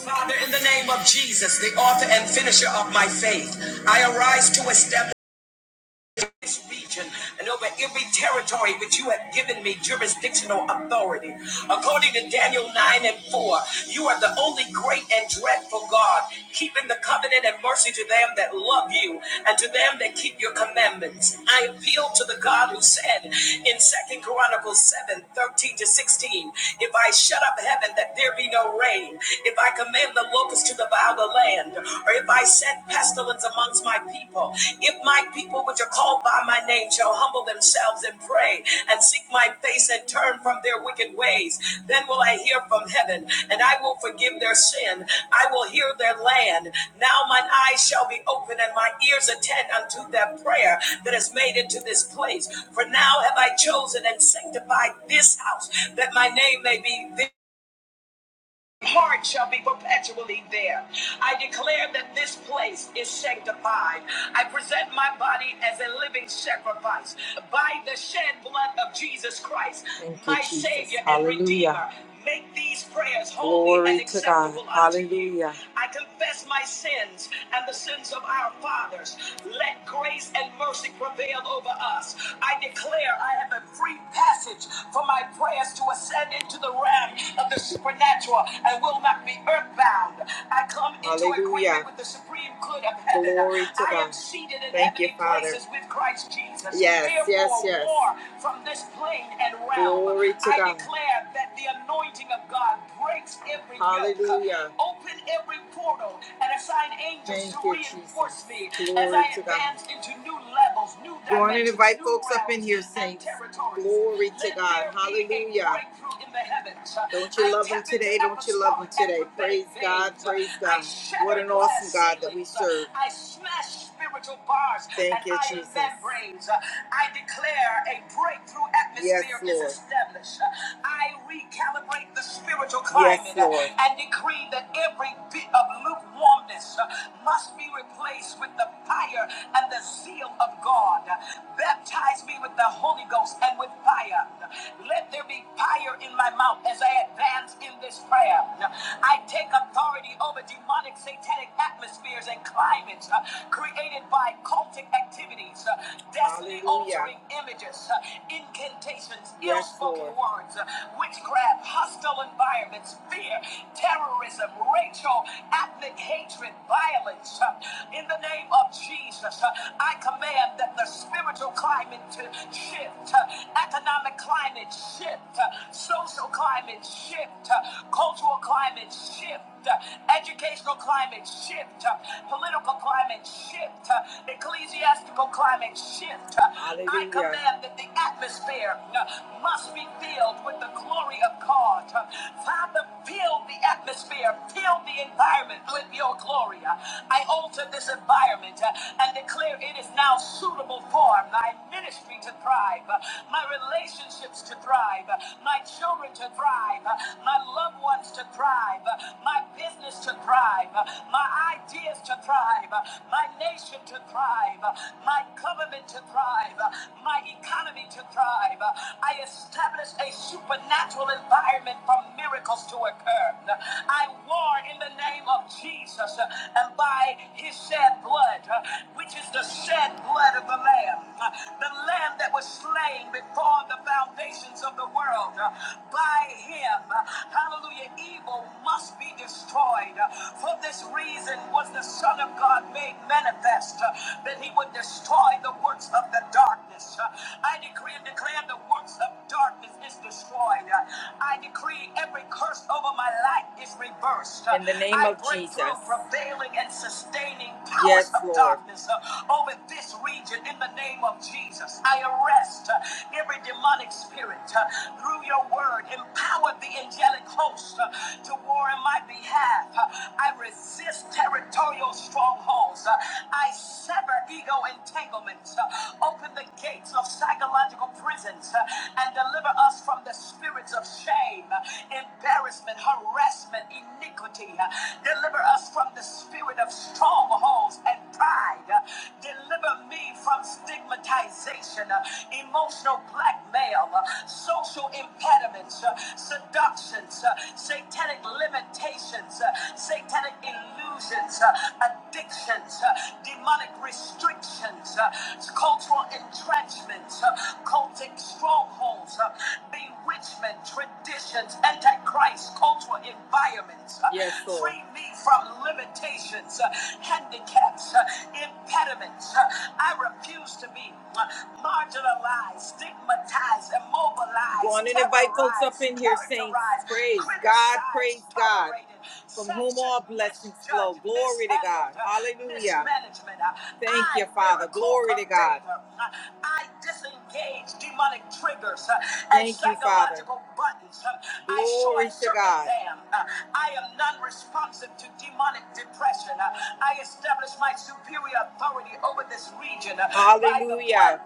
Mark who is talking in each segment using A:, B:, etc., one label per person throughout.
A: Father, in the name of Jesus, the author and finisher of my faith, I arise to establish this region and over every territory which you have given me jurisdictional authority. According to Daniel 9 and 4, you are the only great and dreadful God, keeping the covenant and mercy to them that love you and to them that keep your commandments. I appeal to the God who said in Second Chronicles 7 13 to 16, If I shut up heaven that there be no rain, if I command the locusts to devour the land, or if I send pestilence amongst my people, if my people which are called by my name shall humble themselves and pray and seek my face and turn from their wicked ways, then will I hear from heaven and I will forgive their sin. I will hear their land. Now mine eyes shall be open and my ears attend unto their prayer that is made into this place. For now have I chosen and sanctified this house that my name may be heart shall be perpetually there. I declare that this place is sanctified. I present my body as a living sacrifice by the shed blood of Jesus Christ, Thank you, my Jesus. Savior and Hallelujah. Redeemer. Make these prayers holy Glory and to God. acceptable unto you. Hallelujah. I confess my sins and the sins of our fathers. Let grace and mercy prevail over us. I declare I have a free passage for my prayers to ascend into the realm of the supernatural and will not be earthbound. I come into Hallelujah. agreement with the supreme good of heaven. Glory to I am God. seated in Thank heavenly you, Father. places with Christ Jesus. Yes, Therefore, yes, yes. War from this plane and realm. Glory to I God. I declare that the anointing of God breaks every yoke. Hallelujah. Yoke, Open every portal and assign angels Thank to you, reinforce Jesus. me Glory as I to advance God. into new levels, new dimensions. Go on and invite folks up in here, saints. Glory to Let God. Hallelujah. Don't you I love him today? Don't don't you love him today? Praise God, praise God. What an awesome God that we serve. I smash spiritual bars. Thank you, Jesus. I declare a breakthrough atmosphere yes, is established. I recalibrate the spiritual climate yes, and decree that every bit of lukewarmness must be replaced with the fire and the zeal of God. Baptize me with the Holy Ghost and with fire. Let there be fire in my mouth as I advance in this prayer prayer. I take authority over demonic satanic atmospheres and climates uh, created by cultic activities, uh, destiny altering images, uh, incantations, ill spoken words, uh, witchcraft, hostile environments, fear, terrorism, racial, ethnic hatred, violence. uh, In the name of Jesus, uh, I command that the spiritual climate to shift, uh, economic climate shift, uh, social climate shift, uh, cultural climate shift, uh, educational climate shift, uh, political climate shift, uh, ecclesiastical climate shift. Uh, I command that the atmosphere uh, must be filled with the glory of God. Uh, Father, fill the atmosphere, fill the environment with your glory. Uh, I alter this environment uh, and declare it is now suitable for my ministry to thrive, uh, my relationships to thrive, uh, my children to thrive, uh, my loved ones to thrive, my business to thrive, my ideas to thrive, my nation to thrive, my government to thrive, my economy to thrive. I establish a supernatural environment for miracles to occur. I war in the name of Jesus and by his shed blood, which is the shed blood of the Lamb, the Lamb that was slain before the foundations of the world. By him, hallelujah hallelujah, evil must be destroyed. For this reason was the Son of God made manifest uh, that he would destroy the works of the darkness. Uh, I decree and declare the works of darkness is destroyed. Uh, I decree every curse over my life is reversed. Uh, In the name I of break through Jesus. Through Prevailing and sustaining powers yes, of Lord. darkness uh, over this region in the name of Jesus. I arrest uh, every demonic spirit uh, through your word. Empower the angelic hosts uh, to war in my behalf. Uh, I resist territorial strongholds. Uh, I sever ego entanglements. Uh, Open the gates of psychological prisons uh, and deliver us from the spirits of shame, uh, embarrassment, harassment, iniquity. Uh, Deliver us from the spirit of strongholds and pride. Uh, Deliver me from stigmatization, uh, emotional blackmail, uh, social impediments, uh, seduction, curses, uh, satanic limitations, uh, satanic illusions, uh, addictions, uh, demonic restrictions, uh, cultural entrenchments, uh, cultic strongholds, uh, bewitchment, traditions, antichrist, cultural environments. uh, Yes, Lord. free me from limitations, uh, handicaps, uh, impediments. uh, I refuse to be uh, marginalized, stigmatized, immobilized, Go on and invite folks up in here, saints. Praise God, praise God. From whom all blessings flow. Glory to God. Hallelujah. Thank you, Father. Glory to God. I disengage demonic triggers Thank you, Father. buttons. Glory to God. I am non-responsive to demonic depression. I establish my superior authority over this region. Hallelujah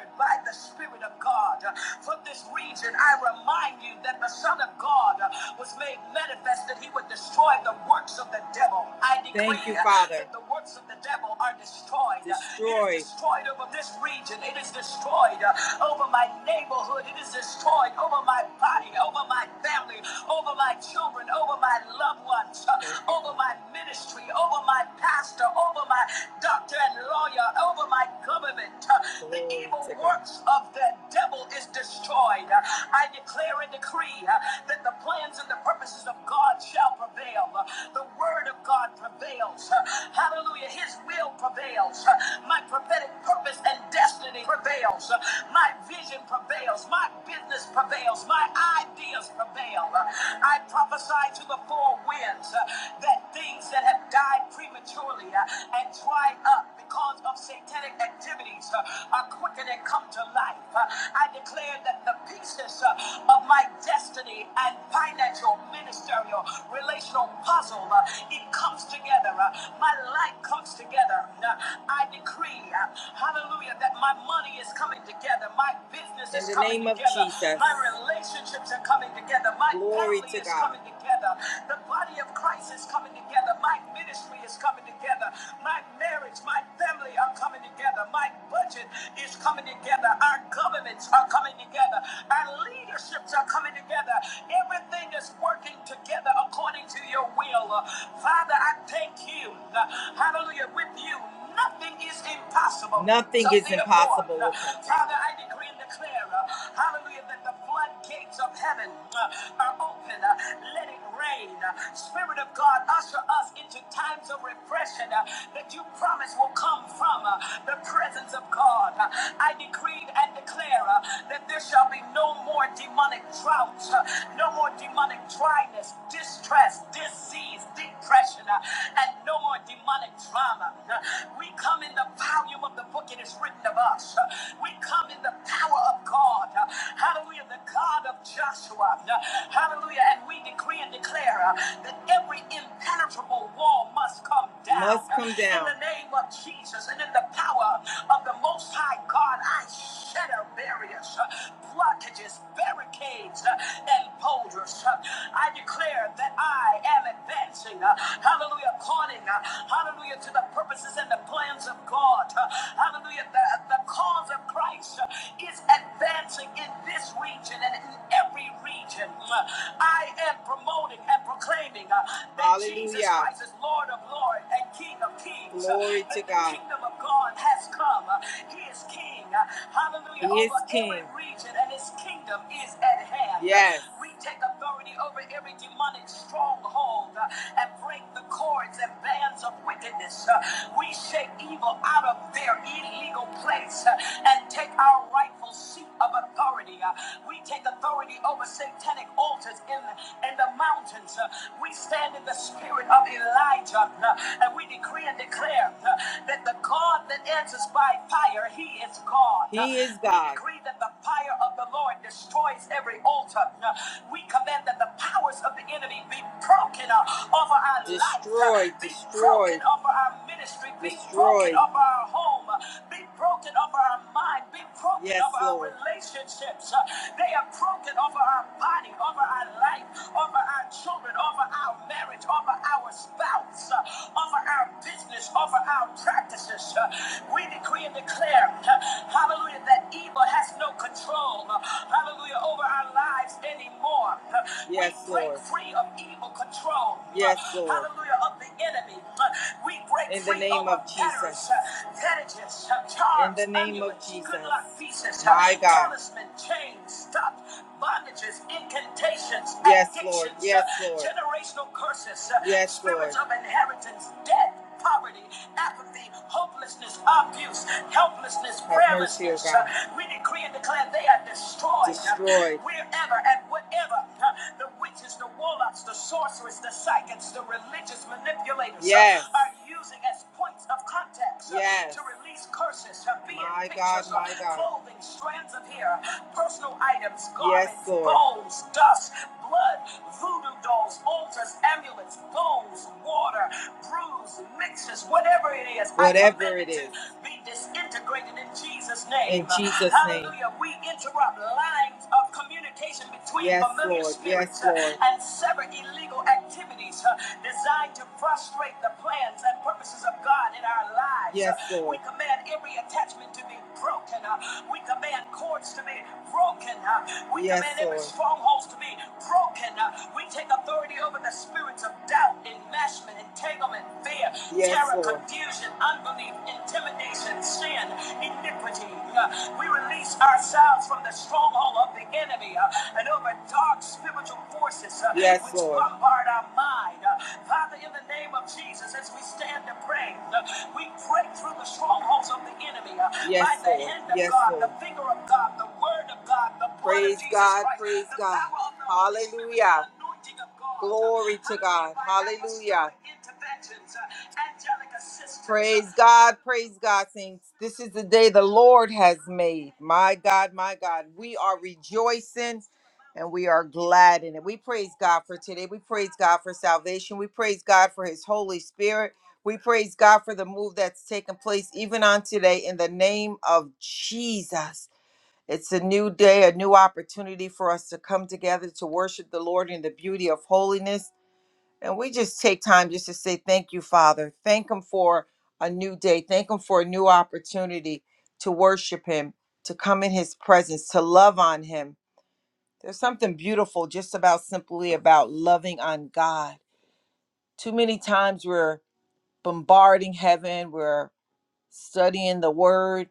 A: word by the Spirit of God. For this reason, I remind you that the Son of God was made manifest that he would destroy the works of the devil. I decree Thank you, Father. that the works of the devil are destroyed. Destroyed. It is destroyed over this region. It is destroyed over my neighborhood. It is destroyed over my body, over my family, over my children, over my loved ones, Thank you. over my ministry, over my pastor, over my doctor and lawyer, over over my government. Uh, The evil works of the devil is destroyed. Uh, I declare and decree uh, that the plans and the purposes of God shall prevail. Uh, The word of God prevails. Uh, Hallelujah. His will prevails. Uh, My prophetic purpose and destiny prevails. Uh, My vision prevails. My business prevails. My ideas prevail. Uh, I prophesy to the four winds uh, that things that have died prematurely uh, and dried up because of satanic activities uh, are quickened and come to life. Uh, I declare that the pieces uh, of my destiny and financial, ministerial, relational puzzle, uh, it comes together. Uh, my life comes together. Uh, I decree, uh, hallelujah, that my money is coming together. My business is coming together. In the name of Jesus. My relationships are coming together. My Glory family to is God. coming together. The body of Christ is coming together. My ministry is coming together. My marriage, my family are coming together. My budget is coming together. Our governments are coming together. Our leaderships are coming together. Everything is working together according to your will. Father, I thank you. Hallelujah. With you. Nothing is impossible. Nothing so is impossible with him, Father, Father. I decree and declare, uh, hallelujah, that the floodgates of heaven uh, are open. Uh, let it rain. Uh, Spirit of God, usher us into times of refreshing uh, that you promise will come from uh, the presence of God. Uh, I decree and declare uh, that there shall be no more demonic droughts, uh, no more demonic dryness, distress, disease, depression, uh, and no more demonic drought. Mama. We come in the volume of the book it is written of us. We come in the power of God. Hallelujah, the God of Joshua. Hallelujah, and we decree and declare uh, that every impenetrable wall must come down. Must come down. In the name of Jesus and in the power of the Most High God, I shatter barriers, uh, blockages, barricades, uh, and boulders. Uh, I declare that I am advancing. uh, Hallelujah, according uh, Hallelujah to the purposes and the plans of God. Hallelujah. The, the cause of Christ is advancing in this region and in every region. I am promoting and proclaiming uh, that Hallelujah. Jesus Christ is Lord of Lords and King of Kings. Glory to God. The kingdom of God has come. He is King. uh, Hallelujah. He is over King. Every region and his kingdom is at hand. Yes. We take authority over every demonic stronghold uh, and break the cord cords and bands of wickedness. Uh, We shake evil out of their illegal place uh, and take our rightful seat of authority. Uh, We take authority over satanic altars in the, in the mountains. Uh, We stand in the spirit of Elijah uh, and we decree and declare uh, that the God that answers by fire, he is God. Uh, He is God. We decree that the fire of the Lord destroys every altar. Uh, We command that the powers of the enemy be broken uh, off Destroyed, destroyed, destroyed Be broken over our mind, be broken Destroy, destroy, destroy. Yes, over Lord. Our relationships. They are broken over our body, over our life, over our children, over our marriage, over our spouse, over our business, over our practices. We decree and declare, hallelujah, that evil has no control, hallelujah, over our lives anymore. Yes, we break Lord. Free of evil control control. Yes, Lord. Hallelujah. Of the enemy. We break In the name of Jesus. In the name of Jesus. good My God. bondages, incantations. Yes, Lord. Yes, Lord. Generational curses. Yes, spirits Lord. of inheritance, death poverty, apathy, hopelessness, abuse, helplessness, Have prayerlessness. Uh, We decree and declare they are destroyed. uh, Destroyed. Uh, Wherever and whatever uh, the witches, the warlocks, the sorcerers, the psychics, the religious manipulators uh, Yes. uh, are used using as points of contacts uh, yes. to release curses, uh, be it my pictures, God, pictures, my uh, God. clothing, strands of hair, personal items, garments, yes, Lord. bowls, dust, blood, voodoo dolls, altars, amulets, bowls, water, brews, mixes, whatever it is. Whatever command Be disintegrated in Jesus' name. In Jesus' name. Hallelujah. We interrupt lines of communication between yes, familiar Lord. spirits yes, uh, Lord. and sever illegal activities. uh, designed to frustrate the plans and purposes of God in our lives. Yes, Uh, Lord. We command every attachment to be broken. Uh, We command cords to be broken. Uh, We yes, command every Lord. strongholds to be broken. Uh, We take authority over the spirits of doubt, enmeshment, entanglement, fear, yes, terror, Lord. confusion, unbelief, intimidation, sin, iniquity. Uh, We release ourselves from the stronghold of the enemy uh, and over dark spiritual forces spirits uh, Yes, which Lord. bombard our mind. Uh, Father, in the name of Jesus, as we stand to pray, uh, we break through the strongholds of the enemy uh, Yes, by the Lord. hand of Yes, God, Lord. the finger of God, the word of God, the blood of Praise of Jesus God. Christ, Praise the God. power of the Holy Spirit, the Hallelujah. the anointing of God. Uh, Glory to God. Hallelujah. uh, uh, Praise God, praise God, saints. This is the day the Lord has made. My God, my God, we are rejoicing and we are glad in it. We praise God for today. We praise God for salvation. We praise God for His Holy Spirit. We praise God for the move that's taken place even on today in the name of Jesus. It's a new day, a new opportunity for us to come together to worship the Lord in the beauty of holiness. And we just take time just to say thank you, Father. Thank Him for a new day. Thank Him for a new opportunity to worship Him, to come in His presence, to love on Him there's something beautiful just about simply about loving on God. Too many times we're bombarding heaven, we're studying the word,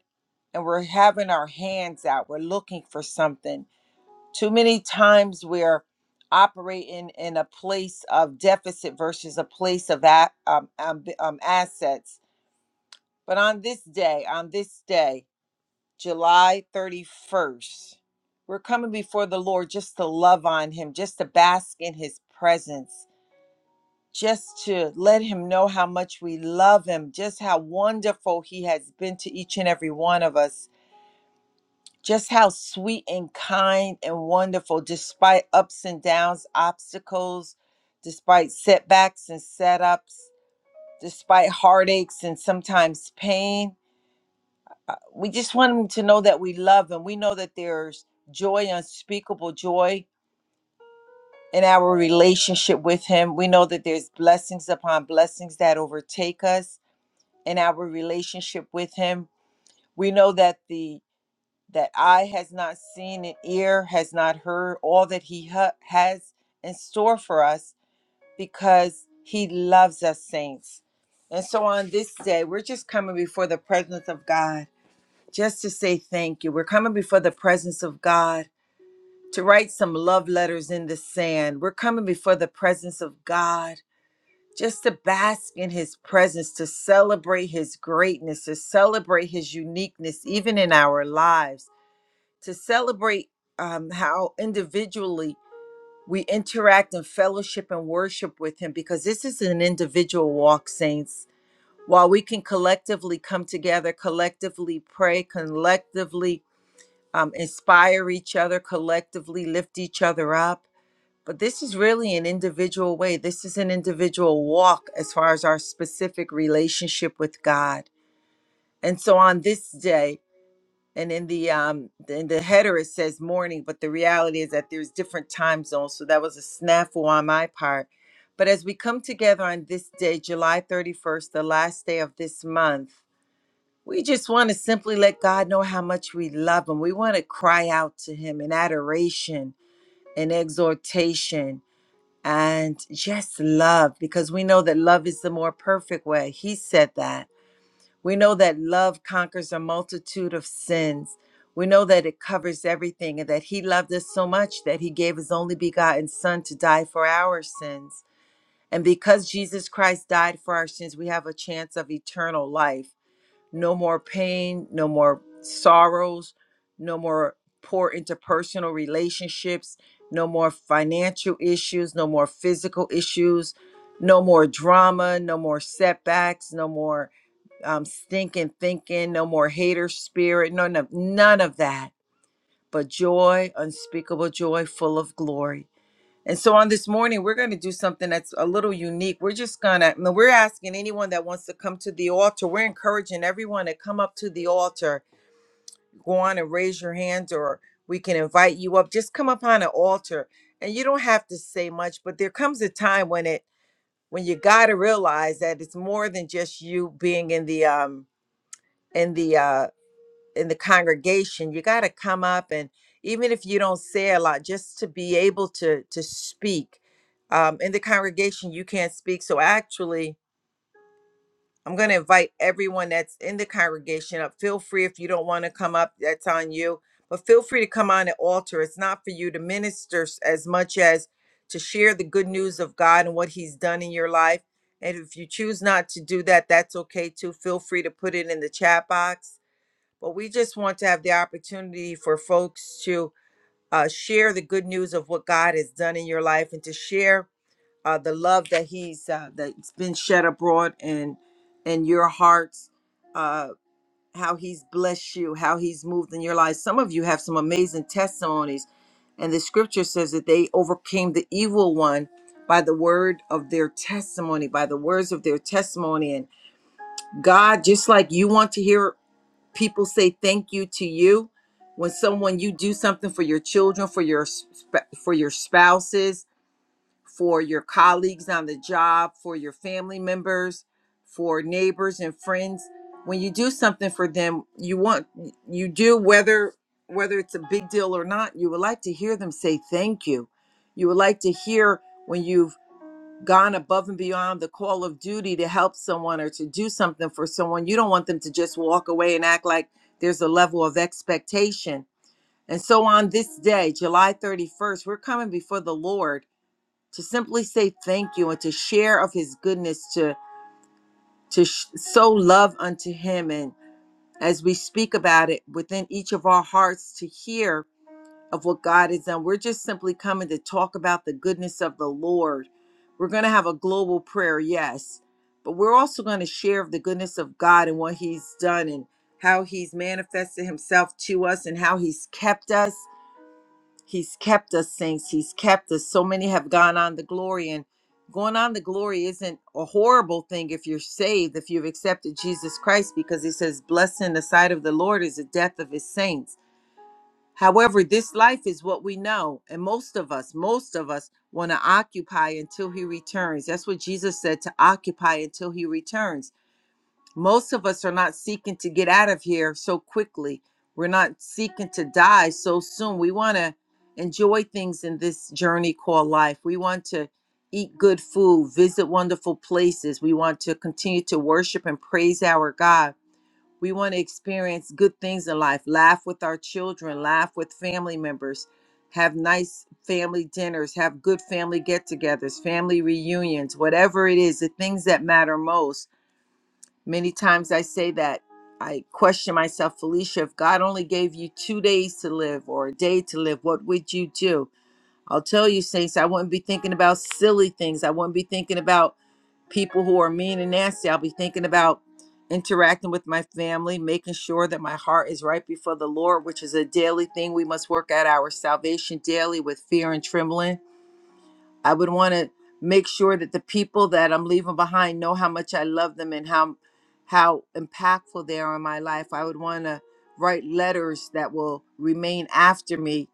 A: and we're having our hands out. We're looking for something. Too many times we're operating in a place of deficit versus a place of that um, um, um, assets. But on this day, on this day, July 31st. We're coming before the Lord just to love on Him, just to bask in His presence, just to let Him know how much we love Him, just how wonderful He has been to each and every one of us, just how sweet and kind and wonderful, despite ups and downs, obstacles, despite setbacks and setups, despite heartaches and sometimes pain. uh, we just want them to know that we love him. We know that there's joy, unspeakable joy in our relationship with him. We know that there's blessings upon blessings that overtake us in our relationship with him. We know that the that eye has not seen and ear has not heard all that he ha- has in store for us because he loves us saints. And so on this day, we're just coming before the presence of God just to say thank you. We're coming before the presence of God to write some love letters in the sand. We're coming before the presence of God just to bask in his presence, to celebrate his greatness, to celebrate his uniqueness, even in our lives, to celebrate um, how individually we interact and fellowship and worship with him, because this is an individual walk, saints. While we can collectively come together, collectively pray, collectively um, inspire each other collectively, lift each other up. But this is really an individual way. This is an individual walk as far as our specific relationship with God. And so on this day, and in the um, in the header it says morning, but the reality is that there's different time zones. So that was a snafu on my part. But as we come together on this day, July 31st, the last day of this month, we just want to simply let God know how much we love Him. We want to cry out to Him in adoration and exhortation and just love because we know that love is the more perfect way. He said that. We know that love conquers a multitude of sins. We know that it covers everything and that He loved us so much that He gave His only begotten Son to die for our sins. And because Jesus Christ died for our sins, we have a chance of eternal life no more pain, no more sorrows, no more poor interpersonal relationships, no more financial issues, no more physical issues, no more drama, no more setbacks, no more um, stinking thinking, no more hater spirit, none of none of that. But joy, unspeakable joy, full of glory and so on this morning, we're going to do something that's a little unique. We're just going to, we're asking anyone that wants to come to the altar, we're encouraging everyone to come up to the altar. Go on and raise your hand, or we can invite you up. Just come up on an altar. And you don't have to say much, but there comes a time when it, when you got to realize that it's more than just you being in the, um, in the, uh, in the congregation you got to come up and even if you don't say a lot just to be able to to speak um, in the congregation you can't speak so actually i'm going to invite everyone that's in the congregation up feel free if you don't want to come up that's on you but feel free to come on the altar it's not for you to minister s- as much as to share the good news of god and what he's done in your life and if you choose not to do that that's okay too feel free to put it in the chat box but we just want to have the opportunity for folks to uh, share the good news of what God has done in your life and to share uh, the love that He's uh, that's been shed abroad in in your hearts. Uh, how he's blessed you, how he's moved in your life. Some of you have some amazing testimonies, and the scripture says that they overcame the evil one by the word of their testimony, by the words of their testimony. And God, just like you want to hear people say thank you to you when someone you do something for your children for your sp- for your spouses for your colleagues on the job for your family members for neighbors and friends when you do something for them you want you do whether whether it's a big deal or not you would like to hear them say thank you you would like to hear when you've gone above and beyond the call of duty to help someone or to do something for someone, you don't want them to just walk away and act like there's a level of expectation. And so on this day, July 31st, we're coming before the Lord to simply say thank you and to share of his goodness to to sh- sow love unto him and as we speak about it within each of our hearts to hear of what God has done. We're just simply coming to talk about the goodness of the Lord. We're going to have a global prayer, yes, but we're also going to share of the goodness of God and what He's done and how He's manifested Himself to us and how He's kept us. He's kept us, saints. He's kept us. So many have gone on the glory, and going on the glory isn't a horrible thing if you're saved, if you've accepted Jesus Christ, because He says, Blessed in the sight of the Lord is the death of His saints However, this life is what we know, and most of us, most of us want to occupy until he returns. That's what Jesus said to occupy until he returns. Most of us are not seeking to get out of here so quickly. We're not seeking to die so soon. We want to enjoy things in this journey called life. We want to eat good food, visit wonderful places. We want to continue to worship and praise our God we want to experience good things in life, laugh with our children, laugh with family members, have nice family dinners, have good family get togethers, family reunions, whatever it is, the things that matter most. Many times I say that I question myself, Felicia, if God only gave you two days to live or a day to live, what would you do? I'll tell you, Saints, I wouldn't be thinking about silly things. I wouldn't be thinking about people who are mean and nasty. I'll be thinking about interacting with my family, making sure that my heart is right before the Lord, which is a daily thing. We must work out our salvation daily with fear and trembling. I would want to make sure that the people that I'm leaving behind know how much I love them and how how impactful they are in my life. I would want to write letters that will remain after me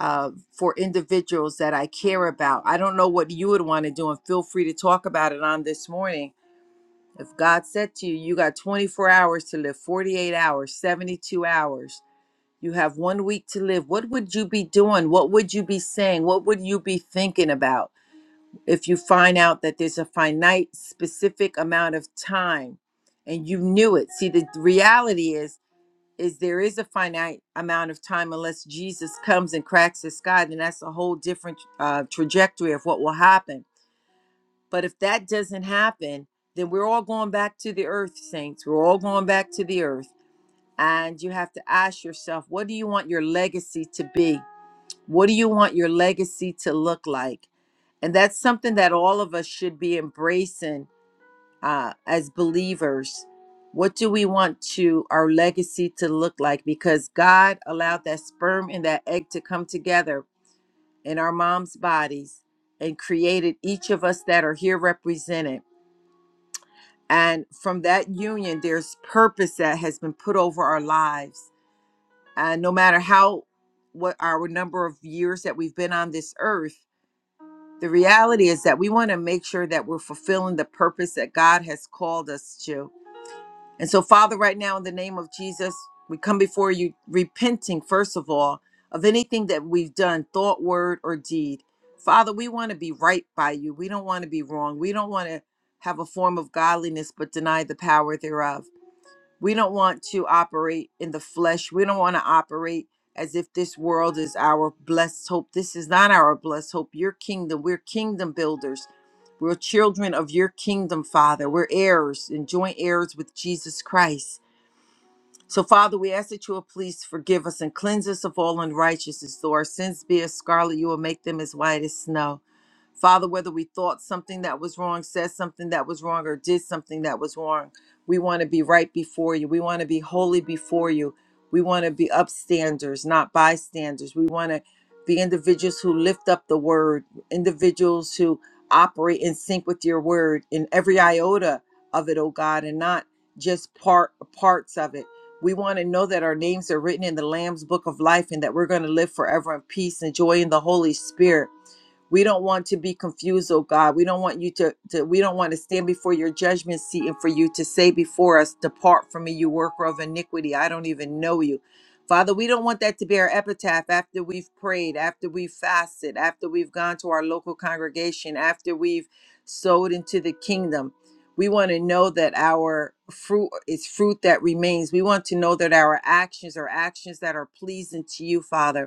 A: uh, for individuals that I care about. I don't know what you would want to do, and feel free to talk about it on this morning if God said to you, you got 24 hours to live, 48 hours, 72 hours, you have one week to live, what would you be doing? What would you be saying? What would you be thinking about if you find out that there's a finite, specific amount of time and you knew it? See, the reality is, is there is a finite amount of time unless Jesus comes and cracks the sky, then that's a whole different uh, trajectory of what will happen but if that doesn't happen, then we're all going back to the earth, saints. We're all going back to the earth. And you have to ask yourself, what do you want your legacy to be? What do you want your legacy to look like? And that's something that all of us should be embracing uh, as believers. What do we want to our legacy to look like? Because God allowed that sperm and that egg to come together in our mom's bodies and created each of us that are here represented And from that union, there's purpose that has been put over our lives. And no matter how, what our number of years that we've been on this earth, the reality is that we want to make sure that we're fulfilling the purpose that God has called us to. And so, Father, right now, in the name of Jesus, we come before you repenting, first of all, of anything that we've done, thought, word, or deed. Father, we want to be right by you. We don't want to be wrong. We don't want to have a form of godliness but deny the power thereof. We don't want to operate in the flesh. We don't want to operate as if this world is our blessed hope. This is not our blessed hope. Your kingdom, we're kingdom builders. We're children of your kingdom, Father. We're heirs and joint heirs with Jesus Christ. So, Father, we ask that you will please forgive us and cleanse us of all unrighteousness. Though our sins be as scarlet, you will make them as white as snow. Father, whether we thought something that was wrong, said something that was wrong, or did something that was wrong, we want to be right before you. We want to be holy before you. We want to be upstanders, not bystanders. We want to be individuals who lift up the word, individuals who operate in sync with your word in every iota of it, oh God, and not just part parts of it. We want to know that our names are written in the Lamb's book of life and that we're going to live forever in peace and joy in the Holy Spirit. We don't want to be confused, oh God. We don't want you to, to we don't want to stand before your judgment seat and for you to say before us, Depart from me, you worker of iniquity. I don't even know you. Father, we don't want that to be our epitaph after we've prayed, after we've fasted, after we've gone to our local congregation, after we've sowed into the kingdom. We want to know that our fruit is fruit that remains. We want to know that our actions are actions that are pleasing to you, Father.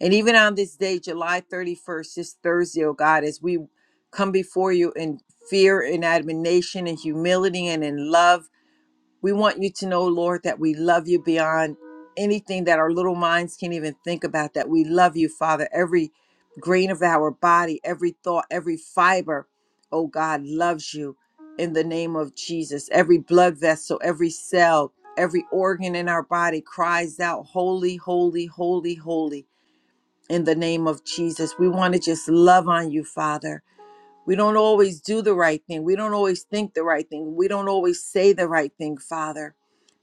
A: And even on this day, July 31st, this Thursday, oh God, as we come before you in fear and admiration and humility and in love, we want you to know, Lord, that we love you beyond anything that our little minds can even think about, that we love you, Father, every grain of our body, every thought, every fiber, oh God, loves you in the name of Jesus. Every blood vessel, every cell, every organ in our body cries out, Holy, holy, holy, holy in the name of Jesus. We want to just love on you, Father. We don't always do the right thing. We don't always think the right thing. We don't always say the right thing, Father.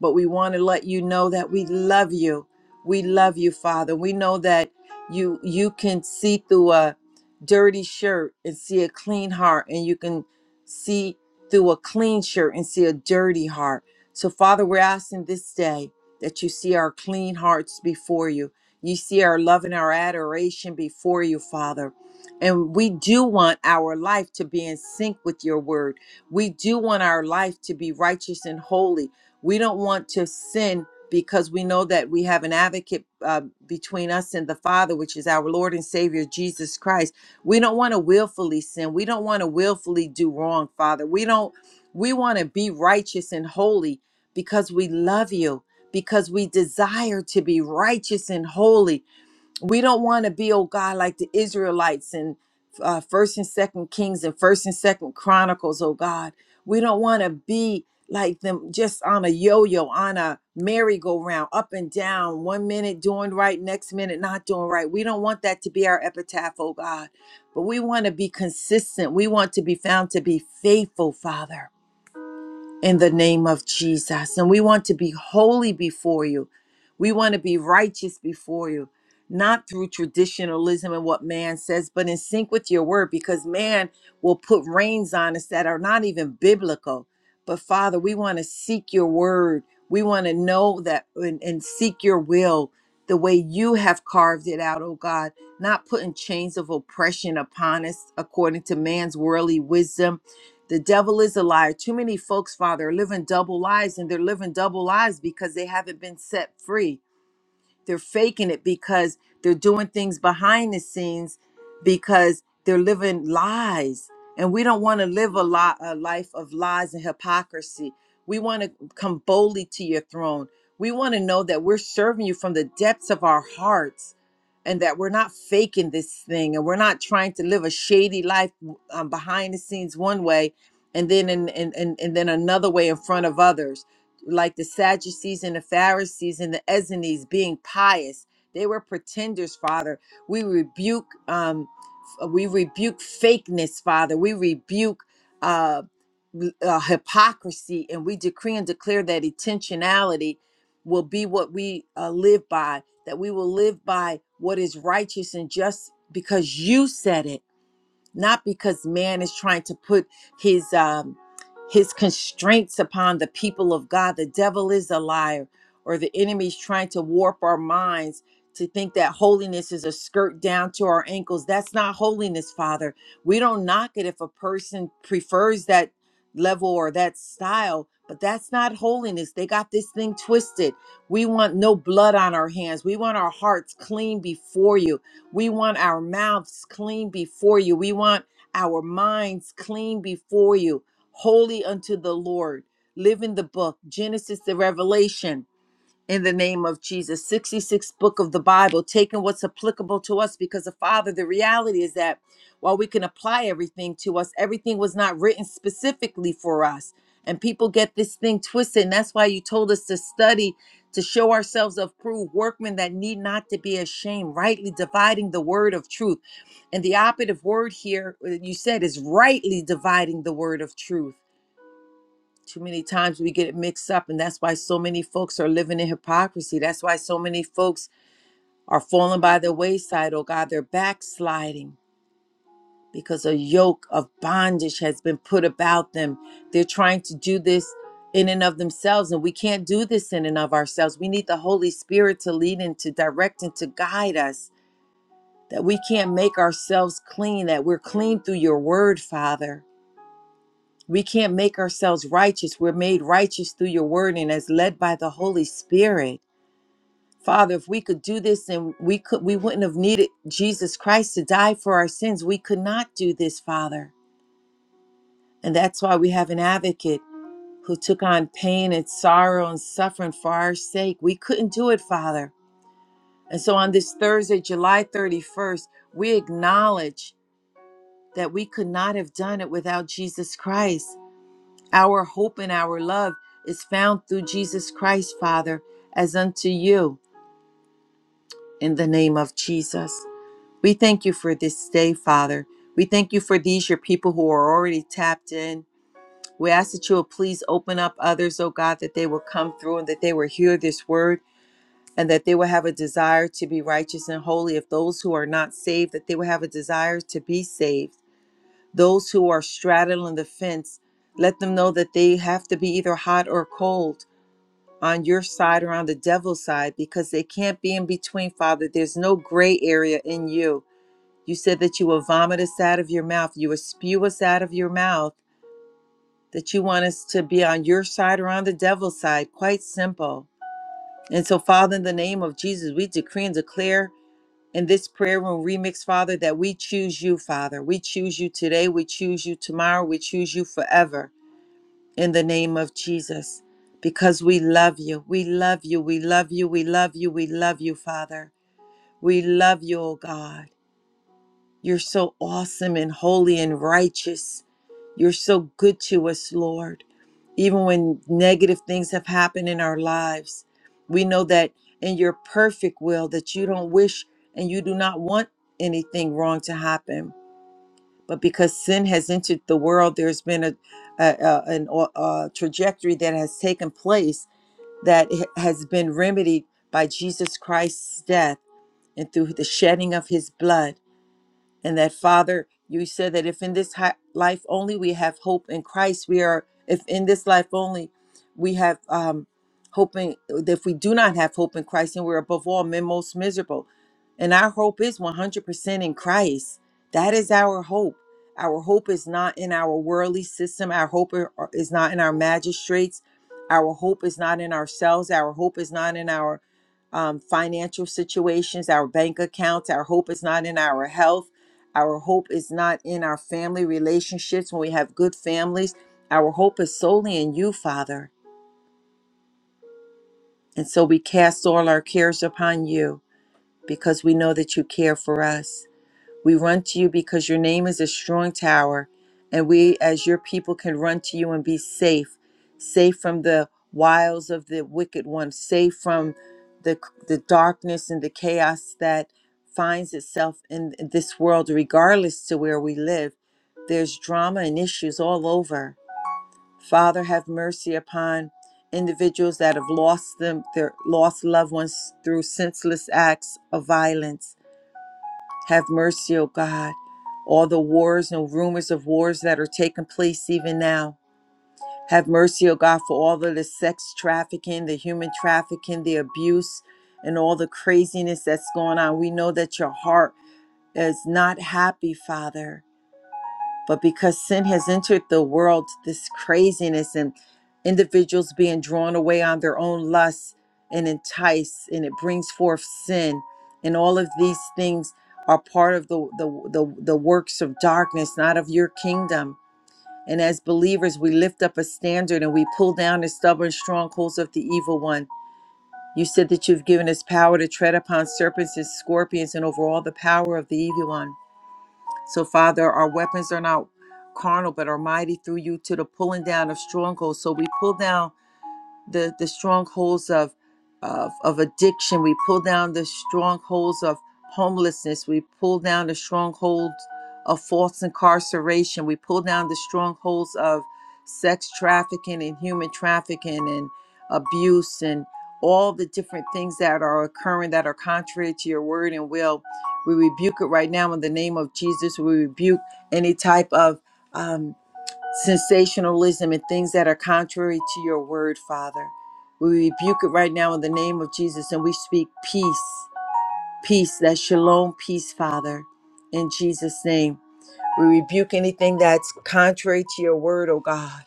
A: But we want to let you know that we love you. We love you, Father. We know that you you can see through a dirty shirt and see a clean heart and you can see through a clean shirt and see a dirty heart. So Father, we're asking this day that you see our clean hearts before you. You see our love and our adoration before you, Father. And we do want our life to be in sync with your word. We do want our life to be righteous and holy. We don't want to sin because we know that we have an advocate uh, between us and the Father, which is our Lord and Savior, Jesus Christ. We don't want to willfully sin. We don't want to willfully do wrong, Father. We don't, we want to be righteous and holy because we love you, because we desire to be righteous and holy we don't want to be oh god like the israelites in uh, first and second kings and first and second chronicles oh god we don't want to be like them just on a yo-yo on a merry-go-round up and down one minute doing right next minute not doing right we don't want that to be our epitaph oh god but we want to be consistent we want to be found to be faithful father in the name of Jesus. And we want to be holy before you. We want to be righteous before you, not through traditionalism and what man says, but in sync with your word, because man will put reins on us that are not even biblical. But Father, we want to seek your word. We want to know that and, and seek your will the way you have carved it out, oh God, not putting chains of oppression upon us according to man's worldly wisdom the devil is a liar. Too many folks, Father, are living double lives and they're living double lives because they haven't been set free they're faking it because they're doing things behind the scenes because they're living lies and we don't want to live a, li- a life of lies and hypocrisy we want to come boldly to your throne we want to know that we're serving you from the depths of our hearts and that we're not faking this thing and we're not trying to live a shady life um, behind the scenes one way and then in, in, in, and then another way in front of others like the Sadducees and the Pharisees and the Essenes being pious. They were pretenders, Father. We rebuke um f- uh, we rebuke fakeness, Father. We rebuke uh, l- uh hypocrisy and we decree and declare that intentionality will be what we uh, live by, that we will live by what is righteous and just because you said it not because man is trying to put his um his constraints upon the people of God. The devil is a liar, or the enemy is trying to warp our minds to think that holiness is a skirt down to our ankles. That's not holiness, Father. We don't knock it if a person prefers that level or that style, but that's not holiness. They got this thing twisted. We want no blood on our hands. We want our hearts clean before you. We want our mouths clean before you. We want our minds clean before you, holy unto the Lord. Live in the book, Genesis to Revelation in the name of Jesus. 66th book of the Bible, taking what's applicable to us because the Father, the reality is that while we can apply everything to us, everything was not written specifically for us. And people get this thing twisted. And that's why you told us to study to show ourselves approved workmen that need not to be ashamed, rightly dividing the word of truth. And the operative word here, uh, you said, is rightly dividing the word of truth too many times we get it mixed up, and that's why so many folks are living in hypocrisy. That's why so many folks are falling by the wayside. Oh God, they're backsliding because a yoke of bondage has been put about them. They're trying to do this in and of themselves, and we can't do this in and of ourselves. We need the Holy Spirit to lead and to direct and to guide us, that we can't make ourselves clean, that we're clean through your word, Father. We can't make ourselves righteous. We're made righteous through your word and as led by the Holy Spirit. Father, if we could do this and we could we wouldn't have needed Jesus Christ to die for our sins. We could not do this, Father. And that's why we have an advocate who took on pain and sorrow and suffering for our sake. We couldn't do it, Father. And so on this Thursday, July 31st, we acknowledge that we could not have done it without Jesus Christ. Our hope and our love is found through Jesus Christ, Father, as unto you in the name of Jesus. We thank you for this day, Father. We thank you for these, your people who are already tapped in. We ask that you will please open up others, oh God, that they will come through and that they will hear this word and that they will have a desire to be righteous and holy. If those who are not saved, that they will have a desire to be saved. Those who are straddling the fence, let them know that they have to be either hot or cold. on your side or on the devil's side because they can't be in between, Father. There's no gray area in you. You said that you will vomit us out of your mouth, you will spew us out of your mouth, that you want us to be on your side or on the devil's side. Quite simple. And so, Father, in the name of Jesus, we decree and declare in this prayer room remix, Father, that we choose you, Father. We choose you today. We choose you tomorrow. We choose you forever in the name of Jesus because we love you. We love you. We love you. We love you. We love you, Father. We love you, oh God. You're so awesome and holy and righteous. You're so good to us, Lord. Even when negative things have happened in our lives, we know that in your perfect will that you don't wish and you do not want anything wrong to happen but because sin has entered the world, there's been a, a, a an a trajectory that has taken place that h- has been remedied by Jesus Christ's death and through the shedding of His blood and that father you said that if in this hi- life only we have hope in christ we are if in this life only we have um hoping if we do not have hope in christ and we're above all men most miserable and our hope is 100% in christ that is our hope our hope is not in our worldly system our hope i- is not in our magistrates our hope is not in ourselves our hope is not in our um, financial situations, our bank accounts. Our hope is not in our health. Our hope is not in our family relationships when we have good families. Our hope is solely in you, Father. And so we cast all our cares upon you because we know that you care for us. We run to you because your name is a strong tower, and we, as your people, can run to you and be safe, safe from the wiles of the wicked one, safe from the, the darkness and the chaos that finds itself in this world, regardless to where we live. There's drama and issues all over. Father, have mercy upon individuals that have lost them, their lost loved ones through senseless acts of violence have mercy, O God. All the wars and rumors of wars that are taking place even now. Have mercy, O God, for all of the sex trafficking, the human trafficking, the abuse, and all the craziness that's going on. We know that your heart is not happy, Father. But because sin has entered the world, this craziness and individuals being drawn away on their own lusts and entice, and it brings forth sin. And all of these things are part of the, the, the, the works of darkness, not of your kingdom. And as believers, we lift up a standard and we pull down the stubborn strongholds of the evil one. You said that you've given us power to tread upon serpents and scorpions and over all the power of the evil one. So, Father, our weapons are not carnal, but are mighty through you to the pulling down of strongholds. So we pull down the the strongholds of of, of addiction. We pull down the strongholds of homelessness. We pull down the strongholds of false incarceration. We pull down the strongholds of sex trafficking and human trafficking and abuse and all the different things that are occurring that are contrary to your word and will. We rebuke it right now in the name of Jesus. We rebuke any type of um, sensationalism and things that are contrary to your word, Father. We rebuke it right now in the name of Jesus and we speak peace, peace, that shalom peace, Father, in Jesus' name. We rebuke anything that's contrary to your word, oh God,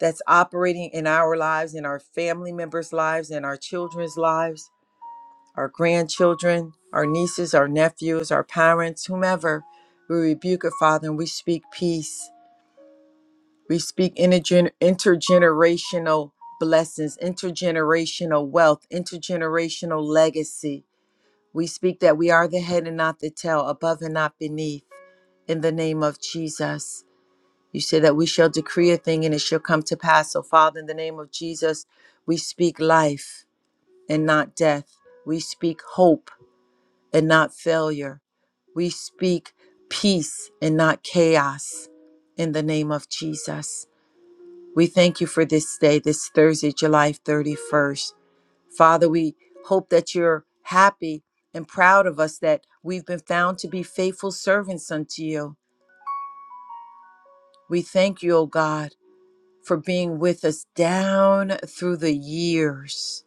A: that's operating in our lives, in our family members' lives, in our children's lives, our grandchildren, our nieces, our nephews, our parents, whomever. We rebuke it, Father, and we speak peace. We speak intergen- intergenerational blessings, intergenerational wealth, intergenerational legacy. We speak that we are the head and not the tail, above and not beneath, in the name of Jesus. You say that we shall decree a thing and it shall come to pass. So, Father, in the name of Jesus, we speak life and not death. We speak hope and not failure. We speak peace and not chaos, in the name of Jesus. We thank you for this day, this Thursday, July 31st. Father, we hope that you're happy and proud of us that we've been found to be faithful servants unto you. We thank you, O God, for being with us down through the years.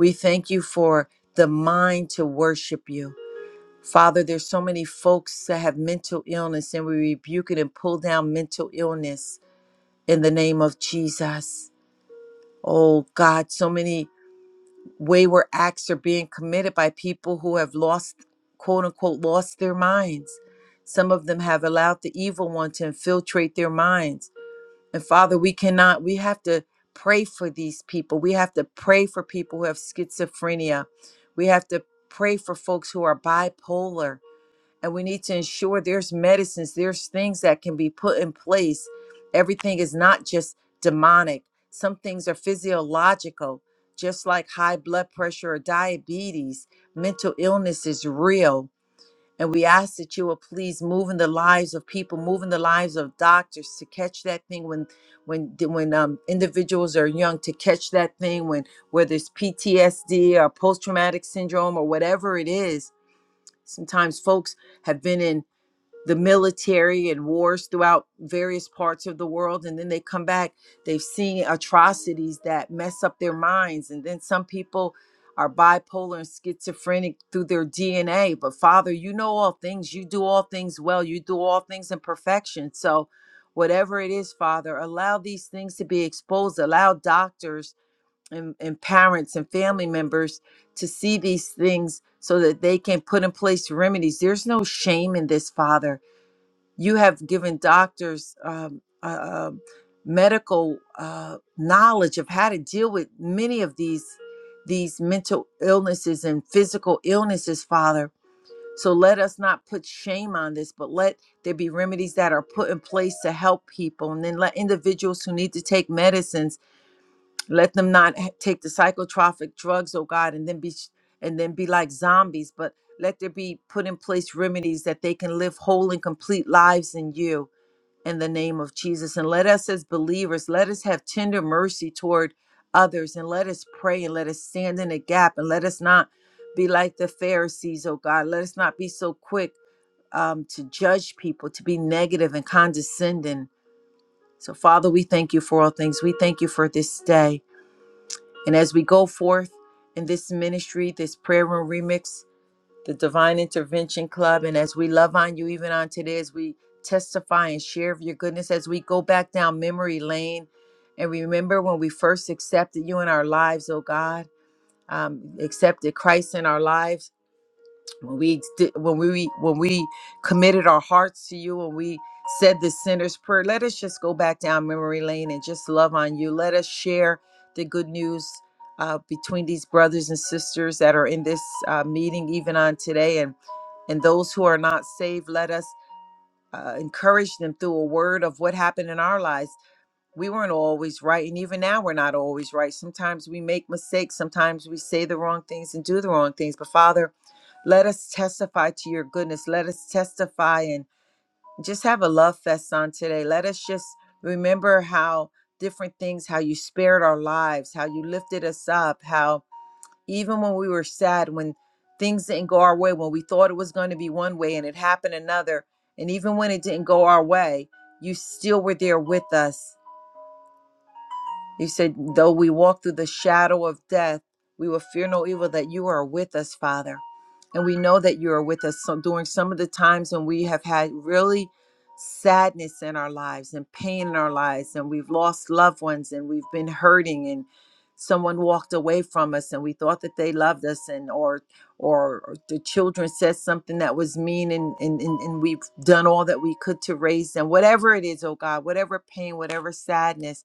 A: We thank you for the mind to worship you. Father, there's so many folks that have mental illness, and we rebuke it and pull down mental illness in the name of Jesus. Oh God, so many wayward acts are being committed by people who have lost, quote unquote, lost their minds. Some of them have allowed the evil one to infiltrate their minds. And Father, we cannot, we have to pray for these people. We have to pray for people who have schizophrenia. We have to pray for folks who are bipolar and we need to ensure there's medicines, there's things that can be put in place. Everything is not just demonic, some things are physiological, just like high blood pressure or diabetes. Mental illness is real. And we ask that you will please move in the lives of people, move in the lives of doctors to catch that thing when, when, when um, individuals are young, to catch that thing when whether it's PTSD or post traumatic syndrome or whatever it is. Sometimes folks have been in the military and wars throughout various parts of the world and then they come back they've seen atrocities that mess up their minds and then some people are bipolar and schizophrenic through their DNA but father you know all things you do all things well you do all things in perfection so whatever it is father allow these things to be exposed allow doctors and, and parents and family members to see these things so that they can put in place remedies there's no shame in this father you have given doctors um, uh, uh, medical uh, knowledge of how to deal with many of these these mental illnesses and physical illnesses father so let us not put shame on this but let there be remedies that are put in place to help people and then let individuals who need to take medicines let them not ha- take the psychotropic drugs oh god and then be sh- and then be like zombies but let there be put in place remedies that they can live whole and complete lives in you in the name of Jesus. And let us, as believers, let us have tender mercy toward others and let us pray and let us stand in a gap and let us not be like the Pharisees, oh God. Let us not be so quick um, to judge people, to be negative and condescending. So, Father, we thank you for all things. We thank you for this day. And as we go forth in this ministry, this prayer room remix, the Divine Intervention Club. And as we love on you, even on today, as we testify and share of your goodness, as we go back down memory lane and remember when we first accepted you in our lives, oh God, um, accepted Christ in our lives when we sti- when we when we committed our hearts to you when we said the sinner's prayer let us just go back down memory lane and just love on you let us share the good news uh, between these brothers and sisters that are in this uh, meeting even on today and and those who are not saved let us uh, encourage them through a word of what happened in our lives we weren't always right and even now we're not always right sometimes we make mistakes sometimes we say the wrong things and do the wrong things but father let us testify to your goodness let us testify and just have a love fest on today let us just remember how different things how you spared our lives how you lifted us up how even when we were sad when things didn't go our way when we thought it was going to be one way and it happened another and even when it didn't go our way you still were there with us you said, though we walk through the shadow of death, we will fear no evil, that you are with us, Father. And we know that you are with us so during some of the times when we have had really sadness in our lives and pain in our lives, and we've lost loved ones and we've been hurting and someone walked away from us and we thought that they loved us and or or or the children said something that was mean and, and and and we've done all that we could to raise them whatever it is oh god whatever pain whatever sadness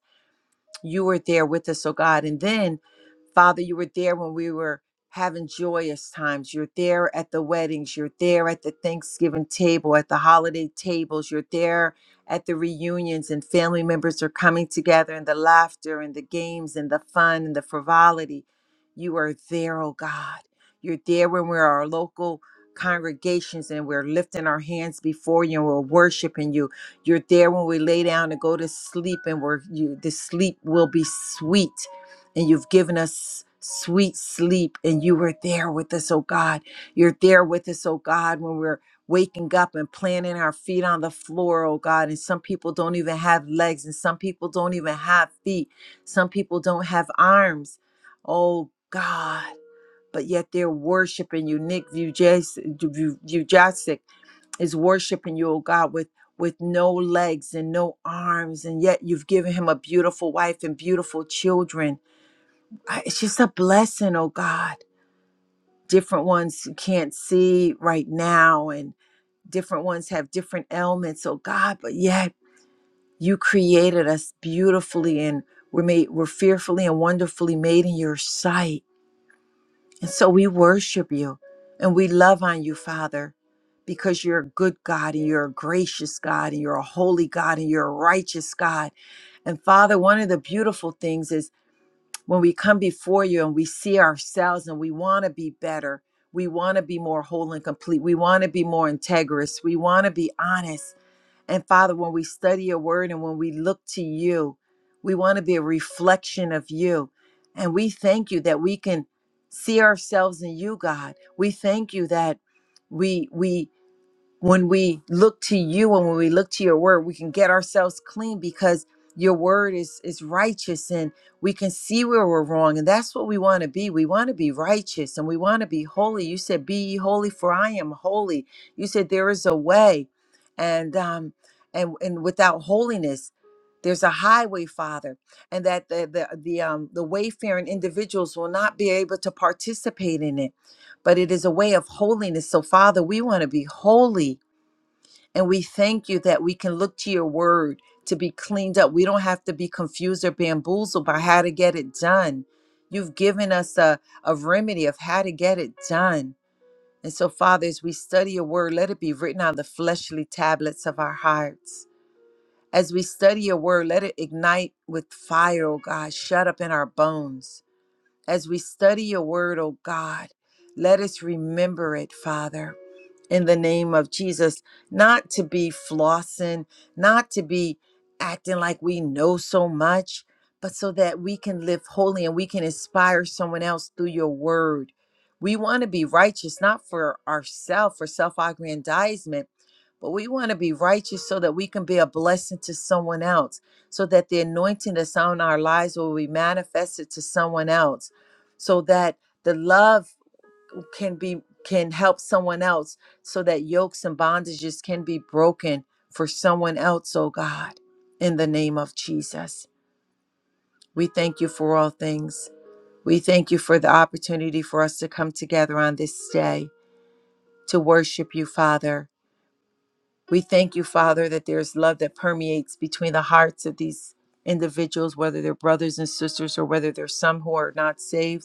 A: you were there with us, oh God. And then, Father, you were there when we were having joyous times. You're there at the weddings. You're there at the Thanksgiving table, at the holiday tables. You're there at the reunions, and family members are coming together, and the laughter, and the games, and the fun, and the frivolity. You are there, oh God. You're there when we're our local congregations and we're lifting our hands before you and we're worshiping you you're there when we lay down and go to sleep, and we're you the sleep will be sweet. And you've given us sweet sleep, and you were there with us, oh God. You're there with us, oh God, when we're waking up and planting our feet on the floor, oh God. And some people don't even have legs, and some people don't even have feet. Some people don't have arms. Oh God. But yet they're worshiping you, Nick Vujasic, is worshiping you, oh God, with with no legs and no arms, and yet you've given him a beautiful wife and beautiful children. I- It's just a blessing, oh God. Different ones you can't see right now, and different ones have different ailments, oh God, but yet you created us beautifully and we're made we're fearfully and wonderfully made in your sight. And so we worship you and we love on you, Father, because you're a good God and you're a gracious God and you're a holy God and you're a righteous God. And Father, one of the beautiful things is when we come before you and we see ourselves and we want to be better, we want to be more whole and complete, we want to be more integrous, we want to be honest. And Father, when we study your word and when we look to you, we want to be a reflection of you. And we thank you that we can see ourselves in you, God. We thank you that we we when we look to you and when we look to your word we can get ourselves clean because your word is is righteous and we can see where we're wrong and that's what we want to be we want to be righteous and we want to be holy you said be ye holy for i am holy you said there is a way and um and and without holiness there's a highway father and that the the, the um the wayfaring individuals will not be able to participate in it but it is a way of holiness so father we want to be holy and we thank you that we can look to your word to be cleaned up. We don't have to be confused or bamboozled by how to get it done. You've given us a, a remedy of how to get it done. And so, Father, as we study your word, let it be written on the fleshly tablets of our hearts. As we study your word, let it ignite with fire, oh God, shut up in our bones. As we study your word, oh God, let us remember it, Father in the name of Jesus, not to be flossing, not to be acting like we know so much, but so that we can live holy and we can inspire someone else through your word. We want to be righteous, not for ourselves, for self aggrandizement, but we want to be righteous so that we can be a blessing to someone else, so that the anointing that's on our lives will be manifested to someone else, so that the love can be can help someone else so that yokes and bondages can be broken for someone else oh god in the name of jesus we thank you for all things we thank you for the opportunity for us to come together on this day to worship you father we thank you father that there's love that permeates between the hearts of these individuals whether they're brothers and sisters or whether there's some who are not saved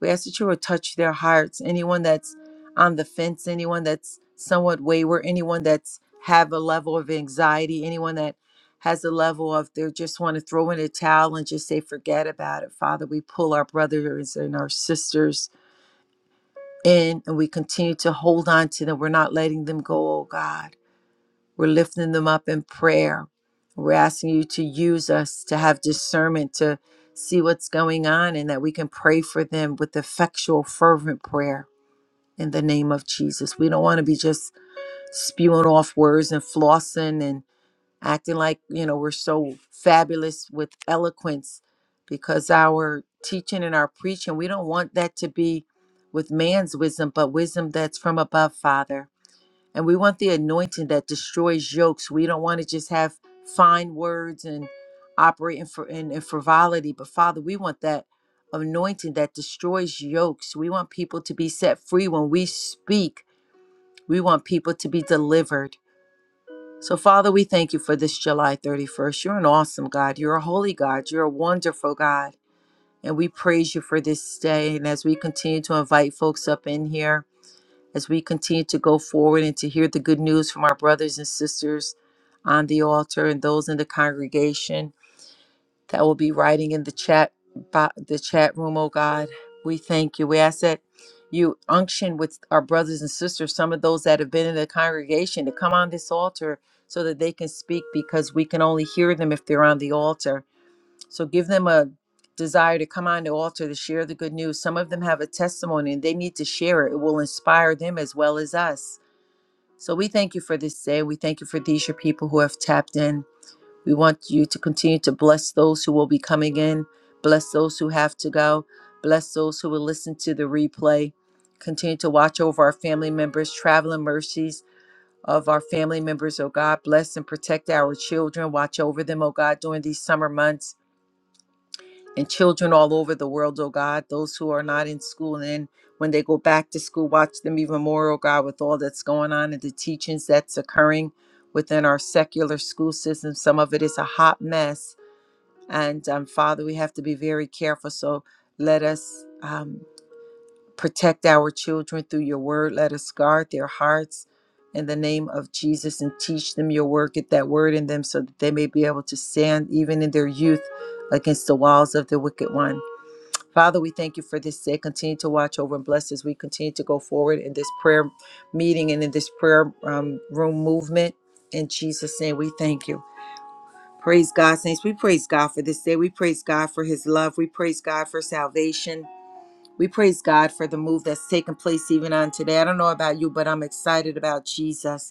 A: We ask that you would touch their hearts. Anyone that's on the fence, anyone that's somewhat wayward, anyone that's have a level of anxiety, anyone that has a level of they just want to throw in a towel and just say, forget about it. Father, we pull our brothers and our sisters in and we continue to hold on to them. We're not letting them go, oh God. We're lifting them up in prayer. We're asking you to use us to have discernment to see what's going on and that we can pray for them with effectual, fervent prayer in the name of Jesus. We don't want to be just spewing off words and flossing and acting like, you know, we're so fabulous with eloquence because our teaching and our preaching, we don't want that to be with man's wisdom, but wisdom that's from above, Father. And we want the anointing that destroys yokes. We don't want to just have fine words and operate in, fr- in, in frivolity, but Father, we want that anointing that destroys yokes. We want people to be set free when we speak. We want people to be delivered. So, Father, we thank you for this July 31st. You're an awesome God. You're a holy God. You're a wonderful God. And we praise you for this day. And as we continue to invite folks up in here, as we continue to go forward and to hear the good news from our brothers and sisters on the altar and those in the congregation that will be writing in the chat bo- the chat room oh god we thank you we ask that you unction with our brothers and sisters some of those that have been in the congregation to come on this altar so that they can speak because we can only hear them if they're on the altar so give them a desire to come on the altar to share the good news. Some of them have a testimony and they need to share it. It will inspire them as well as us. So we thank you for this day. We thank you for these, your people who have tapped in. We want you to continue to bless those who will be coming in, bless those who have to go, bless those who will listen to the replay. Continue to watch over our family members, traveling mercies of our family members, oh God. Bless and protect our children. Watch over them, oh God, during these summer months and children all over the world, oh God, those who are not in school. And then when they go back to school, watch them even more, oh God, with all that's going on and the teachings that's occurring within our secular school system. Some of it is a hot mess. And um, Father, we have to be very careful. So let us um, protect our children through your word. Let us guard their hearts in the name of Jesus and teach them your word. Get that word in them so that they may be able to stand even in their youth against the walls of the wicked one. Father, we thank you for this day. Continue to watch over and bless as we continue to go forward in this prayer meeting and in this prayer um, room movement. In Jesus' name, we thank you. Praise God, saints. We praise God for this day. We praise God for his love. We praise God for salvation. We praise God for the move that's taken place even on today. I don't know about you, but I'm excited about Jesus.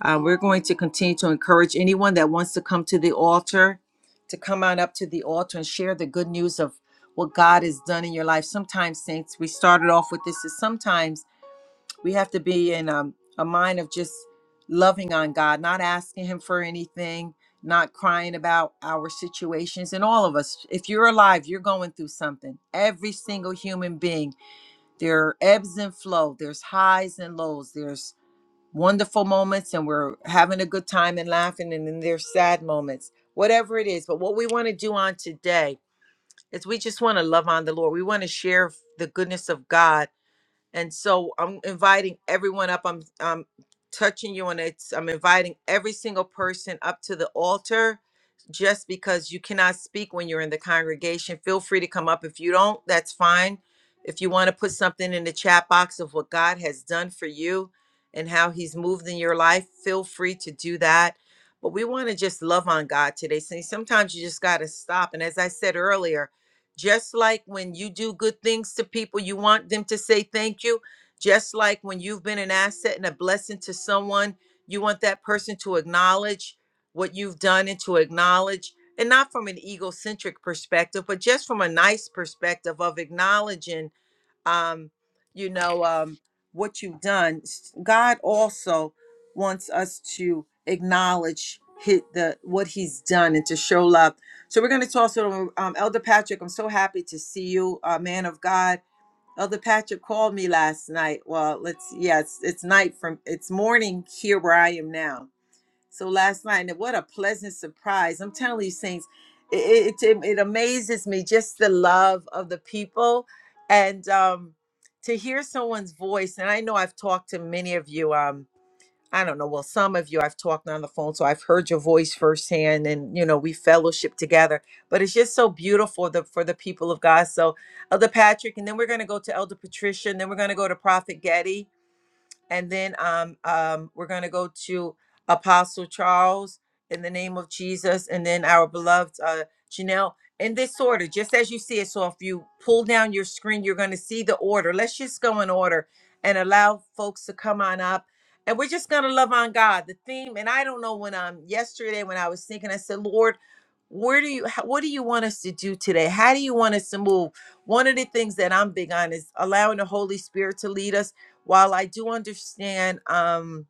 A: Uh, we're going to continue to encourage anyone that wants to come to the altar to come on up to the altar and share the good news of what God has done in your life. Sometimes, saints, we started off with this is sometimes we have to be in um, a mind of just loving on God, not asking Him for anything, not crying about our situations. And all of us, if you're alive, you're going through something. Every single human being, there are ebbs and flow, there's highs and lows, there's wonderful moments and we're having a good time and laughing and then there's sad moments whatever it is but what we want to do on today is we just want to love on the lord we want to share the goodness of god and so I'm inviting everyone up. I'm I'm touching you and it's I'm inviting every single person up to the altar just because you cannot speak when you're in the congregation. Feel free to come up. If you don't, that's fine. If you want to put something in the chat box of what God has done for you and how he's moved in your life, feel free to do that. But we want to just love on God today. See, Sometimes you just got to stop. And as I said earlier, just like when you do good things to people, you want them to say thank you. Just like when you've been an asset and a blessing to someone, you want that person to acknowledge what you've done and to acknowledge, and not from an egocentric perspective, but just from a nice perspective of acknowledging um, you know, um, what you've done. God also wants us to acknowledge hit the what He's done and to show love. So we're going to toss it over. Um, Elder Patrick, I'm so happy to see you, uh, man of God. Elder Patrick called me last night. Well, let's yes, it's night from it's morning here where I am now so last night, and what a pleasant surprise! I'm telling you, saints, it it, it it amazes me just the love of the people, and um, to hear someone's voice. And I know I've talked to many of you. Um, I don't know, well, some of you I've talked on the phone, so I've heard your voice firsthand, and you know we fellowship together. But it's just so beautiful the, for the people of God. So Elder Patrick, and then we're gonna go to Elder Patricia, and then we're gonna go to Prophet Getty and then um, um, we're going to go to Apostle Charles in the name of Jesus, and then our beloved uh, Janelle. In this order, just as you see it. So if you pull down your screen, you're going to see the order. Let's just go in order and allow folks to come on up. And we're just going to love on God. The theme, and I don't know when um yesterday when I was thinking, I said, Lord, where do you how, what do you want us to do today? How do you want us to move? One of the things that I'm big on is allowing the Holy Spirit to lead us while I do understand um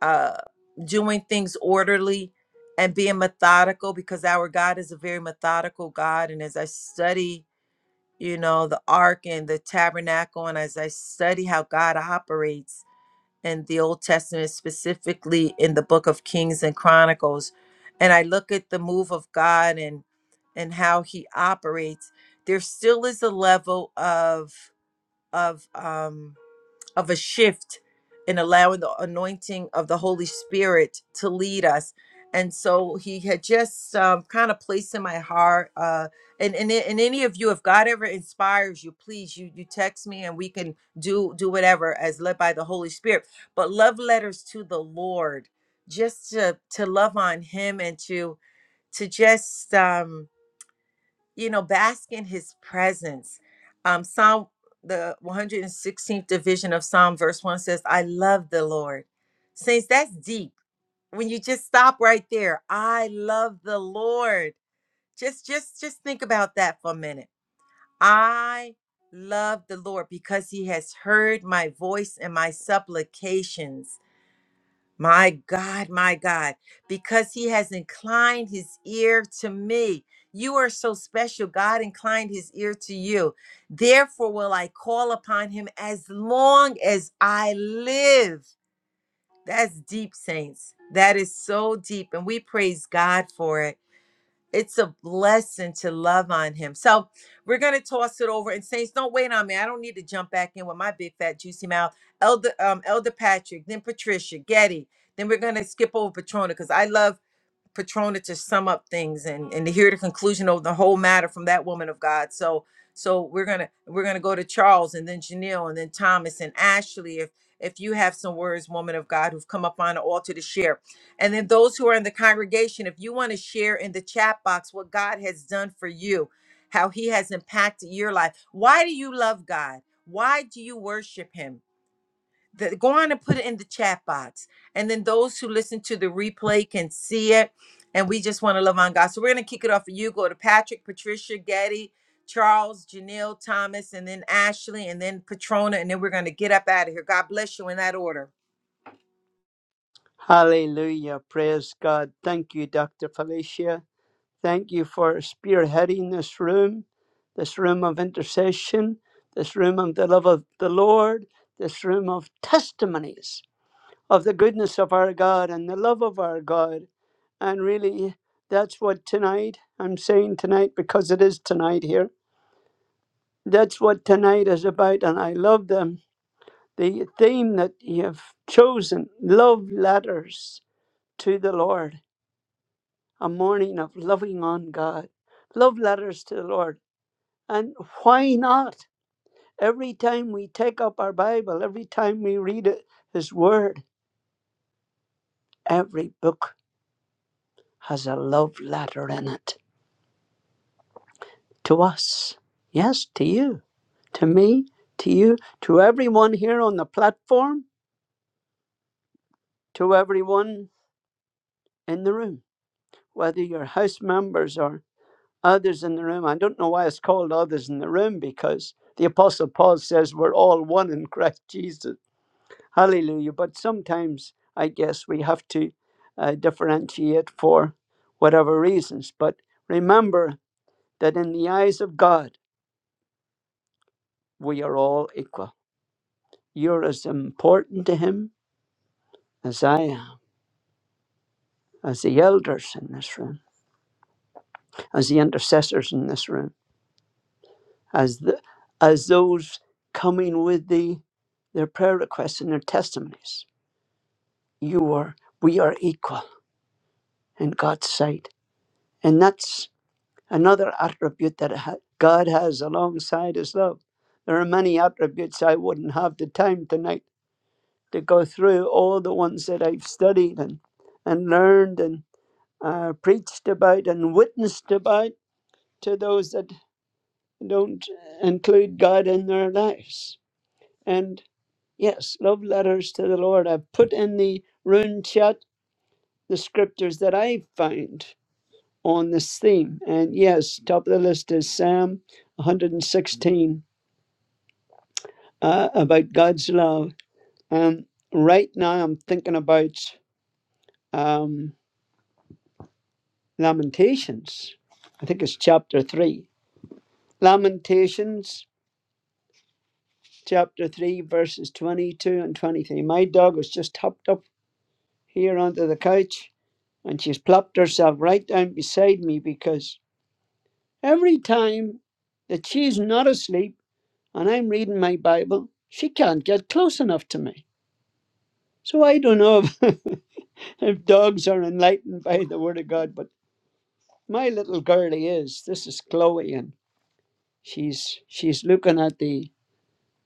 A: uh doing things orderly and being methodical because our God is a very methodical God and as I study you know the ark and the tabernacle and as I study how God operates in the Old Testament specifically in the book of Kings and Chronicles and I look at the move of God and and how he operates there still is a level of of um of a shift in allowing the anointing of the Holy Spirit to lead us. And so he had just um, kind of placed in my heart. Uh, and, and and any of you, if God ever inspires you, please you you text me and we can do do whatever as led by the Holy Spirit. But love letters to the Lord, just to to love on Him and to to just um, you know, bask in his presence. Um, Psalm, the 116th division of Psalm, verse 1 says, I love the Lord. Saints, that's deep. When you just stop right there, I love the Lord. Just, just, just think about that for a minute. I love the Lord because he has heard my voice and my supplications. My God, my God, because he has inclined his ear to me. You are so special. God inclined his ear to you. Therefore, will I call upon him as long as I live. That's deep, saints. That is so deep. And we praise God for it it's a blessing to love on him. So we're gonna toss it over. And Saints, don't wait on me. I don't need to jump back in with my big fat juicy mouth. Elder um Elder Patrick, then Patricia, Getty. Then we're gonna skip over Patrona because I love Patrona to sum up things and and to hear the conclusion of the whole matter from that woman of God. So so we're gonna we're gonna go to Charles and then Janelle and then Thomas and Ashley if if you have some words, woman of God, who've come up on the altar to share. And then those who are in the congregation, if you want to share in the chat box what God has done for you, how he has impacted your life. Why do you love God? Why do you worship him? the, go on and put it in the chat box. And then those who listen to the replay can see it. And we just want to love on God. So we're going to kick it off for you. Go to Patrick, Patricia, Getty, Charles, Janelle, Thomas, and then Ashley, and then Patrona. And then we're going to get up out of here. God bless you in that order.
B: Hallelujah. Praise God. Thank you, Dr. Felicia. Thank you for spearheading this room, this room of intercession, this room of the love of the Lord, this room of testimonies of the goodness of our God and the love of our God. And really, that's what tonight, I'm saying tonight because it is tonight here, that's what tonight is about. And I love them. The theme that you have chosen love letters to the Lord a morning of loving on God, love letters to the Lord. And why not? Every time we take up our Bible, every time we read it, His Word, every book has a love letter in it to us. Yes, to you, to me, to you, to everyone here on the platform, to everyone in the room, whether you're house members or others in the room. I don't know why it's called others in the room because the Apostle Paul says we're all one in Christ Jesus. Hallelujah. But sometimes I guess we have to uh, differentiate for whatever reasons. But remember that in the eyes of God, we are all equal. You're as important to Him as I am, as the elders in this room, as the intercessors in this room. as the, as those coming with the their prayer requests and their testimonies. You are we are equal in God's sight, and that's another attribute that ha- God has alongside His love. There are many attributes I wouldn't have the time tonight to go through all the ones that I've studied and and learned and uh, preached about and witnessed about to those that don't include God in their lives. And Yes, love letters to the Lord. I've put in the rune chat the scriptures that I find on this theme. And yes, top of the list is Psalm 116 uh, about God's love. Um, right now, I'm thinking about um, Lamentations. I think it's chapter 3. Lamentations, chapter 3, verses 22 and 23. My dog was just hopped up here onto the couch and she's plopped herself right down beside me because every time that she's not asleep and I'm reading my Bible, she can't get close enough to me. So I don't know if, if dogs are enlightened by the Word of God, but my little girlie is. This is Chloe, and she's she's looking at the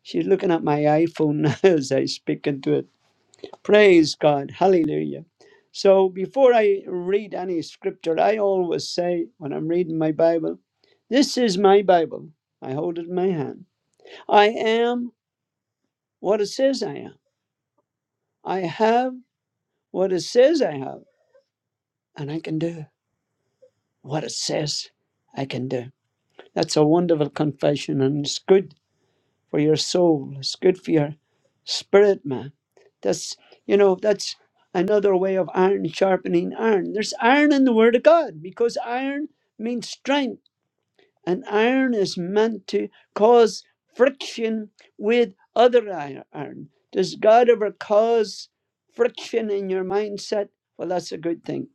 B: she's looking at my iPhone now as I speak into it Praise God. Hallelujah. So before I read any scripture, I always say when I'm reading my Bible, this is my Bible. I hold it in my hand. I am what it says I am. I have what it says I have, and I can do what it says I can do. That's a wonderful confession, and it's good for your soul. It's good for your spirit, man. That's you know, that's another way of iron sharpening iron. There's iron in the word of God because iron means strength, and iron is meant to cause friction with other ir- iron. Does God ever cause friction in your mindset? Well, that's a good thing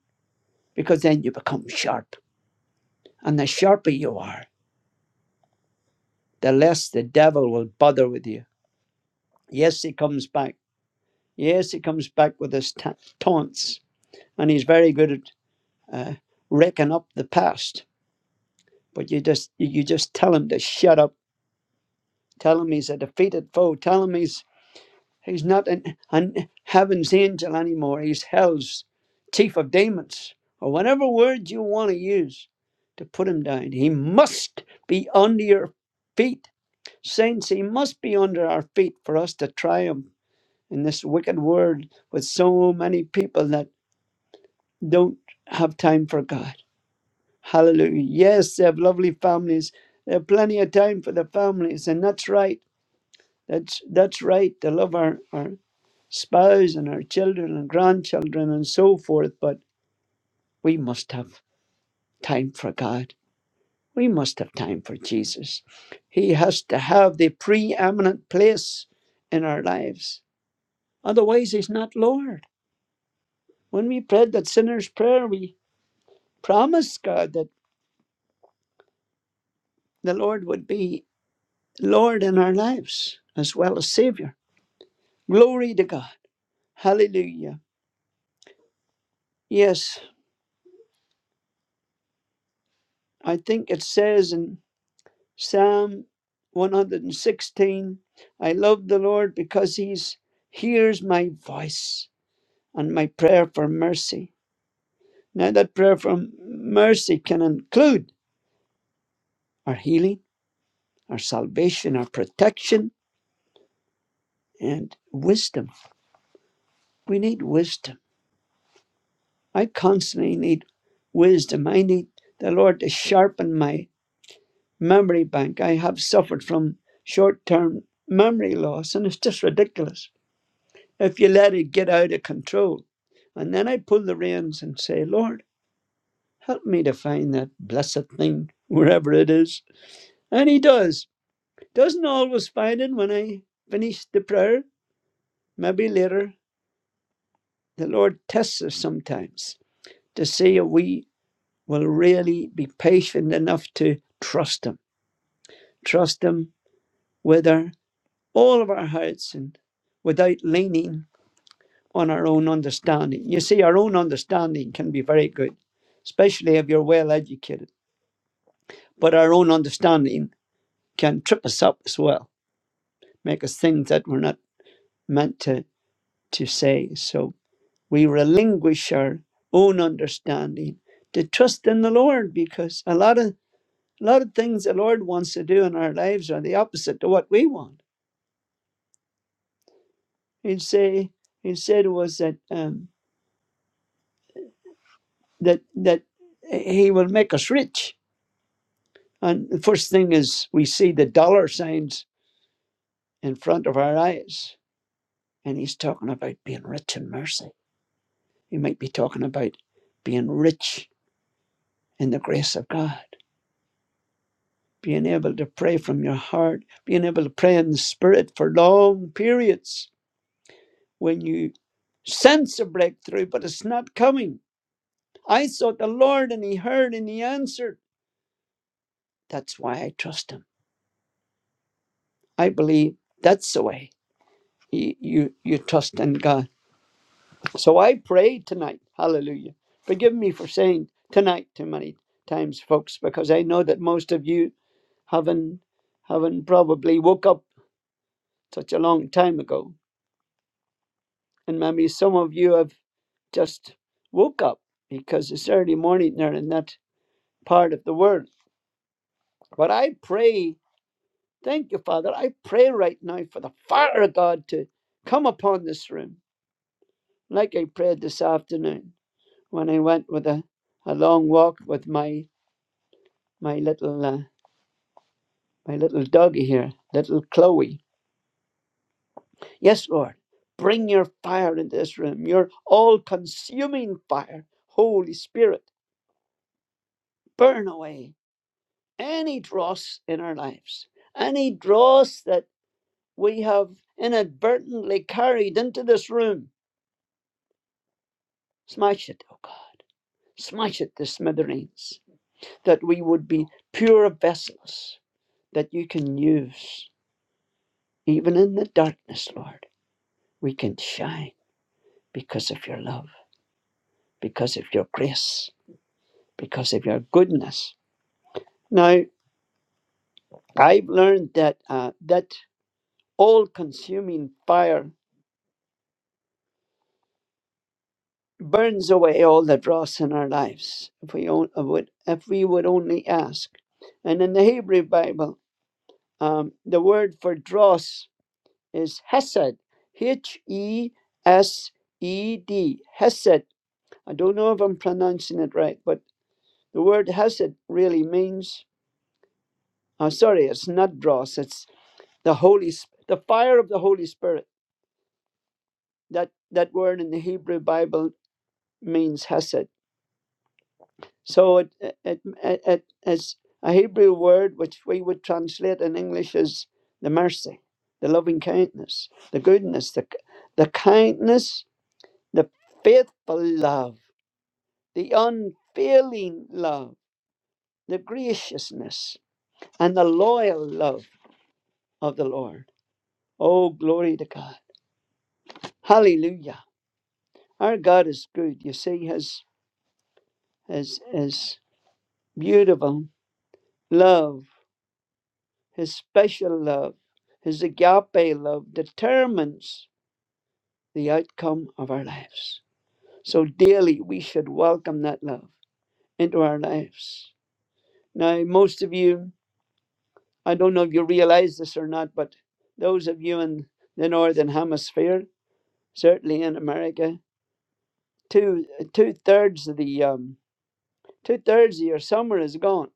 B: because then you become sharp. And the sharper you are, the less the devil will bother with you. Yes, he comes back Yes, he comes back with his ta- taunts, and he's very good at uh, raking up the past. But you just you just tell him to shut up. Tell him he's a defeated foe. Tell him he's he's not an, an heaven's angel anymore. He's hell's chief of demons, or whatever word you want to use to put him down. He must be under your feet, saints. He must be under our feet for us to triumph in this wicked world with so many people that don't have time for God. Hallelujah. Yes, they have lovely families. They have plenty of time for the families, and that's right. That's that's right to love our, our spouse and our children and grandchildren and so forth, but we must have time for God. We must have time for Jesus. He has to have the preeminent place in our lives. Otherwise, he's not Lord. When we prayed that sinner's prayer, we promised God that the Lord would be Lord in our lives as well as Savior. Glory to God. Hallelujah. Yes, I think it says in Psalm 116 I love the Lord because He's hears my voice and my prayer for mercy. Now, that prayer for mercy can include our healing, our salvation, our protection, and wisdom. We need wisdom. I constantly need wisdom. I need the Lord to sharpen my memory bank. I have suffered from short term memory loss, and it's just ridiculous if you let it get out of control. And then I pull the reins and say, Lord, help me to find that blessed thing wherever it is. And He does. Doesn't always find it when I finish the prayer. Maybe later, the Lord tests us sometimes to see if we will really be patient enough to trust Him. Trust Him whether all of our hearts and without leaning on our own understanding. You see, our own understanding can be very good, especially if you're well educated, but our own understanding can trip us up as well, make us think that we're not meant to, to say. So we relinquish our own understanding to trust in the Lord because a lot of a lot of things the Lord wants to do in our lives are the opposite to what we want. He'd say, he said was that um, that that he will make us rich. And the first thing is we see the dollar signs in front of our eyes, and he's talking about being rich in mercy. He might be talking about being rich in the grace of God, being able to pray from your heart, being able to pray in the spirit for long periods when you sense a breakthrough, but it's not coming. I sought the Lord and he heard and he answered. That's why I trust him. I believe that's the way. you, you you trust in God. So I pray tonight, hallelujah. Forgive me for saying tonight too many times, folks, because I know that most of you haven't haven't probably woke up such a long time ago. And maybe some of you have just woke up because it's early morning there in that part of the world. But I pray, thank you, Father, I pray right now for the fire of God to come upon this room, like I prayed this afternoon when I went with a, a long walk with my my little uh, my little doggy here, little Chloe. Yes, Lord, bring your fire into this room, your all-consuming fire, Holy Spirit, burn away any dross in our lives, any dross that we have inadvertently carried into this room. Smash it, oh God, smash it to smithereens, that we would be pure vessels that you can use. Even in the darkness, Lord, we can shine because of your love, because of your grace, because of your goodness. Now, I've learned that uh, that all consuming fire burns away all the dross in our lives if we, on, would, if we would only ask. And in the Hebrew Bible, um, the word for dross is hesed, H E S E D, hesed. I don't know if I'm pronouncing it right, but The word hesed really means, uh, sorry, it's not dross. It's the Holy, Sp- the fire of the Holy Spirit. That that word in the Hebrew Bible means hesed. So it it, it, it it's a Hebrew word which we would translate in English as the mercy, the loving kindness, the goodness, the the kindness, the faithful love, the unfailing love, the graciousness, and the loyal love of the Lord. Oh, glory to God. Hallelujah. Our God is good. You see, His, His, His beautiful love, His special love, His agape love determines the outcome of our lives. So daily we should welcome that love into our lives. Now, most of you, I don't know if you realize this or not, but those of you in the Northern Hemisphere, certainly in America, two two thirds of the um, Two thirds of your summer is gone,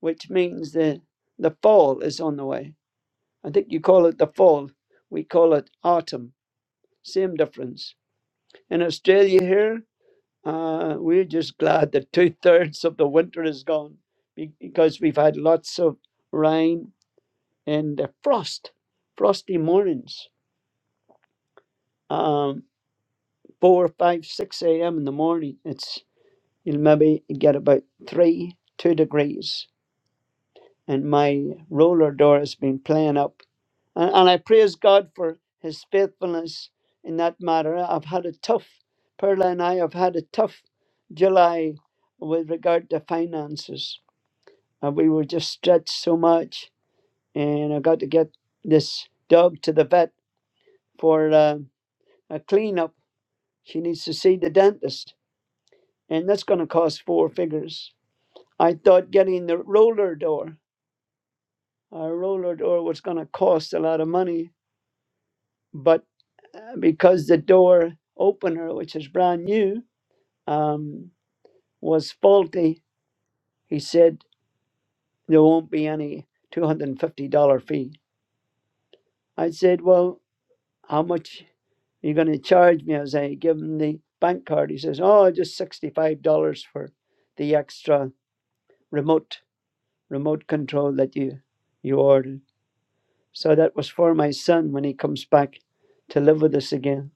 B: which means the the fall is on the way. I think you call it the fall. We call it autumn. Same difference. In Australia here, uh, we're just glad that two thirds of the winter is gone be- because we've had lots of rain and uh, frost, frosty mornings. Um, four, five, six a.m. in the morning. It's you'll maybe get about three, two degrees and my roller door has been playing up. And, and I praise God for His faithfulness in that matter. I've had a tough, Perla and I have had a tough July with regard to finances. Uh, we were just stretched so much, and I got to get this dog to the vet for uh, a cleanup. She needs to see the dentist, and that's going to cost four figures. I thought getting the roller door, our roller door, was going to cost a lot of money, but uh, because the door opener, which is brand new, um, was faulty, he said there won't be any $250 fee. I said, Well, how much are you going to charge me as I give him the bank card? He says, Oh, just $65 for the extra remote remote control that you you ordered. So that was for my son when he comes back to live with us again.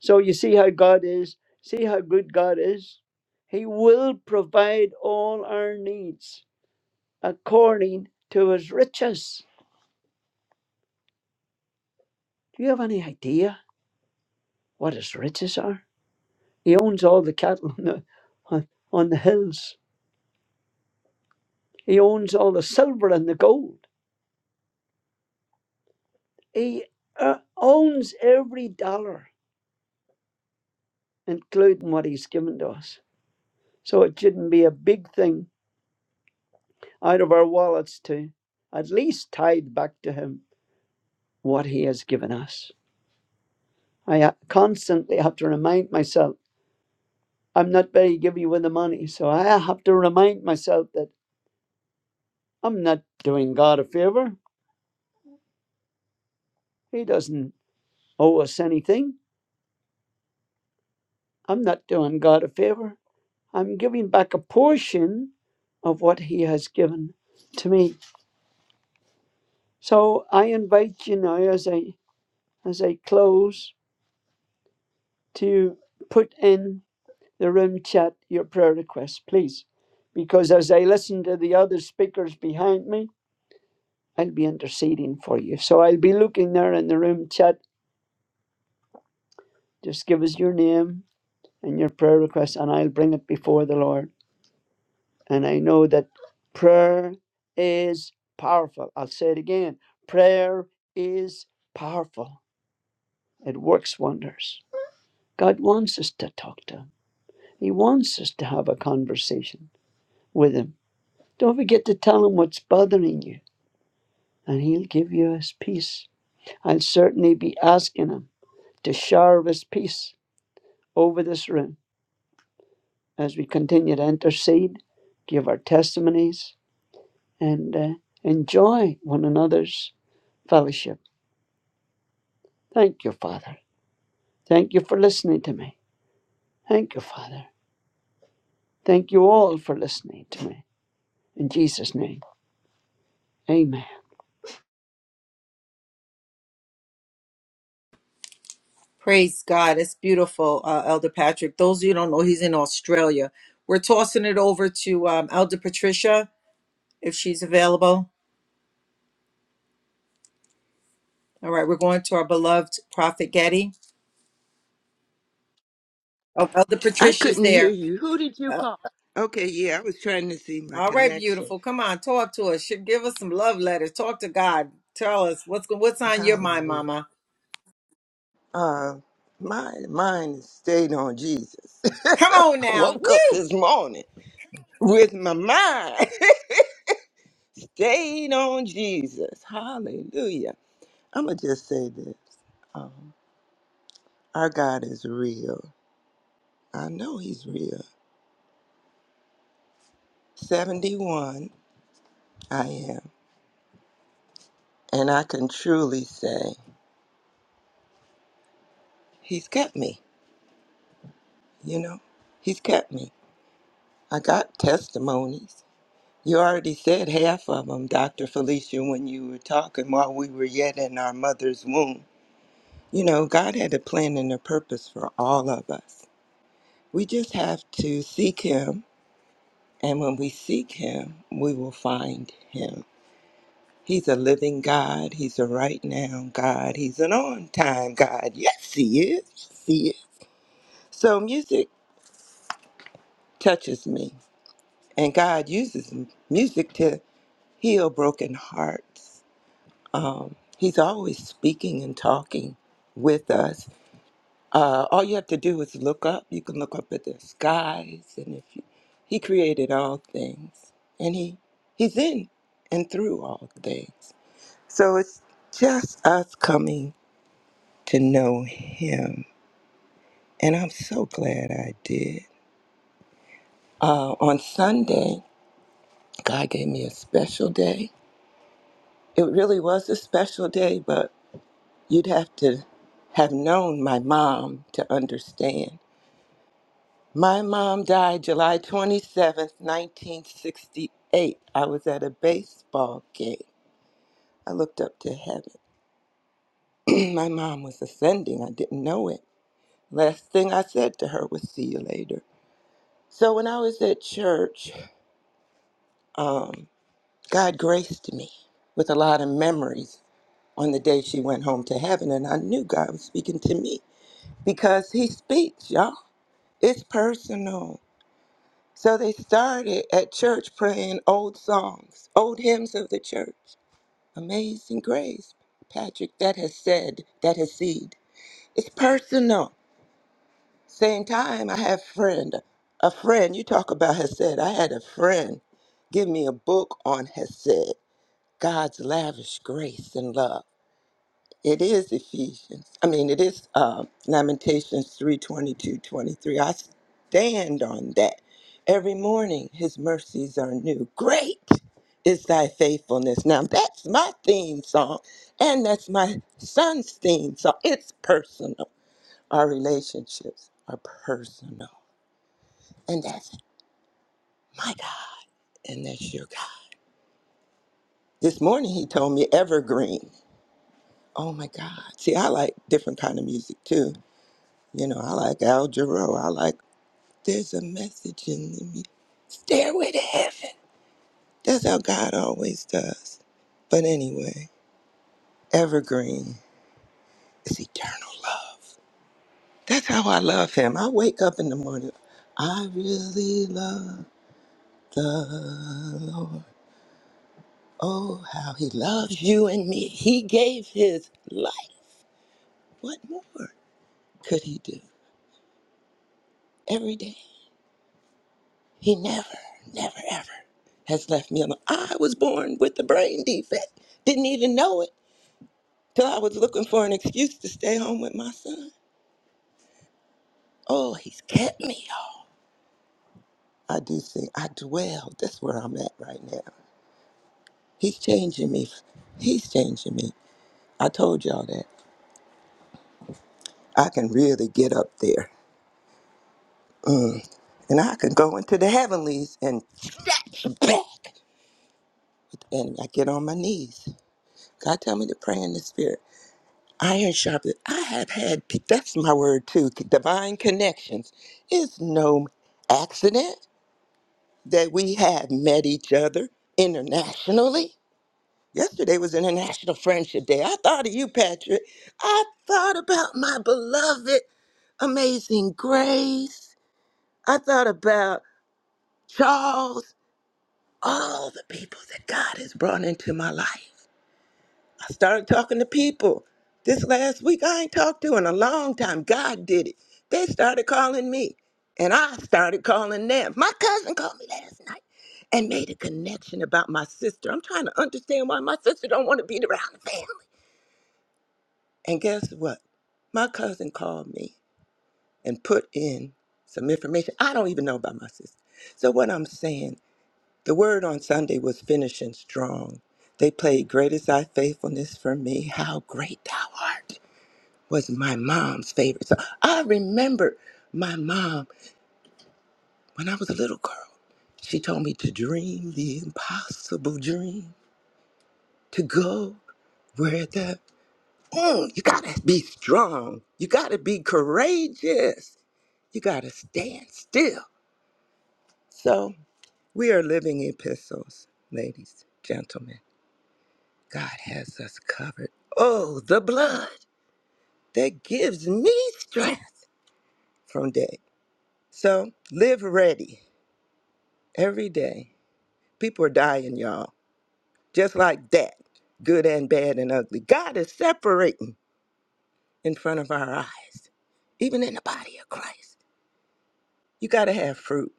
B: So you see how God is. See how good God is. He will provide all our needs according to his riches. Do you have any idea what his riches are? He owns all the cattle on the, on, on the hills, he owns all the silver and the gold. He uh, owns every dollar, including what he's given to us. So it shouldn't be a big thing out of our wallets to at least tithe back to him what he has given us. I ha- constantly have to remind myself I'm not very giving with the money. So I have to remind myself that I'm not doing God a favor. He doesn't owe us anything. I'm not doing God a favor. I'm giving back a portion of what He has given to me. So I invite you now as I as I close to put in the room chat your prayer request, please. Because as I listen to the other speakers behind me, I'll be interceding for you. So I'll be looking there in the room chat. Just give us your name and your prayer request, and I'll bring it before the Lord. And I know that prayer is powerful. I'll say it again prayer is powerful, it works wonders. God wants us to talk to Him, He wants us to have a conversation with Him. Don't forget to tell Him what's bothering you, and He'll give you His peace. I'll certainly be asking Him to share His peace over this room as we continue to intercede, give our testimonies, and uh, enjoy one another's fellowship. Thank you, Father. Thank you for listening to me. Thank you, Father. Thank you all for listening to me. In Jesus' name, amen.
A: Praise God. It's beautiful, uh, Elder Patrick. Those of you who don't know, he's in Australia. We're tossing it over to um, Elder Patricia if she's available. All right, we're going to our beloved Prophet Getty. Oh, Elder
C: I
A: Patricia's
C: couldn't hear
A: there.
C: you. Who did you
A: Uh,
C: call? Okay, yeah, I was trying to see my
A: all right,
C: connection.
A: beautiful. Come on, talk to us. Should give us some love letters. Talk to God. Tell us what's what's on your mind,
C: Hallelujah.
A: Mama.
C: Uh, my mind stayed on Jesus.
A: Come
C: I
A: on now.
C: woke up
A: Woo!
C: this morning with my mind stayed on Jesus. Hallelujah. I'm going to just say this. Um, our God is real. I know He's real. 71, I am. And I can truly say, He's kept me, you know? He's kept me. I got testimonies. You already said half of them, Dr. Felicia, when you were talking while we were yet in our mother's womb. You know, God had a plan and a purpose for all of us. We just have to seek Him, and when we seek Him, we will find Him. He's a living God. He's a right now God. He's an on time God. Yes, He is. Yes, He is. So, music touches me, and God uses m- music to heal broken hearts um, he's always speaking and talking with us. Uh, all you have to do is look up. You can look up at the skies, and if you, he created all things, and he he's in and through all things. So it's just us coming to know him, and I'm so glad I did. Uh, on Sunday, God gave me a special day. It really was a special day, but. You'd have to have known my mom to understand. My mom died July 27th, 1968. I was at a baseball game. I looked up to heaven. my mom was ascending. I didn't know it. Last thing I said to her was, See you later. So when I was at church, um, God graced me with a lot of memories on the day she went home to heaven. And I knew God was speaking to me because He speaks, y'all. It's personal. So they started at church praying old songs, old hymns of the church. Amazing grace, Patrick, that has said, that has seed. It's personal. Same time, I have friend, a friend. You talk about has said. I had a friend give me a book on has said. God's lavish grace and love. It is Ephesians. I mean, it is uh, Lamentations 3 22 23. I stand on that. Every morning, his mercies are new. Great is thy faithfulness. Now, that's my theme song, and that's my son's theme song. It's personal. Our relationships are personal. And that's my God, and that's your God. This morning, he told me evergreen. Oh my God. See, I like different kind of music too. You know, I like Al Jarreau. I like, there's a message in the Stairway to heaven. That's how God always does. But anyway, evergreen is eternal love. That's how I love him. I wake up in the morning. I really love the Lord. Oh, how he loves you and me. He gave his life. What more could he do every day? He never, never, ever has left me alone. I was born with a brain defect. Didn't even know it till I was looking for an excuse to stay home with my son. Oh, he's kept me, y'all. I do think I dwell. That's where I'm at right now. He's changing me. He's changing me. I told y'all that. I can really get up there. And I can go into the heavenlies and snatch back. And I get on my knees. God tell me to pray in the spirit. Iron sharpens. I have had, that's my word too, divine connections. It's no accident that we have met each other internationally. Yesterday was International Friendship Day. I thought of you, Patrick. I thought about my beloved, amazing Grace. I thought about Charles, all the people that God has brought into my life. I started talking to people this last week I ain't talked to in a long time. God did it. They started calling me, and I started calling them. My cousin called me last night and made a connection about my sister. I'm trying to understand why my sister don't want to be around the family. And guess what? My cousin called me and put in some information I don't even know about my sister. So what I'm saying, the word on Sunday was finishing strong. They played great is thy faithfulness for me. How great thou art was my mom's favorite. So I remember my mom when I was a little girl. She told me to dream the impossible dream, to go where the mm, you gotta be strong, you gotta be courageous, you gotta stand still. So we are living epistles, ladies, gentlemen. God has us covered. Oh, the blood that gives me strength from day. So live ready Every day. People are dying, y'all. Just like that. Good and bad and ugly. God is separating in front of our eyes, even in the body of Christ. You got to have fruit.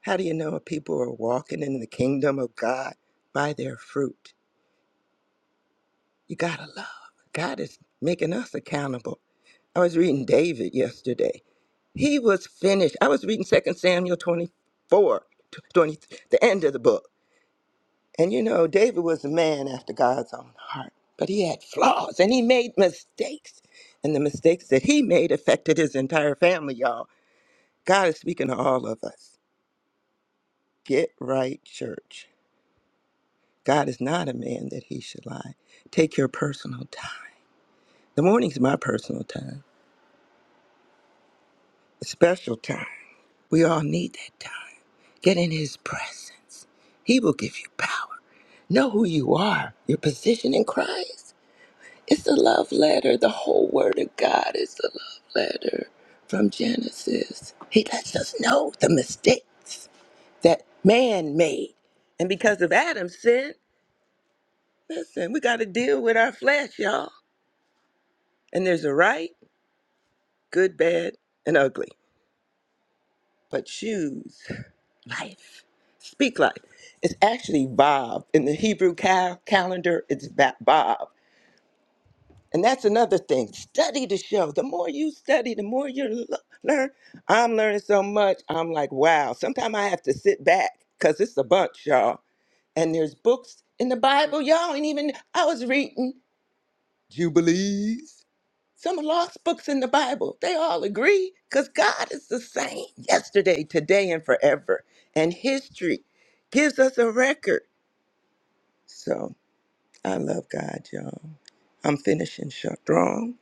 C: How do you know if people are walking in the kingdom of God? By their fruit. You got to love. God is making us accountable. I was reading David yesterday. He was finished. I was reading Second Samuel 24 20, the end of the book. And you know, David was a man after God's own heart, but he had flaws and he made mistakes. And the mistakes that he made affected his entire family, y'all. God is speaking to all of us. Get right, church. God is not a man that he should lie. Take your personal time. The morning's my personal time, a special time. We all need that time. Get in his presence, he will give you power. Know who you are, your position in Christ. It's a love letter. The whole Word of God is a love letter from Genesis. He lets us know the mistakes that man made. And because of Adam's sin, listen, we got to deal with our flesh, y'all. And there's a right, good, bad, and ugly. But choose life. Speak life. It's actually Bob. In the Hebrew cal- calendar, it's Ba- Bob. And that's another thing. Study to show. The more you study, the more you l- learn. I'm learning so much. I'm like, wow. Sometimes I have to sit back because it's a bunch, y'all. And there's books in the Bible, y'all. And even I was reading Jubilees, some lost books in the Bible. They all agree because God is the same yesterday, today, and forever. And history gives us a record. So. I love God, y'all. I'm finishing strong.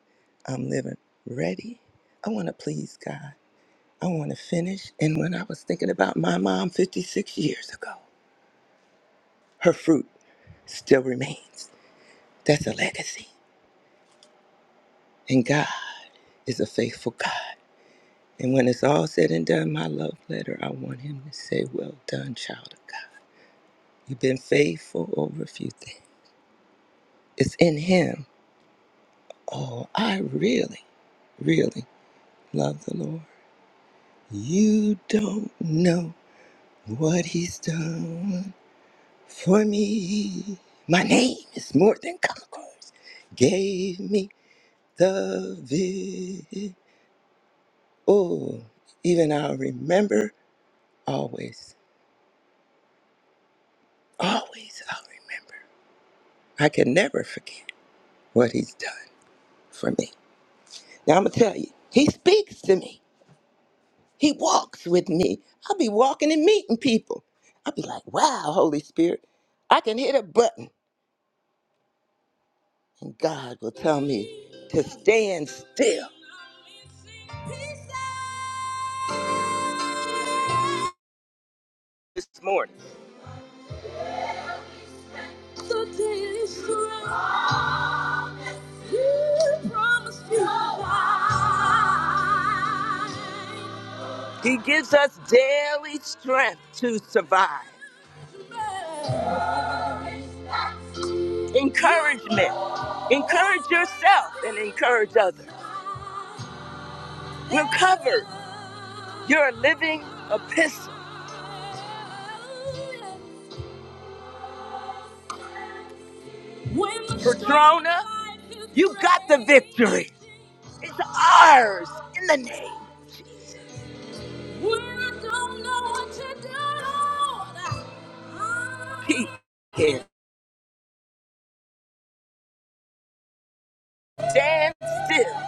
C: I'm living ready. I want to please God. I want to finish. And when I was thinking about my mom 56 years ago, her fruit still remains. That's a legacy. And God is a faithful God. And when it's all said and done, my love letter, I want him to say, Well done, child of God. You've been faithful over a few things. It's in him. Oh, I really, really love the Lord. You don't know what he's done for me. My name is more than conquerors. Gave me the vid. Oh, even I'll remember always, always, I'll remember. I can never forget what he's done for me. Now I'm gonna tell you, he speaks to me. He walks with me. I'll be walking and meeting people. I'll be like, wow, Holy Spirit, I can hit a button And God will tell me to stand still. This morning. So taste promise you promised me. He gives us daily strength to survive. Encouragement. Encourage yourself and encourage others. We're covered. You're a living epistle. Patrona, you got the victory. It's ours in the name of Jesus. He can stand still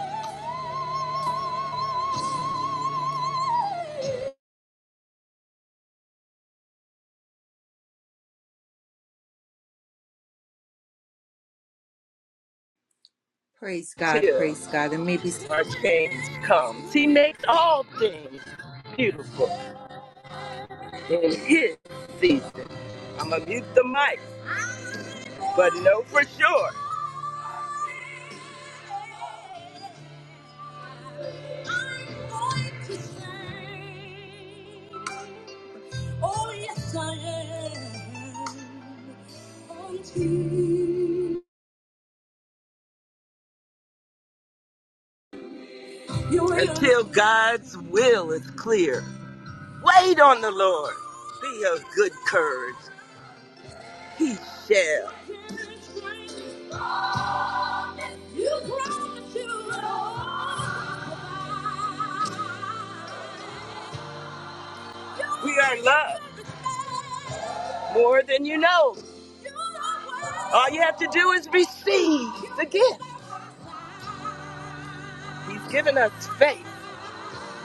A: Praise God.
C: till
A: Praise God. And maybe
C: our change comes. He makes all things beautiful in his season. I'm going to mute the mic, but know for sure. Oh, yes, Until God's will is clear. Wait on the Lord. Be of good courage. He shall. We are loved more than you know. All you have to do is receive the gift. He's given us faith.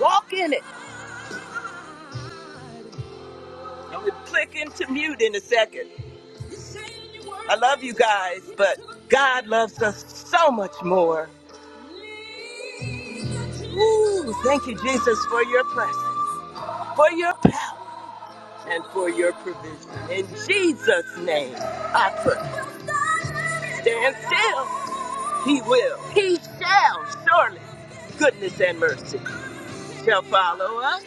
C: Walk in it. I'm going to click into mute in a second. I love you guys, but God loves us so much more. Ooh, thank you, Jesus, for your presence, for your power, and for your provision. In Jesus' name, I pray. Stand still He will. He shall surely. Goodness and mercy shall follow us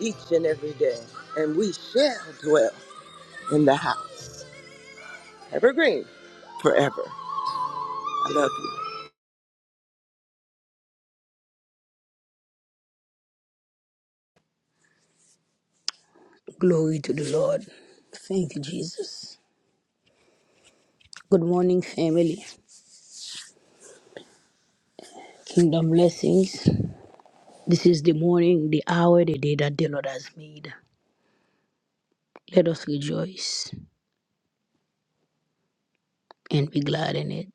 C: each and every day, and we shall dwell in the house evergreen forever. I love you.
D: Glory to the Lord. Thank you, Jesus. Good morning, family. Kingdom blessings. This is the morning, the hour, the day that the Lord has made. Let us rejoice and be glad in it.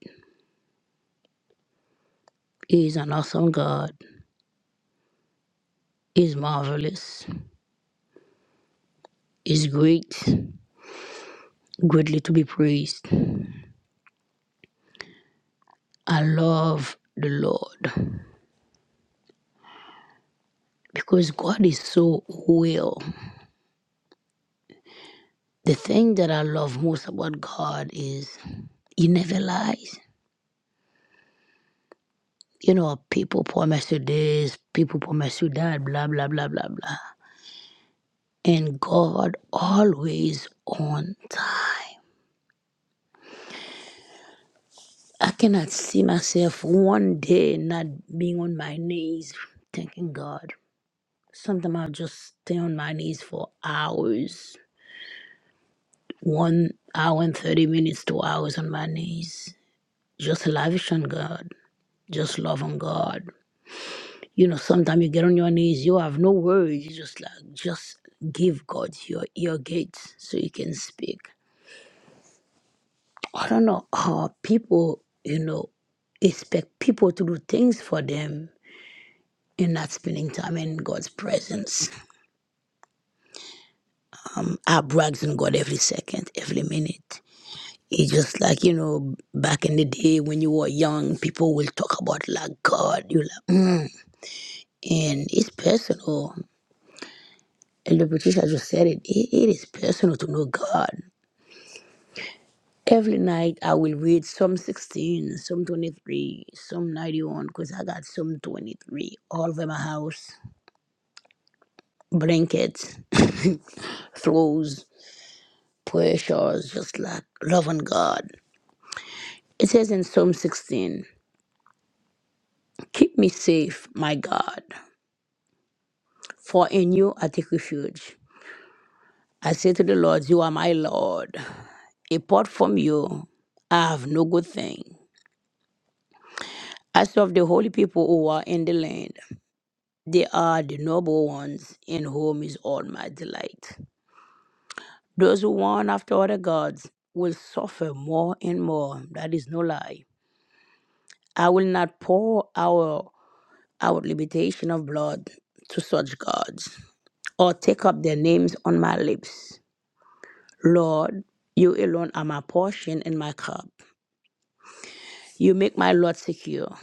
D: He is an awesome God. He is marvelous. He is great, greatly to be praised. I love the Lord because God is so well. The thing that I love most about God is he never lies. you know, people promise you this, people promise you that, blah, blah, blah, blah, blah. And God always on time. I cannot see myself one day not being on my knees thanking God. Sometimes I'll just stay on my knees for hours, one hour and 30 minutes, two hours on my knees. Just lavish on God, just love on God. You know, sometimes you get on your knees, you have no words. You just like, just give God your ear gates so you can speak. I don't know how people, you know, expect people to do things for them and not spending time in God's presence. Um, I brags on God every second, every minute. It's just like, you know, back in the day when you were young, people will talk about like God, you like, mm. and it's personal. And the Patricia just said it, it, it is personal to know God. Every night I will read Psalm 16, Psalm 23, Psalm 91, because I got Psalm 23 all over my house. Blankets, throws, prayer shawls just like loving God. It says in Psalm 16, Keep me safe, my God, for in you I take refuge. I say to the Lord, You are my Lord. Apart from you, I have no good thing. I serve the holy people who are in the land. They are the noble ones in whom is all my delight. Those who run after other gods will suffer more and more. That is no lie. I will not pour our our limitation of blood to such gods, or take up their names on my lips. Lord, you alone are my portion and my cup. You make my lot secure.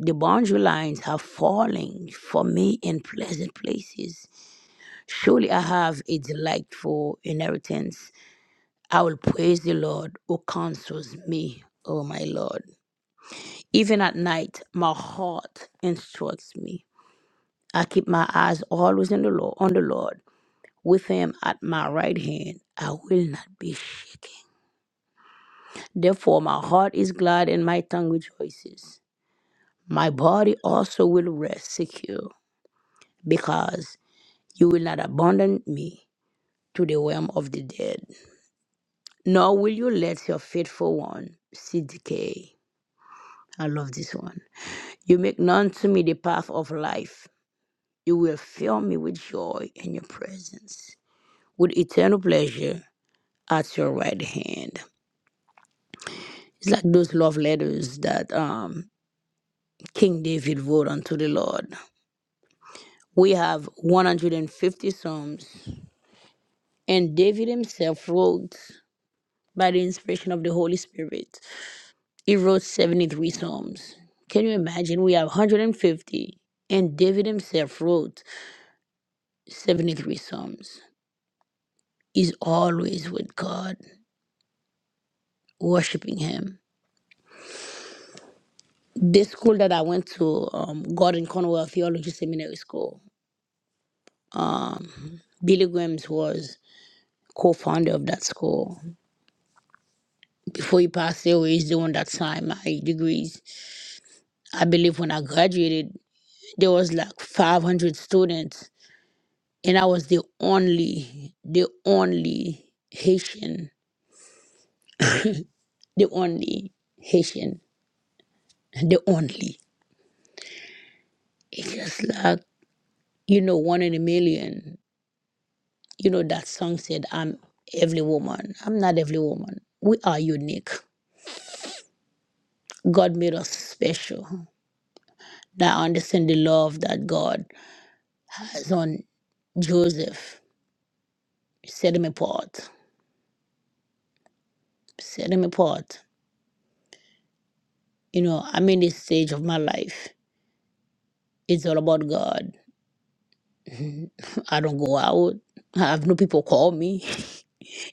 D: The boundary lines are falling for me in pleasant places. Surely I have a delightful inheritance I will praise the Lord who counsels me, O my Lord. Even at night, my heart instructs me. I keep my eyes always in the Lord, on the Lord. With him at my right hand, I will not be shaken. Therefore, my heart is glad and my tongue rejoices. My body also will rest secure, because you will not abandon me to the realm of the dead, nor will you let your faithful one see decay. I love this one. You make known to me the path of life. You will fill me with joy in your presence, with eternal pleasure at your right hand. It's like those love letters that um, King David wrote unto the Lord. We have 150 Psalms, and David himself wrote by the inspiration of the Holy Spirit. He wrote 73 Psalms. Can you imagine? We have 150, and David himself wrote 73 Psalms. is always with God, worshiping Him. This school that I went to, um, Gordon Conwell Theology Seminary School, Billy Grahams was co-founder of that school. Before he passed away, he's the one that signed my degrees. I believe when I graduated, there was like 500 students, and I was the only, the only Haitian, the only Haitian, the only. It's just like you know, one in a million You know, that song said, I'm every woman. I'm not every woman. We are unique. God made us special. Now I understand the love that God has on Joseph. Set him apart. Set him apart. You know, I'm in this stage of my life. It's all about God. I don't go out. I have no people call me.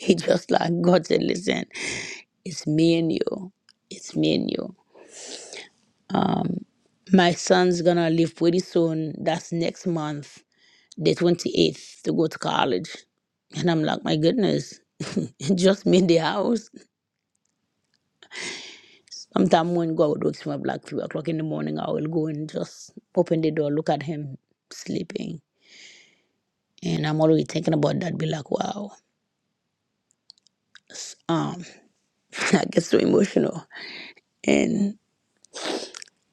D: It's just like God said, listen, it's me and you. It's me and you. My son's gonna leave pretty soon. That's next month. the 28th to go to college. And I'm like, my goodness, just made the house. Sometimes when God wakes me up like three o'clock in the morning, I will go and just open the door, look at him sleeping. And I'm already thinking about that, be like, wow. Um, I get so emotional. And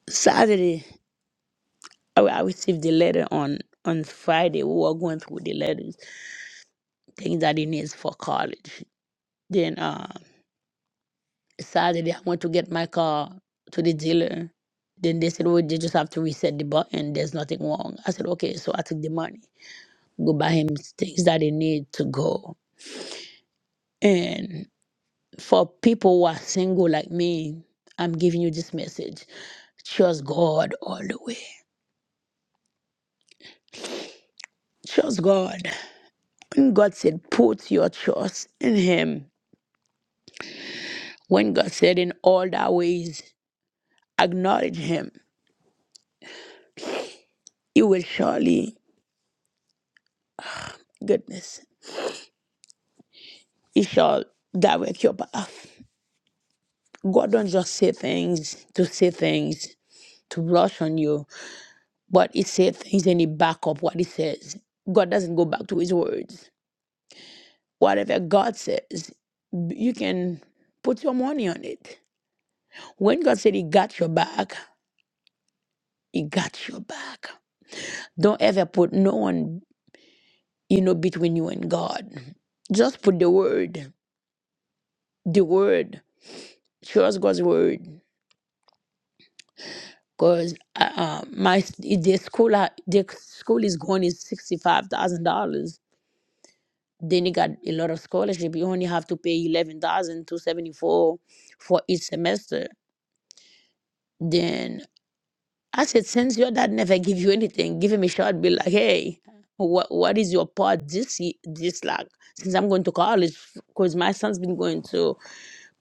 D: Saturday, I, I received the letter on on Friday. We were going through the letters, things that he needs for college. Then uh, Saturday, I went to get my car to the dealer. Then they said, "Oh, they just have to reset the button. There's nothing wrong." I said, "Okay." So I took the money, go buy him things that he need to go. And for people who are single like me, I'm giving you this message: trust God all the way. Trust God. When God said, "Put your trust in Him," when God said, "In all thy ways, acknowledge Him," you will surely goodness. He shall direct your path. God don't just say things to say things to rush on you, but He says things and He back up what He says. God doesn't go back to His words. Whatever God says, b- you can put your money on it. When God said He got your back, He got your back. Don't ever put no one, you know, between you and God. Just put the word, the word. Trust God's word. Cause uh, uh, my s- the school I- the school is going is sixty five thousand dollars. Then you got a lot of scholarship. You only have to pay eleven thousand two seventy four for each semester. Then I said, since your dad never give you anything, give him a shot. Be like, hey, what what is your part this ye- this like? Since I'm going to college, cause my son's been going to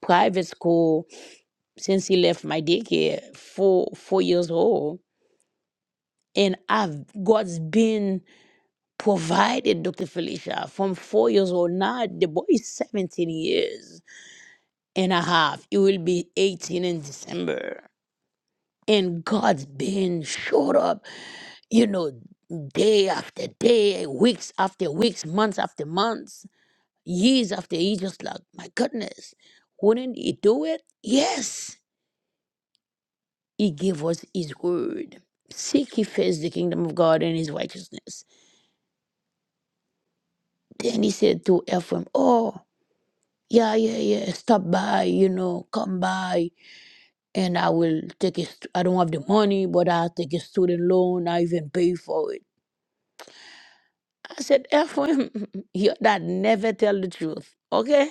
D: private school since he left my daycare, four four years old, and I've God's been provided Dr. Felicia from four years old. Now the boy is 17 years and a half. He will be 18 in December. And God's been showed up, you know, day after day, weeks after weeks, months after months, years after years. Just like, my goodness, wouldn't he do it? Yes, he gave us his word. Seek ye first the kingdom of God and his righteousness. Then he said to Ephraim, Oh, yeah, yeah, yeah, stop by, you know, come by, and I will take a, st- I don't have the money, but I'll take a student loan, I even pay for it. I said, Ephraim, your dad never tell the truth, okay?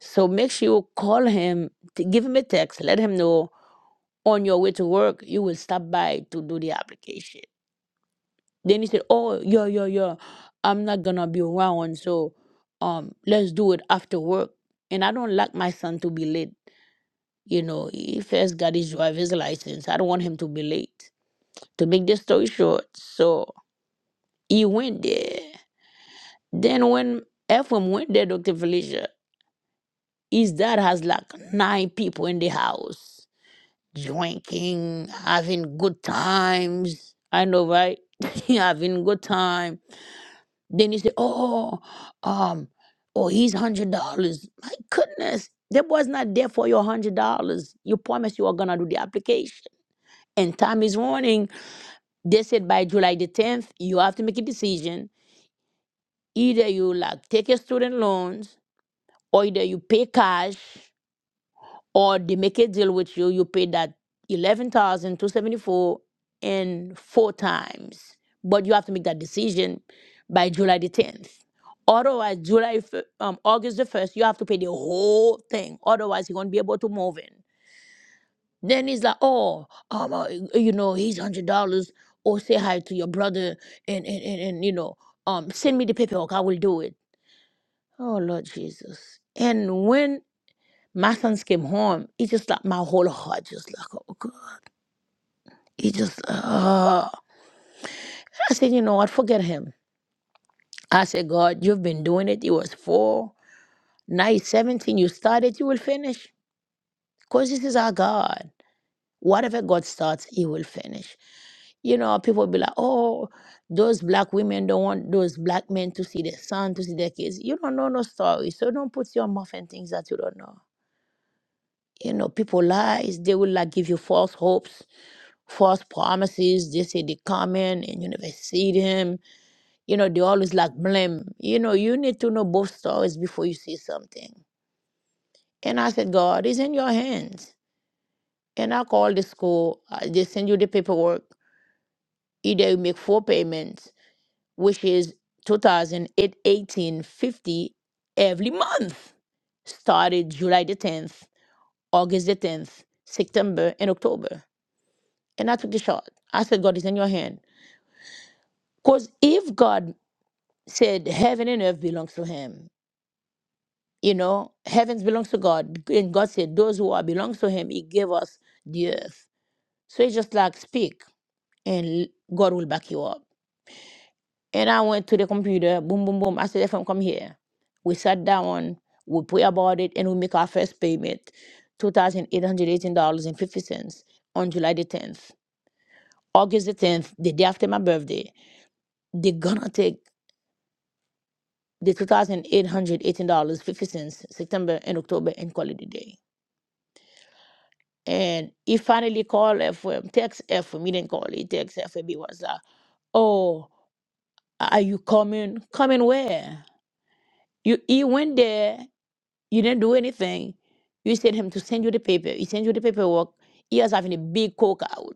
D: So make sure you call him, t- give him a text, let him know on your way to work, you will stop by to do the application. Then he said, oh, yo, yo, yo. I'm not gonna be around, so um, let's do it after work. And I don't like my son to be late. You know, he first got his driver's license. I don't want him to be late. To make the story short, so he went there. Then when Ephraim went there, Dr. Felicia, his dad has like nine people in the house, drinking, having good times. I know, right? having good time. Then he said, Oh, um, oh, he's hundred dollars. My goodness, that boy's not there for your hundred dollars. You promised you were gonna do the application. And time is running They said by July the 10th, you have to make a decision. Either you like take your student loans, or either you pay cash, or they make a deal with you. You pay that eleven thousand two seventy four in four times, but you have to make that decision by July the 10th. Otherwise, July, fir- um, August the 1st, you have to pay the whole thing. Otherwise, you won't be able to move in. Then he's like, oh, um, uh, you know, he's hundred dollars. Or say hi to your brother, and, and and and you know, um, send me the paperwork. I will do it. Oh Lord Jesus! And when my sons came home, it just like my whole heart just like, oh God. It just, uh, I said, you know what? Forget him. I said, God, you've been doing it. It was four, now it's seventeen. You started, you will finish, cause this is our God. Whatever God starts, He will finish. You know, people be like, oh, those black women don't want those black men to see their son, to see their kids. You don't know no story. So don't put your mouth in things that you don't know. You know, people lies, they will like give you false hopes, false promises. They say they coming and you never see them. You know, they always like blame. You know, you need to know both stories before you say something. And I said, God, it's in your hands. And I called the school. uh, They send you the paperwork Either you make four payments, which is two thousand eight eighteen fifty every month, started July the 10th, August the 10th, September, and October. And I took the shot. I said, God is in your hand. Because if God said heaven and earth belongs to him, you know, heavens belongs to God. And God said, those who are belongs to him, he gave us the earth. So it's just like speak and God will back you up. And I went to the computer, boom, boom, boom. I said, FM, come here. We sat down, we pray about it, and we make our first payment, $2,818.50 on July the 10th. August the 10th, the day after my birthday, they're gonna take the $2,818.50 September and October and call it a day. And he finally called FM, text FM, he didn't call, he text FM, he was like, oh, are you coming? Coming where? You, he went there You didn't do anything. You said him to send you the paper. He sent you the paperwork. He was having a big coke out.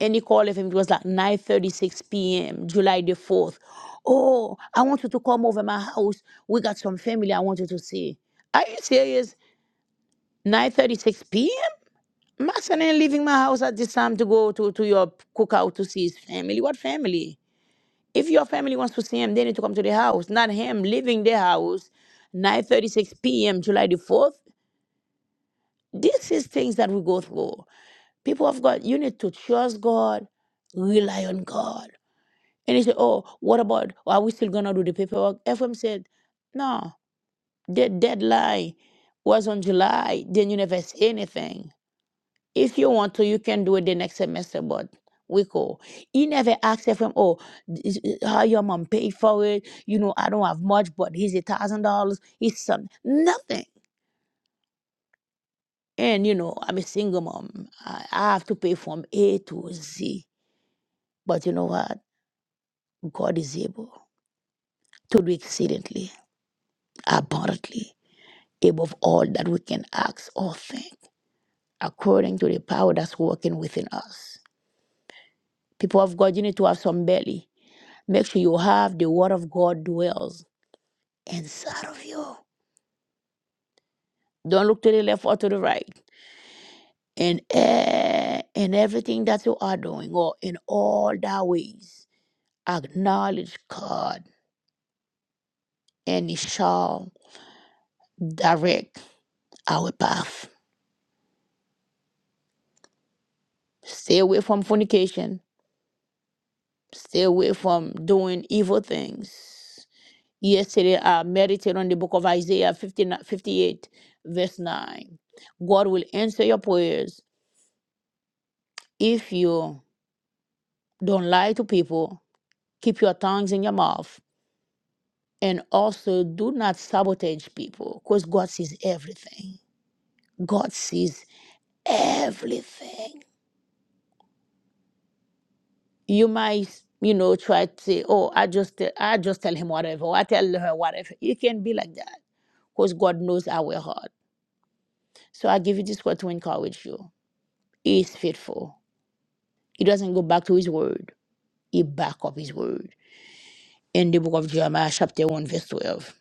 D: And he called him. It was like 9.36 p.m., July the 4th. Oh, I want you to come over my house. We got some family I want you to see. Are you serious? 9.36 p.m.? My son ain't leaving my house at this time to go to, to your cookout to see his family. What family? If your family wants to see him, they need to come to the house, not him leaving the house 9.36 p.m., July the 4th This is things that we go through. People of God, you need to trust God, rely on God. And they say, oh, what about, are we still going to do the paperwork? FM said, no, the deadline was on July. Then you never say anything. If you want to, you can do it the next semester, but we go. He never asked FM, oh, is- is- how your mom paid for it? You know, I don't have much, but he's a thousand dollars. He's some nothing. And you know, I'm a single mom. I, I have to pay from A to Z. But you know what? God is able to do exceedingly, abundantly, above all that we can ask or think, according to the power that's working within us. People of God, you need to have some belly. Make sure you have the word of God dwells inside of you. Don't look to the left or to the right. In, e- in everything that you are doing or in all thy ways, acknowledge God and it shall direct our path. Stay away from fornication. Stay away from doing evil things. Yesterday, I meditated on the book of Isaiah 59 58, verse 9. God will answer your prayers if you don't lie to people, keep your tongues in your mouth, and also do not sabotage people because God sees everything. God sees everything. you might you know try to say oh i just te- i just tell him whatever or i tell her whatever you can be like that because god knows our heart so i give you this word to encourage you he is faithful he doesn't go back to his word he back up his word in the book of jeremiah chapter 1 verse 12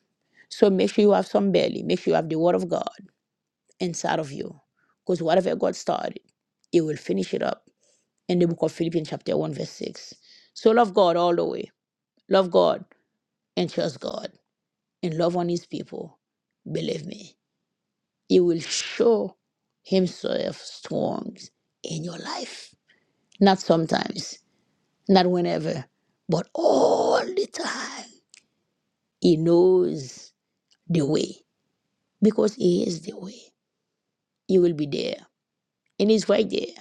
D: so make sure you have some belly make sure you have the word of god inside of you because whatever god started he will finish it up in the book of philippians chapter 1 verse 6 so love god all the way love god and trust god and love on his people, believe me, he will show himself strong in your life. Not sometimes, not whenever, but all the time. He knows the way because he is the way. He will be there and he's right there.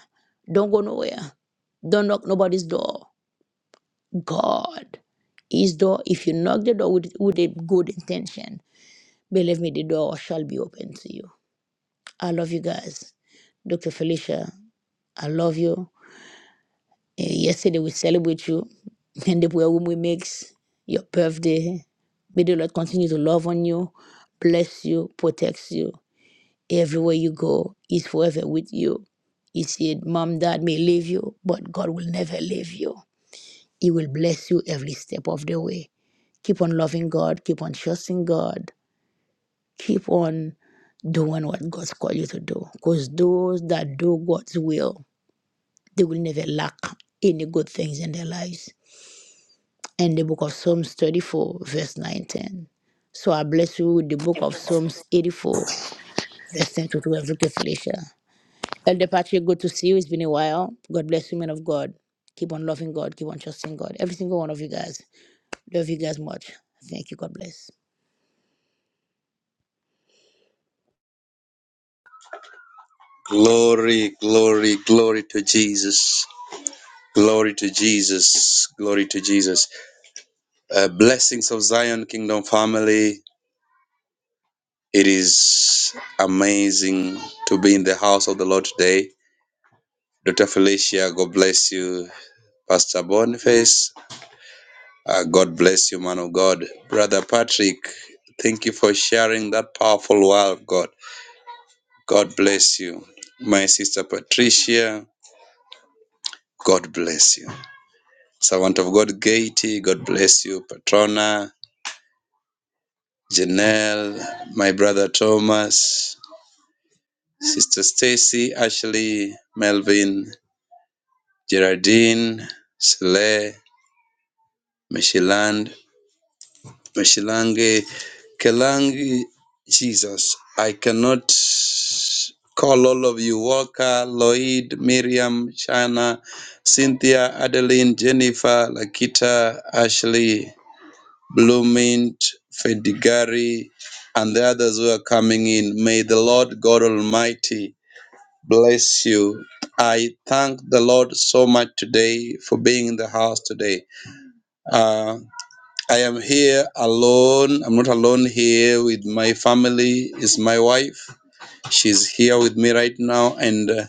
D: Don't go nowhere. Don't knock nobody's door. God his door. If you knock the door with, with a good intention, believe me, the door shall be open to you. I love you guys. Dr. Felicia, I love you. Eh, yesterday we celebrate you and the way we makes your birthday. May the Lord continue to love on you, bless you, protects you. Everywhere you go, He's forever with you. He said, Mom, Dad may leave you, but God will never leave you. He will bless you every step of the way. Keep on loving God, keep on trusting God. Keep on doing what God's called you to do. Because those that do God's will, they will never lack any good things in their lives. And the book of Psalms 34, verse 19. So I bless you with the book of Psalms 84, verse 10 to 12, Look at Felicia. Elder Patrick, good to see you. It's been a while. God bless you, men of God. Keep on loving God. Keep on trusting God. Every single one of you guys. Love you guys much. Thank you. God bless.
E: Glory, glory, glory to Jesus. Glory to Jesus. Glory to Jesus. Uh, blessings of Zion Kingdom family. It is amazing to be in the house of the Lord today. Dr. Felicia, God bless you. Pastor Boniface, uh, God bless you, man of God. Brother Patrick, thank you for sharing that powerful word of God. God bless you. My sister Patricia, God bless you. Servant of God Katie, God bless you. Patrona, Janelle, my brother Thomas, Sister Stacy, Ashley, Melvin, Gerardine, Sele, Meshiland, Meshilange, Kelangi, Jesus. I cannot call all of you Walker, Lloyd, Miriam, Shana, Cynthia, Adeline, Jennifer, Lakita, Ashley, Bloomint, Fedigari, and the others who are coming in. May the Lord God Almighty bless you. I thank the Lord so much today for being in the house today. Uh, I am here alone. I'm not alone here with my family. Is my wife. She's here with me right now, and uh,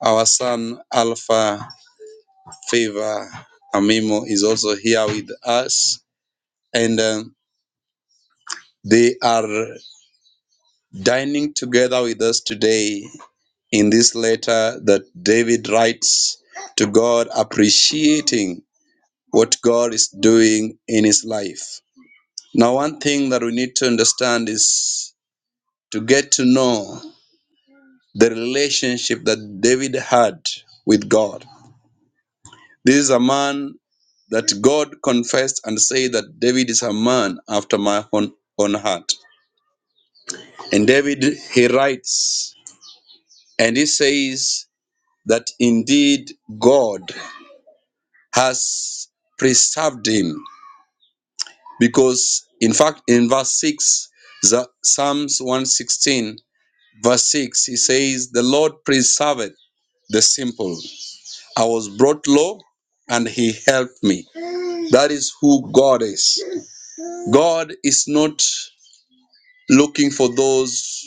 E: our son Alpha Favor Amimo is also here with us, and um, they are. dining together with us today in this letter that David writes to God, appreciating what God is doing in his life. Now, one thing that we need to understand is to get to know the relationship that David had with God. This is a man that God confessed and said that David is a man after my own, own heart. And David, he writes and he says, that indeed God has preserved him. Because, in fact, in verse 6, the- Psalms 116, verse 6, he says, The Lord preserveth the simple. I was brought low and he helped me. That is who God is. God is not looking for those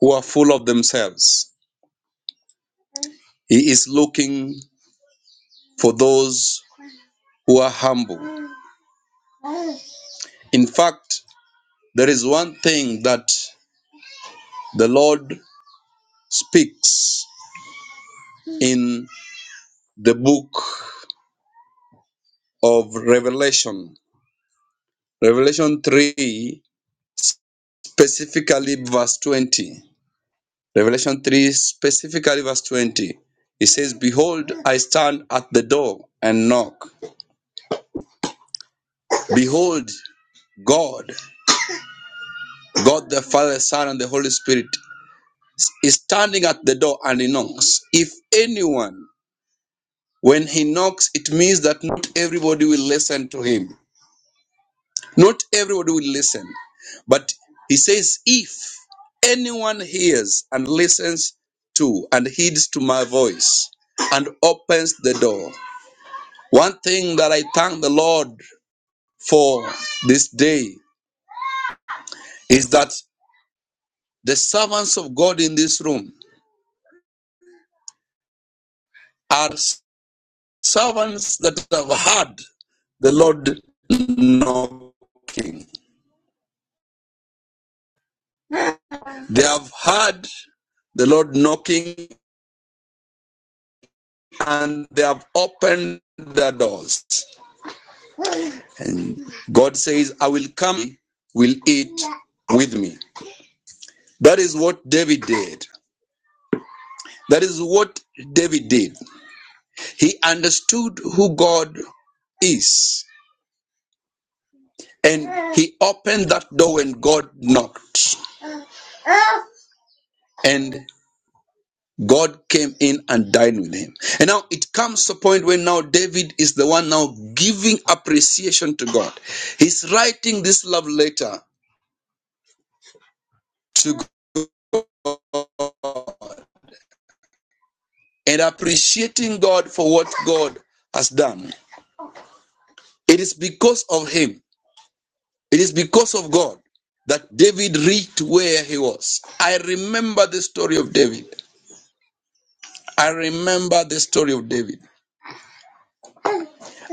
E: who are full of themselves, He is looking for those who are humble. In fact, There is one thing that the Lord speaks in the book of Revelation. Revelation 3, specifically verse 20. Revelation 3, specifically verse 20. It says, Behold, I stand at the door and knock. Behold, God, God the Father, Son, and the Holy Spirit is standing at the door and he knocks. If anyone, when he knocks, it means that not everybody will listen to him. Not everybody will listen, but he says, if anyone hears and listens to and heeds to my voice and opens the door. One thing that I thank the Lord for this day is that the servants of God in this room are servants that have heard the Lord knocking. They have heard the Lord knocking and they have opened the doors. And God says, I will come, will eat with me. That is what David did. That is what David did. He understood who God is. And he opened that door when God knocked. And God came in and dined with him. And now it comes to a point where now David is the one now giving appreciation to God. He's writing this love letter to. and appreciating God for what God has done. It is because of him, it is because of God that David reached where he was. I remember the story of David. I remember the story of David.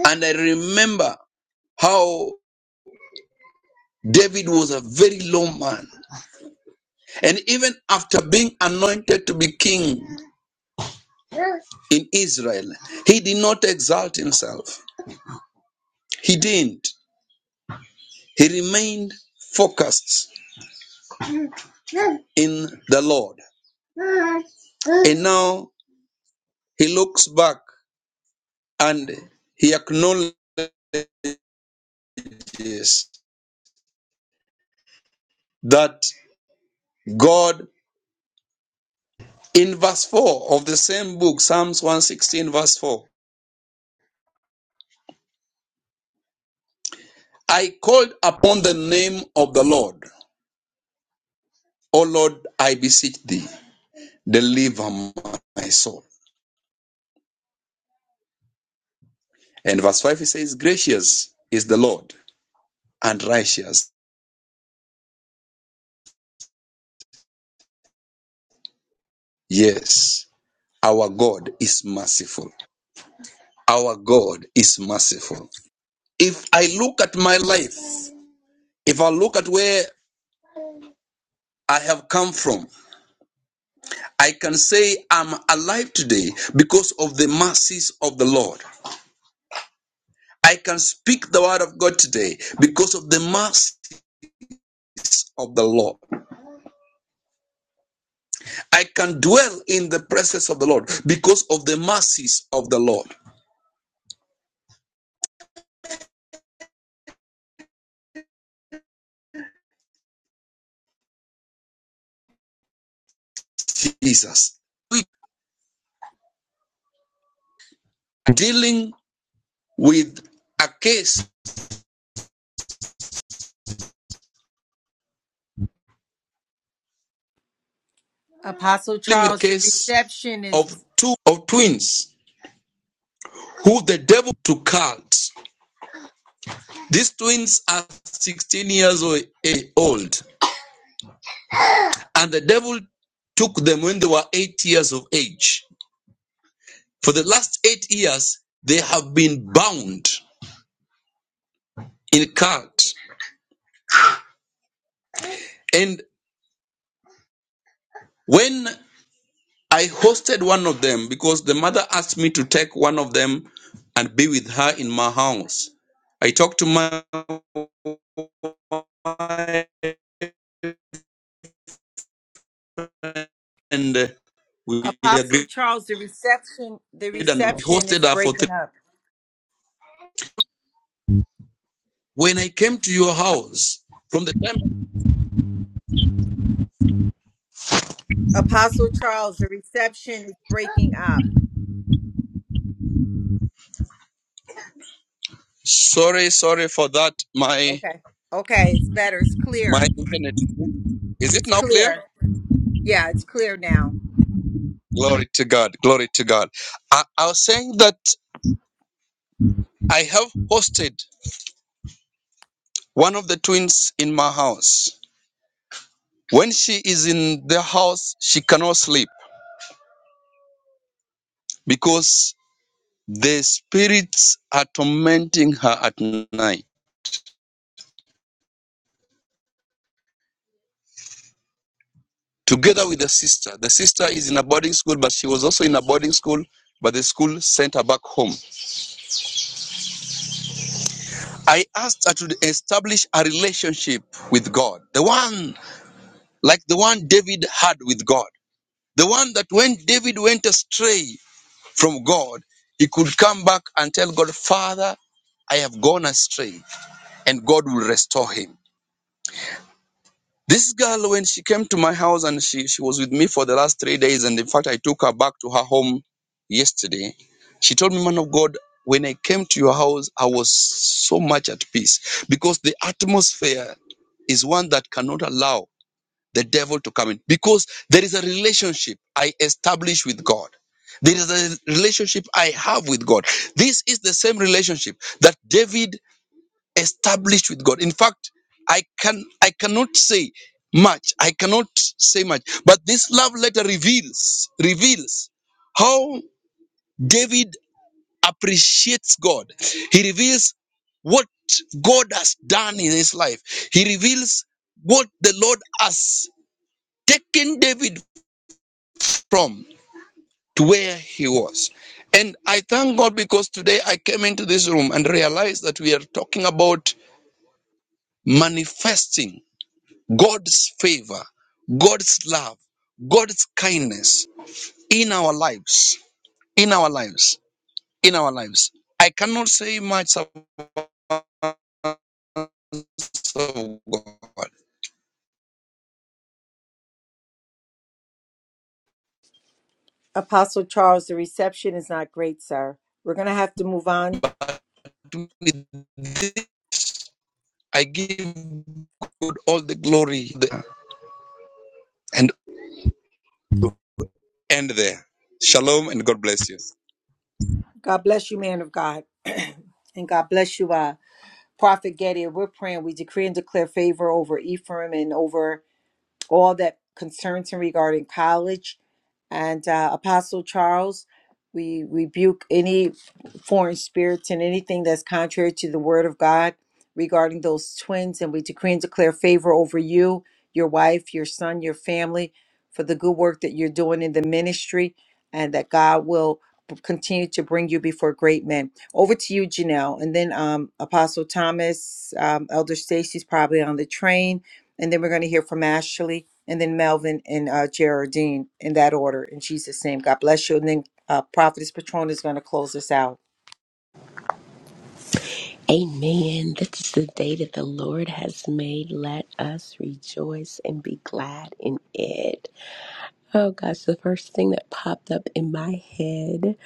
E: And I remember how David was a very low man. And even after being anointed to be king in Israel, he did not exalt himself. He didn't. He remained focused in the Lord. And now he looks back and he acknowledges that God, in verse 4 of the same book, Psalms 116, verse 4, I called upon the name of the Lord. O Lord, I beseech thee, deliver my soul. And verse 5 he says, Gracious is the Lord and righteous. Yes, our God is merciful. Our God is merciful. If I look at my life, if I look at where I have come from, I can say I'm alive today because of the mercies of the Lord. I can speak the word of God today because of the mercies of the Lord. I can dwell in the presence of the Lord because of the mercies of the Lord. Jesus. We are dealing with a case,
A: Apostle
E: dealing with a
A: Charles, the
E: case
A: reception is
E: of two of twins who the devil took out. These twins are 16 years eh, old, and the devil took them when they were eight years of age. For the last eight years, they have been bound in cult. And when I hosted one of them, because the mother asked me to take one of them and be with her in my house, I talked to my wife and we
A: Apostle
E: agreed
A: Charles, the reception, the
E: and we
A: reception
E: hosted
A: is
E: her for
A: breaking
E: three.
A: up.
E: When I came to your house, from the time.
A: Apostle Charles, the reception is breaking up.
E: Sorry, sorry for that. My
A: Okay. Okay, it's better. It's
E: my
A: clear.
E: internet. Is it
A: It's
E: now clear?
A: clear. Yeah, it's clear now.
E: Glory to God. Glory to God. I, I was saying that I have hosted one of the twins in my house. When she is in the house, she cannot sleep because the spirits are tormenting her at night. Together with the sister. The sister is in a boarding school, but she was also in a boarding school, but the school sent her back home. I asked her to establish a relationship with God, the one like the one David had with God, the one that when David went astray from God, he could come back and tell God, Father, I have gone astray, and God will restore him. This girl, when she came to my house and she, she was with me for the last three days, and in fact, I took her back to her home yesterday. She told me, Man of God, when I came to your house, I was so much at peace because the atmosphere is one that cannot allow the devil to come in because there is a relationship I establish with God. There is a relationship I have with God. This is the same relationship that David established with God. In fact, I can I cannot say much. I cannot say much. But this love letter reveals reveals how David appreciates God. He reveals what God has done in his life. He reveals what the Lord has taken David from to where he was. And I thank God because today I came into this room and realized that we are talking about manifesting God's favor, God's love, God's kindness in our lives, in our lives, in our lives. I cannot say much about God,
A: Apostle Charles, the reception is not great, sir. We're going to have to move on.
E: but with this, I give God all the glory there and end there. Shalom and God bless you.
A: God bless you, man of God. and God bless you, uh, Prophet Getty. We're praying. We decree and declare favor over Ephraim and over all that concerns him regarding college. And uh, Apostle Charles, we rebuke any foreign spirits and anything that's contrary to the word of God regarding those twins. And we decree and declare favor over you, your wife, your son, your family for the good work that you're doing in the ministry, and that God will b- continue to bring you before great men. Over to you, Janelle. And then um, Apostle Thomas, um, Elder Stacy's probably on the train and then we're going to hear from Ashley, and then Melvin and uh, Geraldine in that order. In Jesus' name, God bless you. And then uh, Prophetess Patron is going to close us out.
F: Amen. This is the day that the Lord has made. Let us rejoice and be glad in it. Oh gosh, the first thing that popped up in my head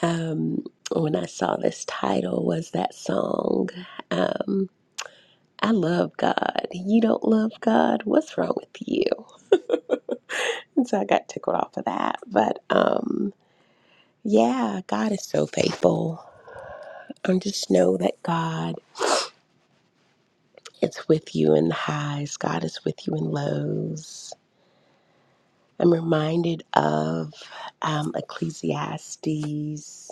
F: um, when I saw this title was that song. Um, I love God. You don't love God? What's wrong with you? And so I got tickled off of that. But um, yeah, God is so faithful. And just know that God it's with you in the highs, God is with you in lows. I'm reminded of um, Ecclesiastes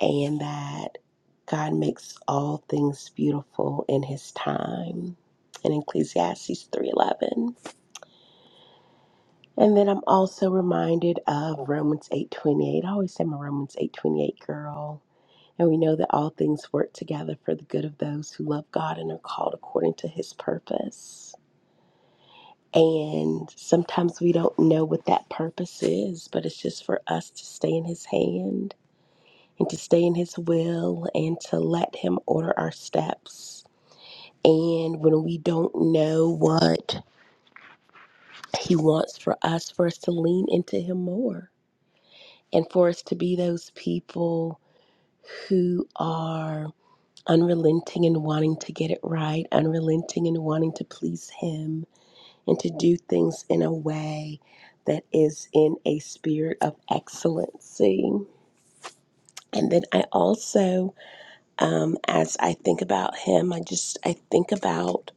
F: and that God makes all things beautiful in His time in Ecclesiastes 3:11. And then I'm also reminded of Romans 8:28. I always say I'm a Romans 8:28 girl. And we know that all things work together for the good of those who love God and are called according to His purpose. And sometimes we don't know what that purpose is, but it's just for us to stay in His hand and to stay in His will and to let Him order our steps. And when we don't know what He wants for us, for us to lean into Him more and for us to be those people who are unrelenting and wanting to get it right, unrelenting and wanting to please Him and to do things in a way that is in a spirit of excellency. And then I also, um, as I think about him, I just I think about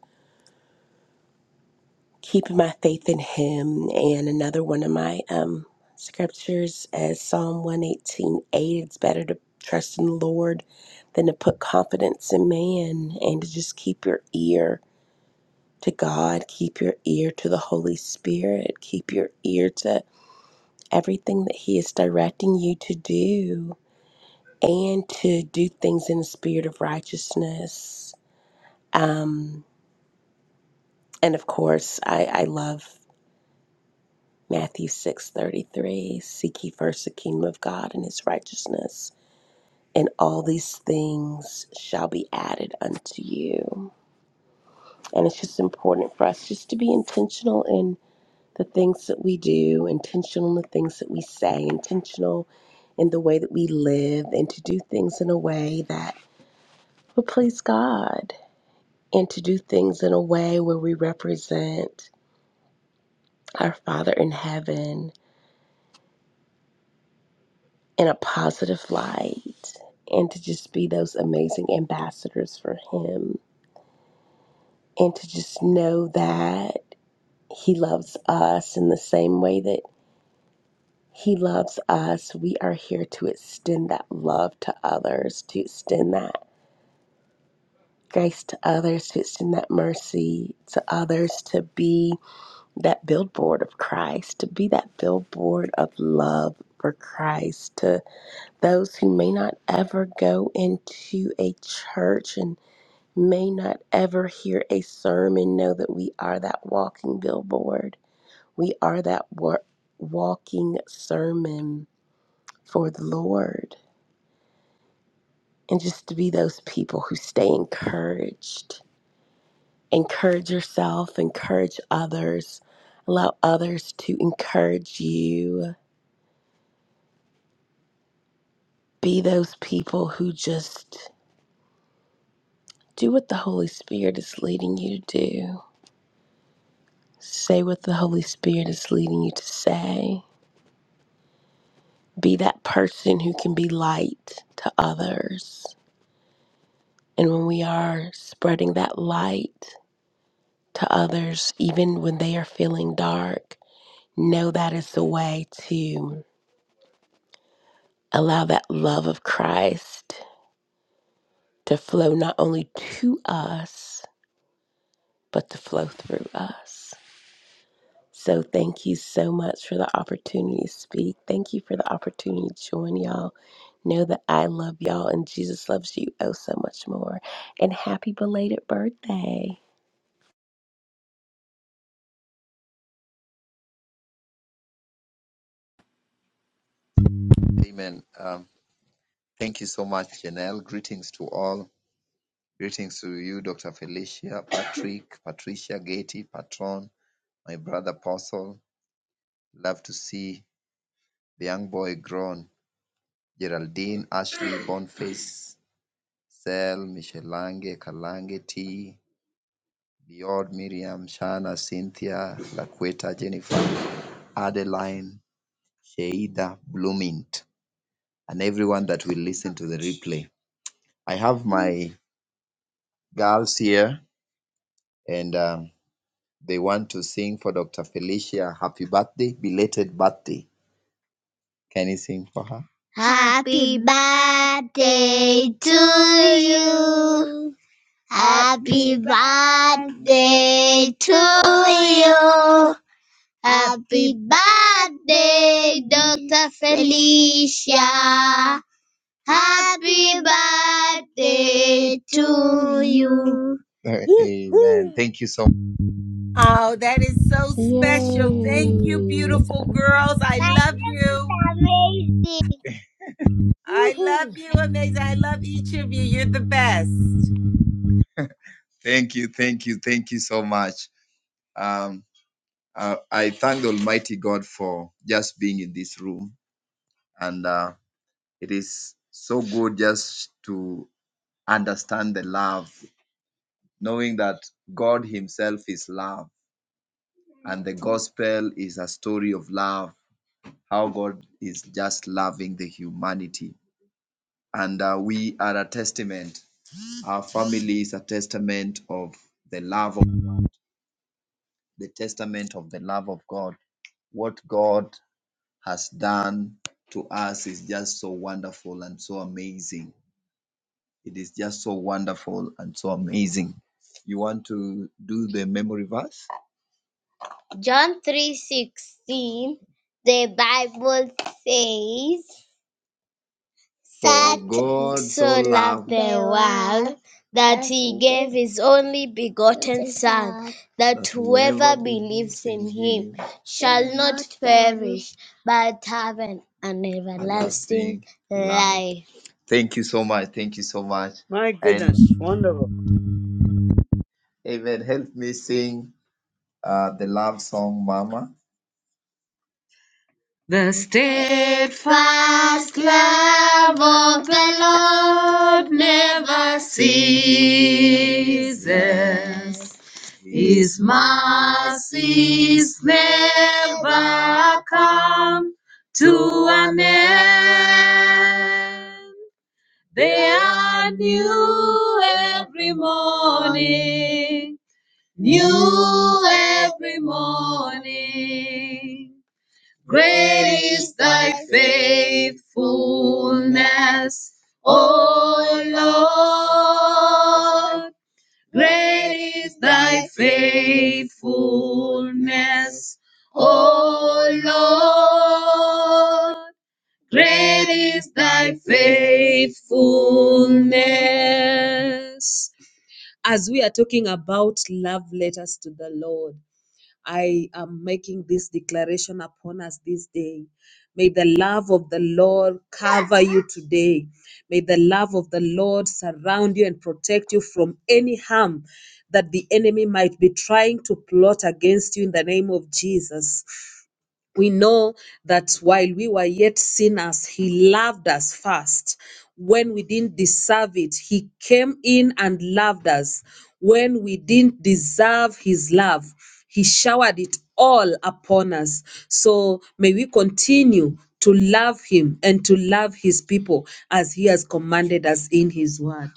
F: keeping my faith in him. And another one of my um, scriptures is Psalm one eighteen eight. It's better to trust in the Lord than to put confidence in man, and to just keep your ear to God, keep your ear to the Holy Spirit, keep your ear to everything that He is directing you to do and to do things in the spirit of righteousness. Um, and of course, I, I love Matthew 6 33: Seek ye first the kingdom of God and His righteousness, and all these things shall be added unto you. And it's just important for us just to be intentional in the things that we do, intentional in the things that we say, intentional in the way that we live and to do things in a way that but please God and to do things in a way where we represent our Father in heaven in a positive light and to just be those amazing ambassadors for Him and to just know that He loves us in the same way that He loves us. We are here to extend that love to others, to extend that grace to others, to extend that mercy to others, to be. that billboard of Christ, to be that billboard of love for Christ to those who may not ever go into a church and may not ever hear a sermon. Know that we are that walking billboard, we are that wa- walking sermon for the Lord. And just to be those people who stay encouraged. Encourage yourself, encourage others, allow others to encourage you Be those people who just do what the Holy Spirit is leading you to do, say what the Holy Spirit is leading you to say. Be that person who can be light to others. And when we are spreading that light to others, even when they are feeling dark, know that is the way to allow that love of Christ to flow not only to us, but to flow through us. So thank you so much for the opportunity to speak. Thank you for the opportunity to join y'all. Know that I love y'all and Jesus loves you oh so much more. And happy belated birthday.
G: Happy birthday to you. Happy birthday to you. Happy birthday, Dr. Felicia. Happy birthday to you.
B: Woo-hoo,
A: Oh, that is so special. Thank you,
F: Yay!
A: beautiful girls. I
G: That's
A: love you.
G: Amazing.
A: I love
B: woo-hoo.
A: you, amazing. I love each of you. You're the best.
G: John 3:16 the Bible says That so the world that he gave his only begotten Son, that whoever in shall not perish but have an, everlasting life.
B: My goodness, wonderful.
G: The steadfast love of the Lord never ceases. His mercies never come to an end. They are new every morning, new every morning. Great is thy faithfulness, O Lord. Great is thy faithfulness, O Lord. Great is thy faithfulness. As we are talking about love letters to the Lord, I am making this declaration upon us this day. May the love of the Lord cover you today. May the love of the Lord surround you and protect you from any harm that the enemy might be trying to plot against you in the name of Jesus. We know that while we were yet sinners, He loved us first. When we didn't deserve it, He came in and loved us. When we didn't deserve His love, He showered it all upon us. So may we continue to love Him and to love His people as He has commanded us in His word.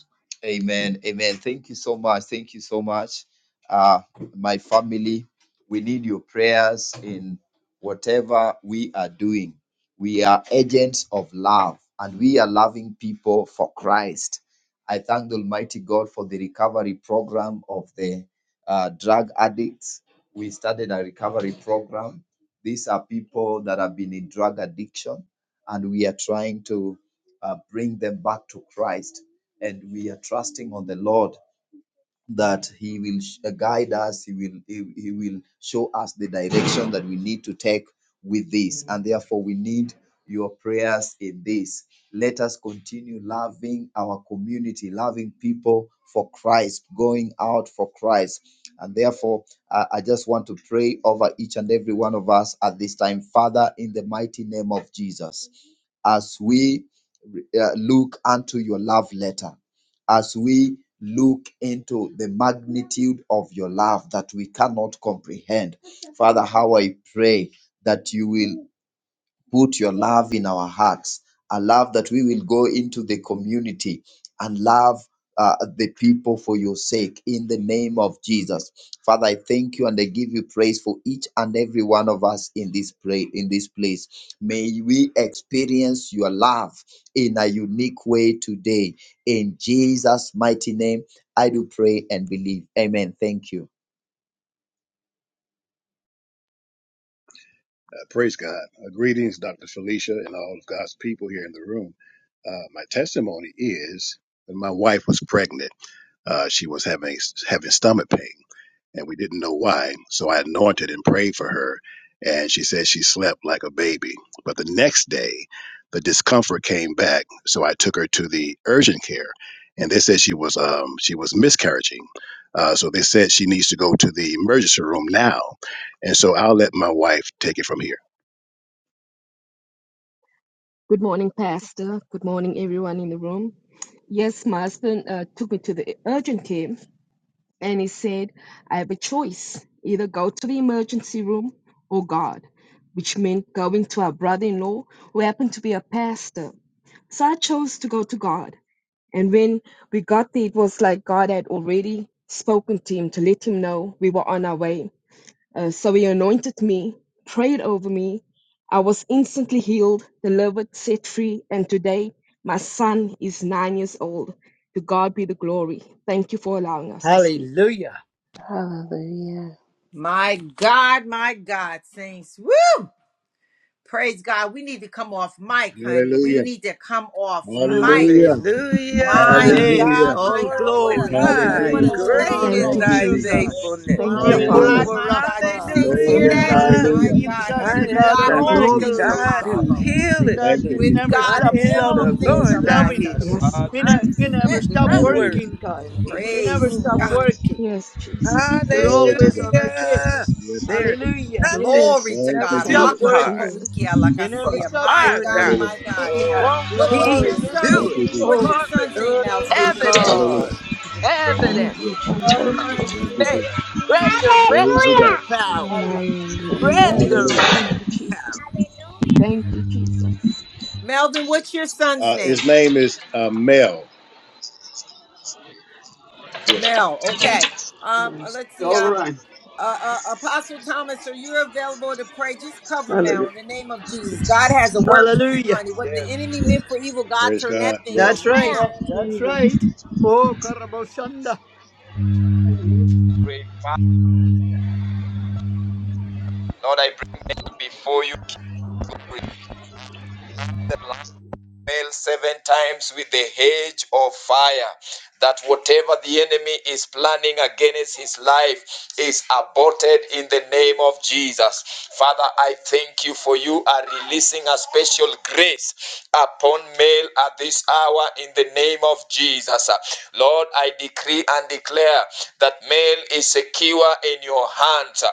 H: Uh, praise God. Uh, greetings, Dr. Felicia, and all of God's people here in the room. Uh, my testimony is when my wife was pregnant, uh, she was having having stomach pain, and we didn't know why. So I anointed and prayed for her, and she said she slept like a baby. But the next day, the discomfort came back, so I took her to the urgent care, and they said she was um, she was miscarriaging. Uh, so they said she needs to go to the emergency room now, and so I'll let my wife take it from here.
I: Good morning, Pastor. Good morning, everyone in the room. Yes, my husband uh, took me to the urgent care and he said, I have a choice either go to the emergency room or God, which meant going to our brother in law who happened to be a pastor. So I chose to go to God. And when we got there, it was like God had already spoken to him to let him know we were on our way. Uh, so he anointed me, prayed over me. I was instantly healed, delivered, set free, and today my son is nine years old. To God be the glory. Thank you for allowing us to speak.
B: Hallelujah.
F: Hallelujah.
A: My God, my God, saints. Woo! Praise God. We need to come off mic, honey. We
H: Hallelujah.
A: need to come off mic.
H: Hallelujah.
A: My
C: Hallelujah.
B: Yes,
H: Hallelujah.
A: God, my
B: all
C: Glory
A: God. What
C: to
A: a
B: glory and
A: love letter.
C: God.
A: What
H: Hallelujah.
A: a
B: praise and
C: Great
B: honor
C: is
I: Thank
H: Thank
I: you,
B: to
J: Hallelujah.
A: testimony.
H: you,
C: thy
B: you,
I: Jesus.
B: God.
H: Jesus.
C: faithfulness.
J: The
I: Thank you,
A: My
J: word
I: Father.
A: God,
H: Hallelujah.
B: Jehovah
A: my God. You
B: Rapha,
A: saints hear
I: Thank
H: Glory.
B: the
I: you,
A: that?
J: was
B: God
C: Hallelujah.
B: that
J: in
I: Jesus.
A: My
H: Hallelujah.
B: heals
A: God,
J: Jesus.
B: us,
A: honey.
C: I
B: the
A: With
C: am
B: God
A: God,
B: of
C: the
H: Thank you,
A: all
I: Glory
A: things
I: be
A: are
H: Jesus.
I: to
C: God
B: miracles,
I: God.
C: who
A: possible.
B: the
C: healeth
H: Thank
B: God
C: thee.
H: you,
B: that
A: With
B: never
J: Jesus.
H: Jesus.
C: I
A: God,
B: stops
J: Thank you,
C: am
A: all
C: the
B: loving,
A: things
H: Yes,
C: Lord
A: are
H: Lord.
C: thy
B: loving
A: possible.
B: us.
C: healer.
I: Yes, Lord.
B: You,
C: I
B: ne- you never
C: sent
B: stop
C: my word
H: Hallelujah.
B: working, God.
C: and healed.
B: You never
A: Praise.
B: stop working.
I: Yes, Jesus. Thank
B: You're
I: you,
H: Glory to
B: always
I: Father.
H: God.
B: on our
C: Hallelujah.
B: case.
H: Yes.
C: There is
B: Hallelujah.
C: nothing
A: Glory
B: You
J: Yes.
A: to
H: Lord. Thank
B: never
H: you,
A: God.
I: Thank
B: stop
C: too
I: you,
H: Jesus.
C: hard
B: working.
I: Jesus.
A: Hakatapohikia
B: You never
C: for
A: lakasia.
B: stop
A: My
C: our
A: God,
C: God.
H: Hallelujah.
B: working.
A: my God.
K: Hallelujah.
C: Won't
A: What, what's
C: he
K: Glory.
A: your son's
H: Thank
B: Hallelujah.
C: do it?
H: you,
A: name? What's
H: Jesus.
B: Oh,
A: your
C: Glory.
A: son's name,
K: Glory
B: glory
A: Melvin?
K: to
B: to God.
C: Evident,
B: What a,
K: God.
H: Hallelujah.
F: God
I: Thank
C: evident
F: is
I: you,
H: Yes.
F: so
B: what
I: Jesus.
B: a
C: of
I: Yes,
F: faithful.
B: miracle.
H: Thank you,
I: Lord.
C: faith.
H: Jesus.
I: Yes, Lord.
B: What
H: Praise the
C: Resurrection
H: God.
B: a
C: power.
G: Hallelujah.
I: Yes,
F: Hallelujah.
J: Yes.
I: Lord.
H: Hallelujah.
I: Thank
C: Resurrection
I: you,
F: Yes.
I: Jesus.
C: power.
I: Thank you, Jesus.
A: Melvin, what's your son's
H: Uh, his
A: name?
H: name is uh, Mel. Yes.
A: Mel. Okay. Um,
B: miracle. Yes.
A: let's see.
B: All
A: Um.
B: right.
A: uh, uh, Apostle Thomas, are you available to pray? Just cover Mel
B: Hallelujah.
A: in the name of Jesus. God has a work for him,
B: Hallelujah.
A: honey. What the
G: Yes.
A: enemy meant for evil, God
H: Praise
A: turned
H: God.
A: that thing
H: Yes.
B: That's right.
J: Yes,
A: around.
B: That's
J: Jesus.
B: right. Oh, Karaboshanda.
G: Great Lord, I bring Mel before you. Mel seven times with the hedge of fire. That whatever the enemy is planning against his life is aborted in the name of Jesus. Father, I thank you for you are releasing a special grace upon Mel at this hour in the name of Jesus. Lord, I decree and declare. declare that male is secure in your hands, uh,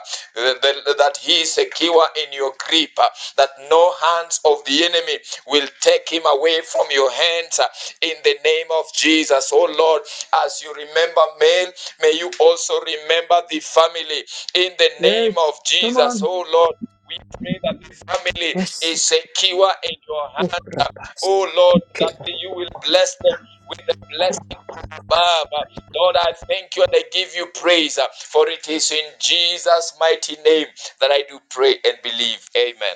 G: that he is secure in your grip, uh, that no hands of the enemy will take him away from your hands uh, in the name of Jesus. Oh Lord, as you remember male, may you also remember the family in the name
B: Yes.
G: of
B: Come
G: Jesus.
B: on.
G: Oh Lord, we pray that the family
B: Yes.
G: is secure in your hands
B: Oh, Rabbas.
G: Oh Lord,
B: Okay.
G: that you will bless them with the blessing above. Lord, I thank you and I give you praise, uh, for it is in Jesus' mighty name that I do pray and believe. Amen.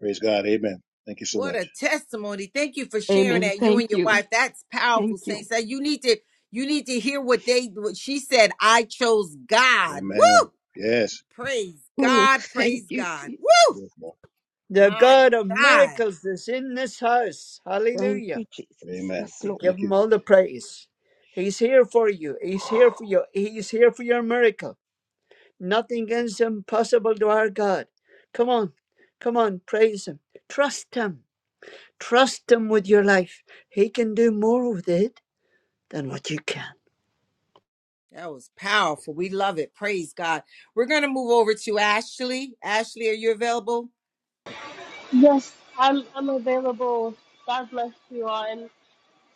H: Praise God. Amen. Thank you so
A: What a
H: much.
A: testimony! Thank you for sharing
I: Amen.
A: that. You and
I: Thank
A: your
I: you.
A: wife. That's powerful,
I: Thank you.
A: saints. That you need to you need to hear what they what she said. I chose God. Woo!
H: Amen. Yes.
A: Praise
I: Oh,
A: God.
I: thank
A: Praise
I: you,
A: God.
I: Jesus.
A: Woo!
H: Yes, Lord.
B: The
A: My
B: God of
A: God.
B: miracles is in this house.
I: Thank
B: Hallelujah.
I: you, Jesus.
H: Amen.
I: Yes,
B: We
I: Lord.
B: give
H: Thank you.
B: him all the praise. He's here for you. He's here for you. He's here for your miracle. Nothing is impossible to our God. Come on. Come on. Praise him. Trust him. Trust him with your life. He can do more with it than what you can.
A: That was powerful. We love it. Praise God. We're gonna move over to Ashley. Ashley, are you available?
J: Yes, I'm I'm available. God bless you all. And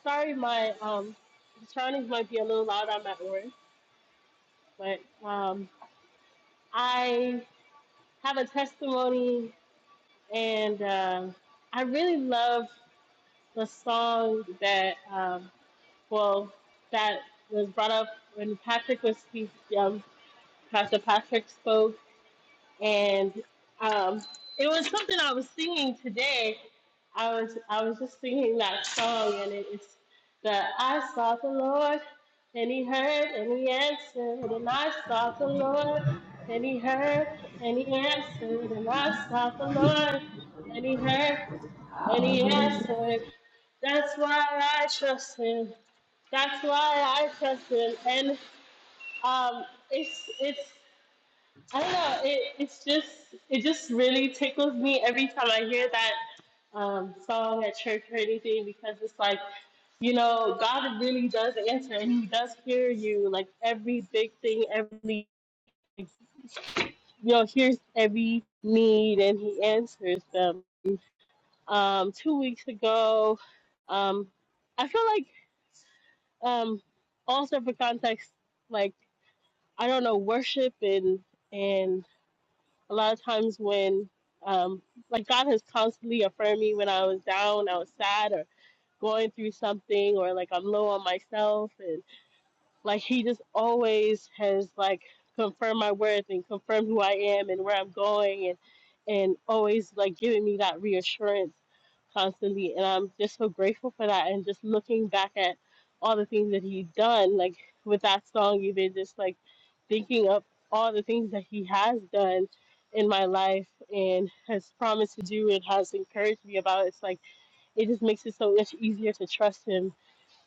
J: sorry, my um the surroundings might be a little loud. I'm at work, but um I have a testimony, and uh, I really love the song that. um. well, that was brought up when Patrick was speak, um, Pastor Patrick spoke, and um, it was something I was singing today. I was I was just singing that song, and it, it's the I sought the Lord, and He heard, and He answered, and I sought the Lord, and He heard, and He answered, and I sought the Lord, and He heard, and He
F: Hallelujah.
J: answered. That's why I trust Him. That's why I trust him, and um, it's it's I don't know. It it's just it just really tickles me every time I hear that um, song at church or anything because it's like you know God really does answer and He does hear you like every big thing, every you know hears every need and He answers them. Um, two weeks ago, um, I feel like um, also for context, like. I don't know, worship and and a lot of times when um like God has constantly affirmed me when I was down, I was sad or going through something or like I'm low on myself and. Like he just always has like confirmed my worth and confirmed who I am and where I'm going and and always like giving me that reassurance constantly and I'm just so grateful for that and just looking back at all the things that he's done, like with that song even just like thinking of all the things that he has done in my life and has promised to do and has encouraged me about it's like it just makes it so much easier to trust him,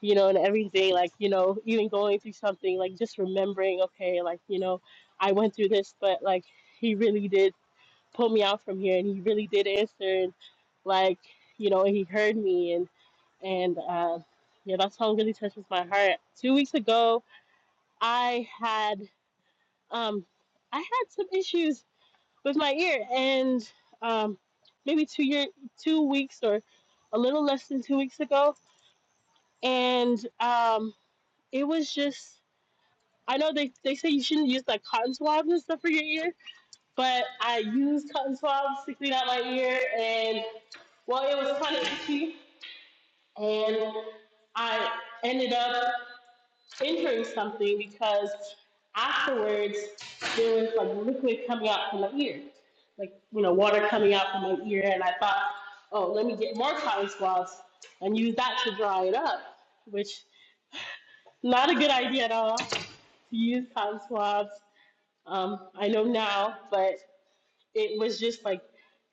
J: you know, and every day, like, you know, even going through something, like just remembering, okay, like, you know, I went through this, but like, he really did pull me out from here and he really did answer. And like, you know, he heard me and, and, uh, yeah, that song really touches my heart. Two weeks ago, I had, um, I had some issues with my ear and, um, maybe two year, two weeks or a little less than two weeks ago, and um, it was just I know they, they say you shouldn't use like cotton swabs and stuff for your ear, but I used cotton swabs to clean out my ear, and well, it was kind of itchy, and I ended up injuring something because afterwards there was like liquid coming out from my ear, like you know water coming out from my ear, and I thought, oh, let me get more cotton swabs and use that to dry it up, which not a good idea at all. to use hand swabs. Um, I know now, but it was just like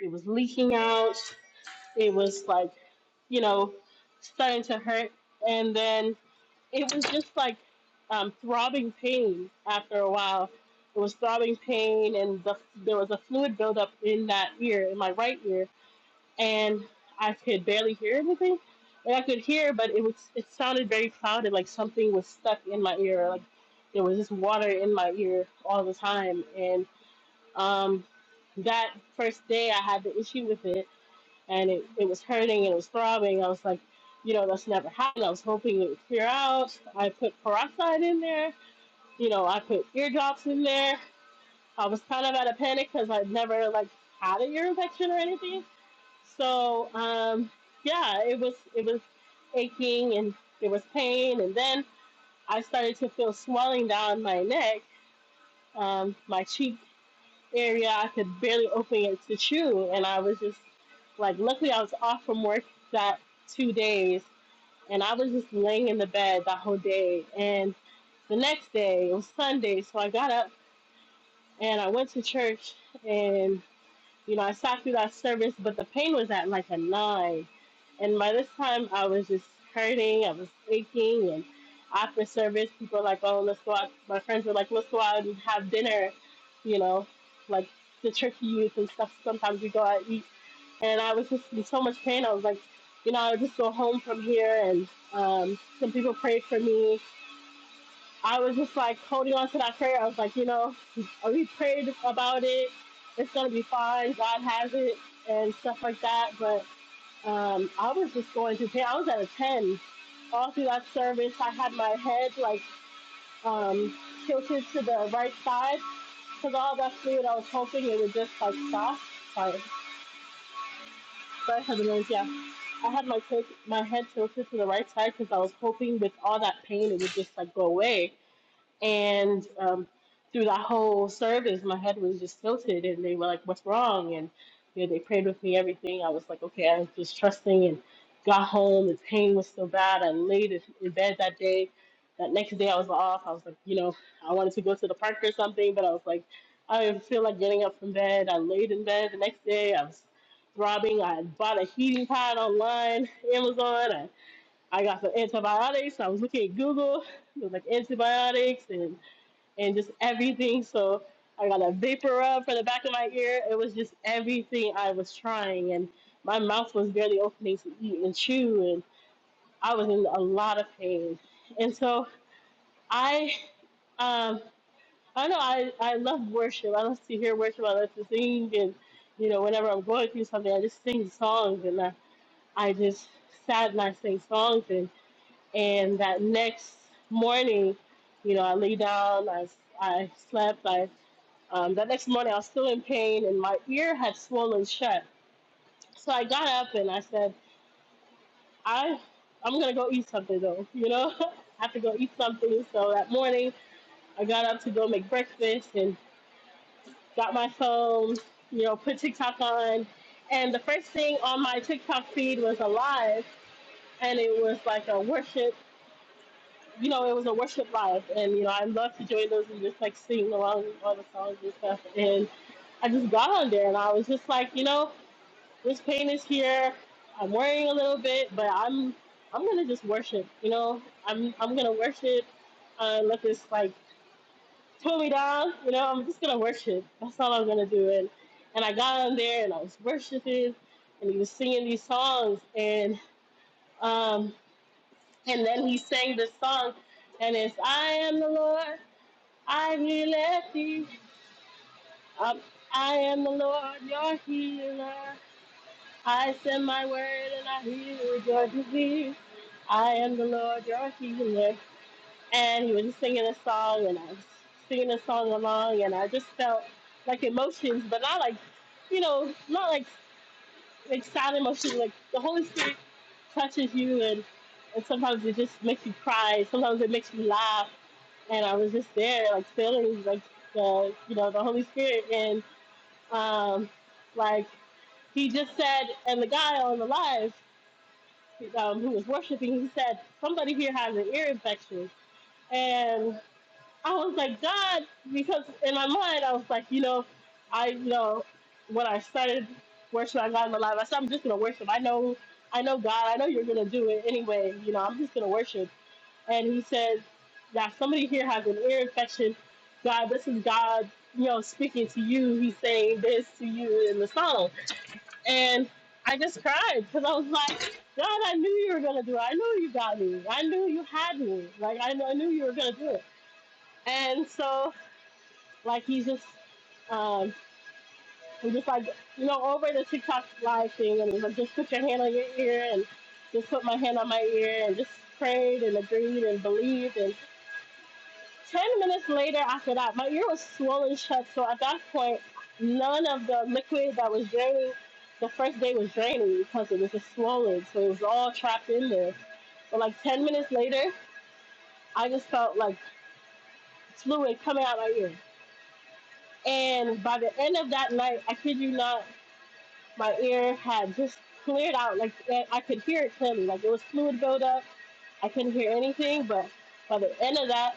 J: it was leaking out. It was like, you know, starting to hurt, and then it was just like um, throbbing pain after a while. It was throbbing pain, and the, there was a fluid buildup in that ear, in my right ear, and I could barely hear anything. Like I could hear, but it was it sounded very clouded, like something was stuck in my ear, like there was just water in my ear all the time. And um, that first day, I had the issue with it, and it, it was hurting and it was throbbing. I was like, you know, that's never happened. I was hoping it would clear out. I put peroxide in there. You know, I put eardrops in there. I was kind of out of panic because I'd never like had an ear infection or anything so um, yeah, it was it was aching and there was pain, and then I started to feel swelling down my neck, um, my cheek area. I could barely open it to chew, and I was just like, luckily I was off from work that two days, and I was just laying in the bed that whole day. And the next day it was Sunday, so I got up and I went to church, and. You know, I sat through that service, but the pain was at like a nine. And by this time, I was just hurting. I was aching. And after service, people were like, oh, let's go out. My friends were like, let's go out and have dinner, you know, like the church youth and stuff. Sometimes we go out and eat. And I was just in so much pain. I was like, you know, I'll just go home from here. And um, some people prayed for me I was just like holding on to that prayer. I was like, you know, we prayed about it. It's gonna be fine. God has it and stuff like that. But um, I was just going through pain. I was at a ten all through that service. I had my head like um, tilted to the right side because all that fluid. I was hoping it would just like stop. Sorry, sorry for the noise. Yeah, I had my tilt- my head tilted to the right side because I was hoping with all that pain it would just like go away And um, through the whole service, my head was just tilted, and they were like, "What's wrong?" And you know, they prayed with me. Everything I was like, "Okay," I was just trusting. And got home. The pain was so bad. I laid in in bed that day. That next day, I was off. I was like, you know, I wanted to go to the park or something, but I was like, I didn't feel like getting up from bed. I laid in bed the next day. I was throbbing. I bought a heating pad online, Amazon. I, I got some antibiotics. I was looking at Google. It was like antibiotics and and just everything. So I got a vapor rub for the back of my ear. It was just everything I was trying, and my mouth was barely opening to eat and chew, and I was in a lot of pain. And so I, um, I know I, I love worship. I love to hear worship. I love to sing, and you know, whenever I'm going through something, I just sing songs, and I, I just sat and I sang songs, and and that next morning, you know, I lay down, I I slept, I. Um, the next morning, I was still in pain and my ear had swollen shut. So I got up and I said, I, I'm going to go eat something though, you know? I have to go eat something. So that morning, I got up to go make breakfast and got my phone, you know, put TikTok on. And the first thing on my TikTok feed was a live and it was like a worship, you know, it was a worship live. And, you know, I love to join those and just like sing along with all the songs and stuff. And I just got on there and I was just like, you know, This pain is here. I'm worrying a little bit, but I'm I'm gonna just worship. You know, I'm I'm gonna worship. Uh, let this like pull me down. You know, I'm just gonna worship. That's all I'm gonna do. And and I got on there and I was worshiping, and he was singing these songs, and um and then he sang this song, and it's I am the Lord, I will let thee. Um, I am the Lord, your healer. I send my word and I heal your disease. I am the Lord your healer. And he was just singing a song, and I was singing a song along, and I just felt like emotions, but not like, you know, not like like sad emotions. Like the Holy Spirit touches you, and and sometimes it just makes you cry. Sometimes it makes you laugh, and I was just there, like feeling like the you know the Holy Spirit, and. Um, like he just said, and the guy on the live um, who was worshiping, he said, somebody here has an ear infection. And I was like, God, because in my mind, I was like, you know, I you know when I started worshiping God in the live, I said, I'm just going to worship. I know, I know God, I know you're going to do it anyway. You know, I'm just going to worship. And he said, yeah, somebody here has an ear infection. God, this is God, you know, speaking to you. He's saying this to you in the song and I just cried because I was like, God, I knew you were gonna do it. I knew you got me. I knew you had me. Like I knew, I knew you were gonna do it. And so like he's just um I'm just like you know over the TikTok live thing and he's like just put your hand on your ear and just put my hand on my ear and just prayed and agreed and believed Ten minutes later, after that, my ear was swollen shut. So at that point, none of the liquid that was draining the first day was draining because it was just swollen. So it was all trapped in there. But like ten minutes later, I just felt like fluid coming out my ear. And by the end of that night, I kid you not, my ear had just cleared out. Like eh, I could hear it clearly. Like it was fluid buildup. I couldn't hear anything, but by the end of that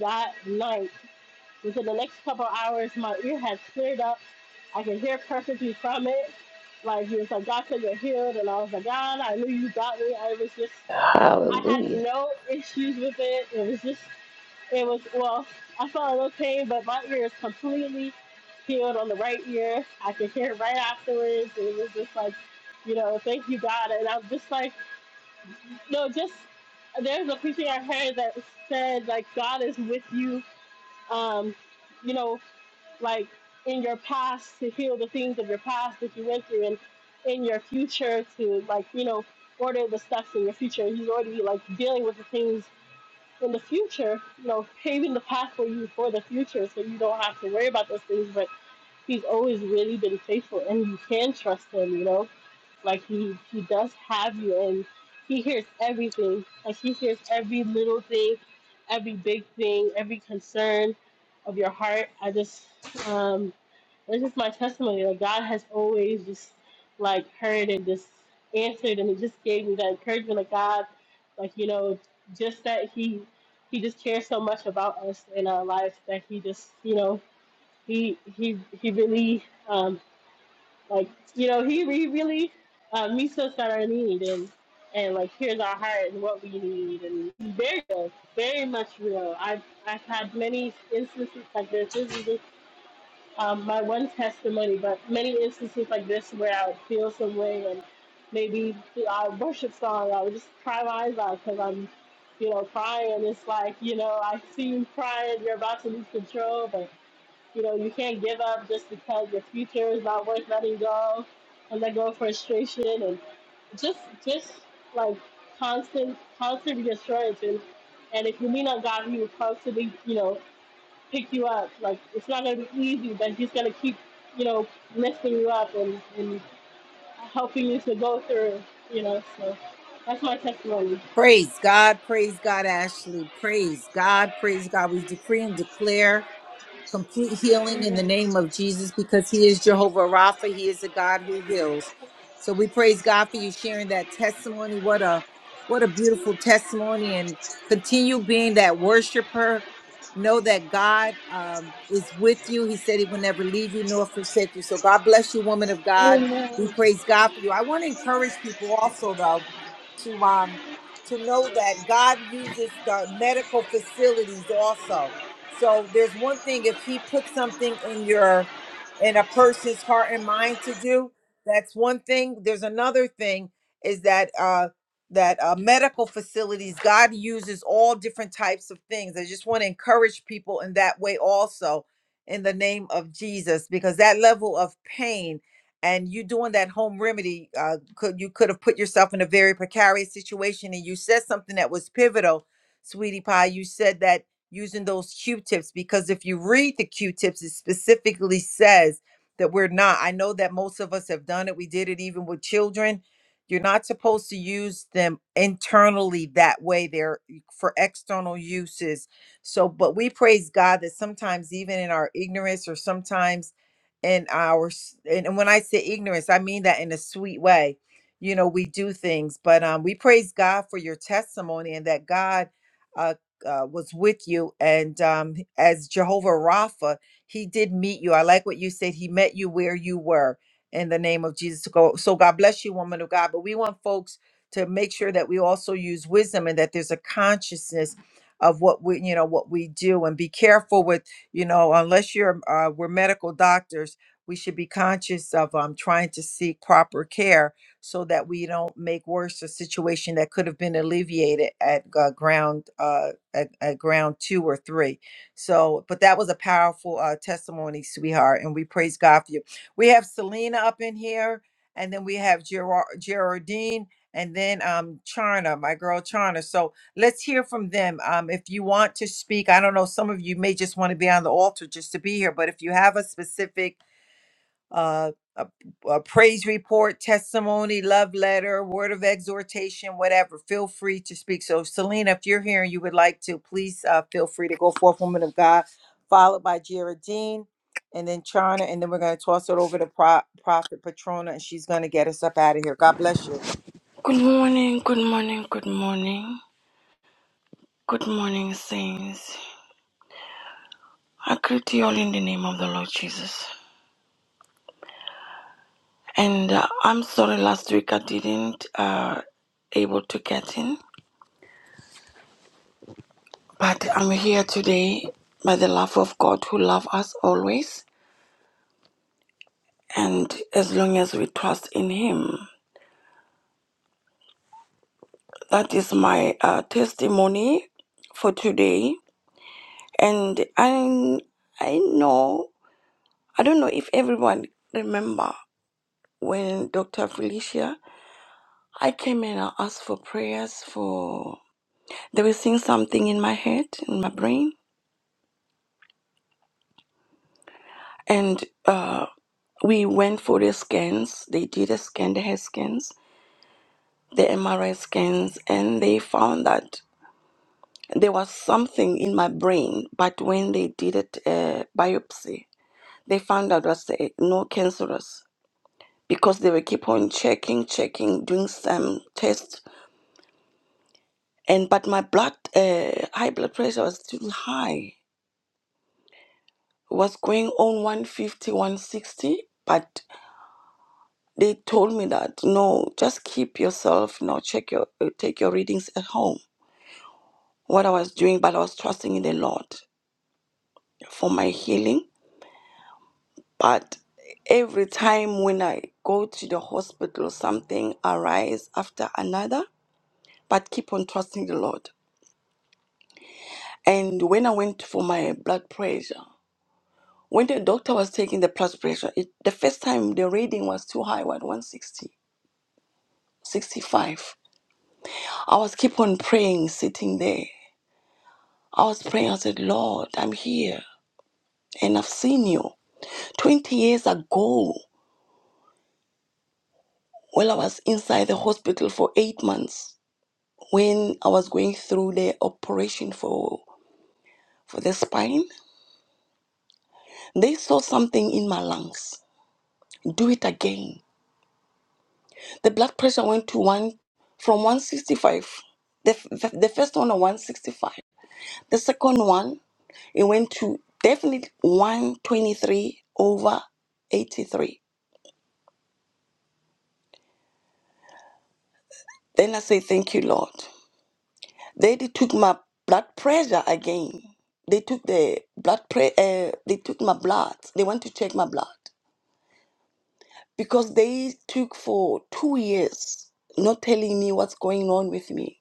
J: that night, Within the next couple of hours, my ear had cleared up. I can hear perfectly from it. Like, it was like, God said you're healed. And I was like, God, I knew you got me. I was just, I had
F: Hallelujah.
J: no issues with it. It was just, it was, well, I felt a little pain, but my ear is completely healed on the right ear. I could hear right afterwards. It was just like, you know, thank you, God. And I was just like, no, just, there's a preaching I heard that said, like, God is with you. Um, you know, like in your past to heal the things of your past that you went through and in your future to like you know order the steps in your future he's already like dealing with the things in the future you know paving the path for you for the future so you don't have to worry about those things but he's always really been faithful and you can trust him, you know? Like he he does have you and he hears everything. Like he hears every little thing, every big thing, every concern of your heart. I just um that's just my testimony. Like God has always just like heard and just answered and it just gave me that encouragement of God. Like, you know, just that he he just cares so much about us in our life that he just, you know, he he he really um like you know he, he really uh, meets us at our need and and like hears our heart and what we need and he's very real, very much real. I've I've had many instances like this. This is just, um, my one testimony, but many instances like this where I would feel some way and maybe our worship song I would just cry my eyes out because I'm you know crying. It's like you know I see you crying, you're about to lose control, but. You know, you can't give up just because your future is not worth letting go and let go of frustration and just just like constant constant reassurance and, and if you lean on God he will constantly, you know, pick you up. Like it's not gonna be easy, but he's gonna keep, you know, lifting you up and, and helping you to go through, you know, so that's my testimony.
A: Praise God, praise God, Ashley. Praise God, praise God. We decree and declare complete healing in the
J: Yes.
A: name of Jesus because He is Jehovah Rapha. He is the God who heals. So we praise God for you sharing that testimony. What a what a beautiful testimony, and continue being that worshiper. Know that God um, is with you. He said He will never leave you nor forsake you. So God bless you, woman of God.
J: Amen.
A: We praise God for you. I want to encourage people also, though, to um to know that God uses the medical facilities also so there's one thing if he puts something in your in a person's heart and mind to do, that's one thing. There's another thing is that uh that uh, medical facilities, God uses all different types of things. I just want to encourage people in that way also in the name of Jesus, because that level of pain and you doing that home remedy, uh, could you could have put yourself in a very precarious situation and you said something that was pivotal, sweetie pie. You said that using those q-tips because if you read the q-tips it specifically says that we're not i know that most of us have done it we did it even with children you're not supposed to use them internally that way they're e, for external uses so but we praise god that sometimes even in our ignorance or sometimes in our s- and and when i say ignorance i mean that in a sweet way you know we do things but um we praise god for your testimony and that god uh, uh, was with you and um, as jehovah rapha he did meet you i like what you said he met you where you were in the name of jesus go so god bless you woman of god but we want folks to make sure that we also use wisdom and that there's a consciousness of what we you know what we do and be careful with you know unless you're uh, we're medical doctors we should be conscious of um, trying to seek proper care so that we don't make worse a situation that could have been alleviated at uh, ground uh, at, at ground two or three. So, but that was a powerful uh, testimony, sweetheart, and we praise God for you. We have Selena up in here, and then we have Gerard, Gerardine, and then um Charna, my girl Charna. So let's hear from them. Um, if you want to speak, I don't know, some of you may just want to be on the altar just to be here, but if you have a specific uh, a, a praise report, testimony, love letter, word of exhortation, whatever. Feel free to speak. So, Selena, if you're here and you would like to, please uh, feel free to go forth, woman of God, followed by Geraldine and then Chana. And then we're going to toss it over to Pro- Prophet Patrona and she's going to get us up out of here. God bless you.
K: Good morning, good morning, good morning. Good morning, saints. I greet you all in the name of the Lord Jesus. And uh, I'm sorry last week I didn't uh, able to get in, but I'm here today by the love of God who loves us always. And as long as we trust in Him, that is my uh, testimony for today. And I I know I don't know if everyone remember when Dr. Felicia, I came and I asked for prayers for, they were seeing something in my head, in my brain. And uh, we went for the scans. They did a scan, the head scans, the MRI scans, and they found that there was something in my brain. But when they did it, uh, biopsy, they found out was uh, no cancerous because they were keep on checking, checking, doing some tests and but my blood uh, high blood pressure was still high was going on 150 160 but they told me that no just keep yourself No, check your uh, take your readings at home what i was doing but i was trusting in the lord for my healing but every time when i go to the hospital something arise after another but keep on trusting the lord and when i went for my blood pressure When the doctor was taking the blood pressure, it, the first time the reading was too high, what 160, 65. I was keep on praying, sitting there. I was praying. I said, Lord, I'm here, and I've seen you 20 years ago. While I was inside the hospital for eight months, when I was going through the operation for for the spine, they saw something in my lungs. Do it again The blood pressure went to one from 165. The, f- the first one on 165. The second one, it went to definitely 123 over 83. Then I say, Thank you, Lord. Then they took my blood pressure again. They took the blood pre- uh, they took my blood. They want to check my blood because they took for two years not telling me what's going on with me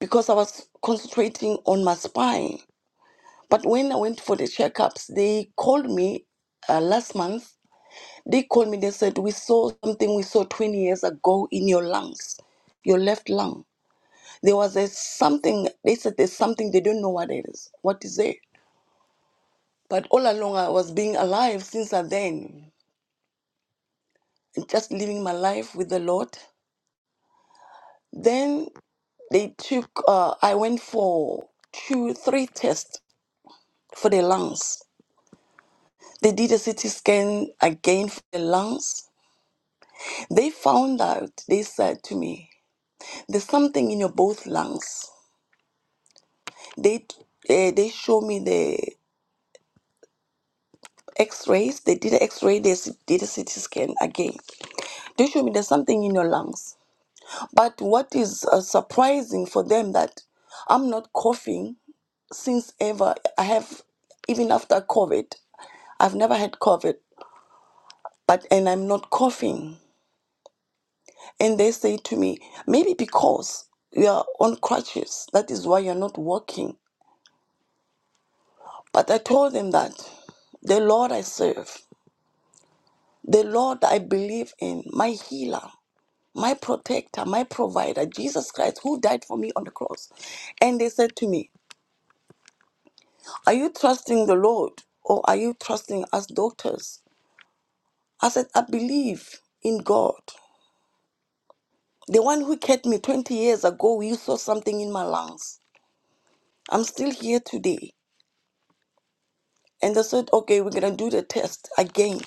K: because I was concentrating on my spine But when I went for the checkups, they called me uh, last month. They called me, they said, We saw something we saw 20 years ago in your lungs, your left lung. There was a something, they said there's something, they don't know what it is. What is it? But all along, I was being alive since I then, just living my life with the Lord. Then they took, uh, I went for two, three tests for the lungs. They did a CT scan again for the lungs They found out, they said to me, there's something in your both lungs. They t- showed me x rays. They did an x ray, they s- did a CT scan again. They showed me there's something in your lungs. But what is uh, surprising for them that I'm not coughing since ever. I have, even after COVID, I've never had COVID, but and I'm not coughing. And they say to me, maybe because you are on crutches, that is why you're not walking. But I told him that the Lord I serve, the Lord I believe in, my healer, my protector, my provider, Jesus Christ, who died for me on the cross. And they said to me, Are you trusting the Lord or are you trusting us doctors? I said, I believe in God. The one who kept me 20 years ago, you saw something in my lungs. I'm still here today. And they said, Okay, we're going to do the test again.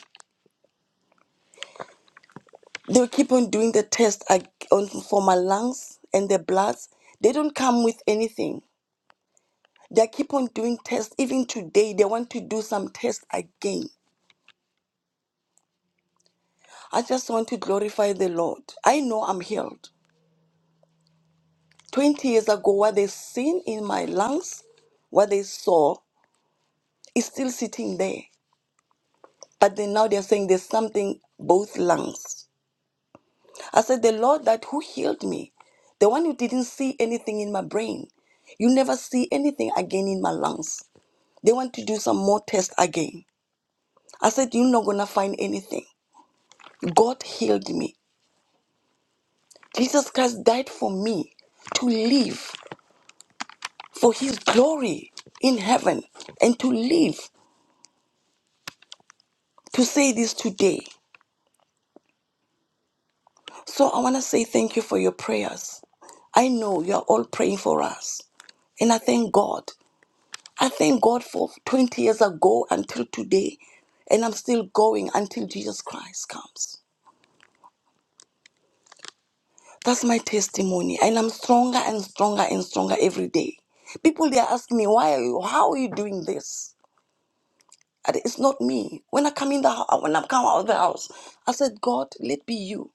K: They will keep on doing the test ag- on, for my lungs and the bloods. They don't come with anything. They keep on doing tests. Even today, they want to do some tests again. I just want to glorify the Lord. I know I'm healed. 20 years ago, what they seen in my lungs, what they saw, is still sitting there. But then now they're saying there's something, both lungs. I said, The Lord that who healed me, the one who didn't see anything in my brain, you never see anything again in my lungs. They want to do some more tests again. I said, You're not going to find anything. God healed me. Jesus Christ died for me to live for his glory in heaven and to live to say this today. So I want to say thank you for your prayers. I know you are all praying for us. And I thank God. I thank God for 20 years ago until today. And I'm still going until Jesus Christ comes. That's my testimony. And I'm stronger and stronger and stronger every day. People they ask me, why are you how are you doing this? And It's not me. When I come in the house, when I come out of the house, I said, God, let be you.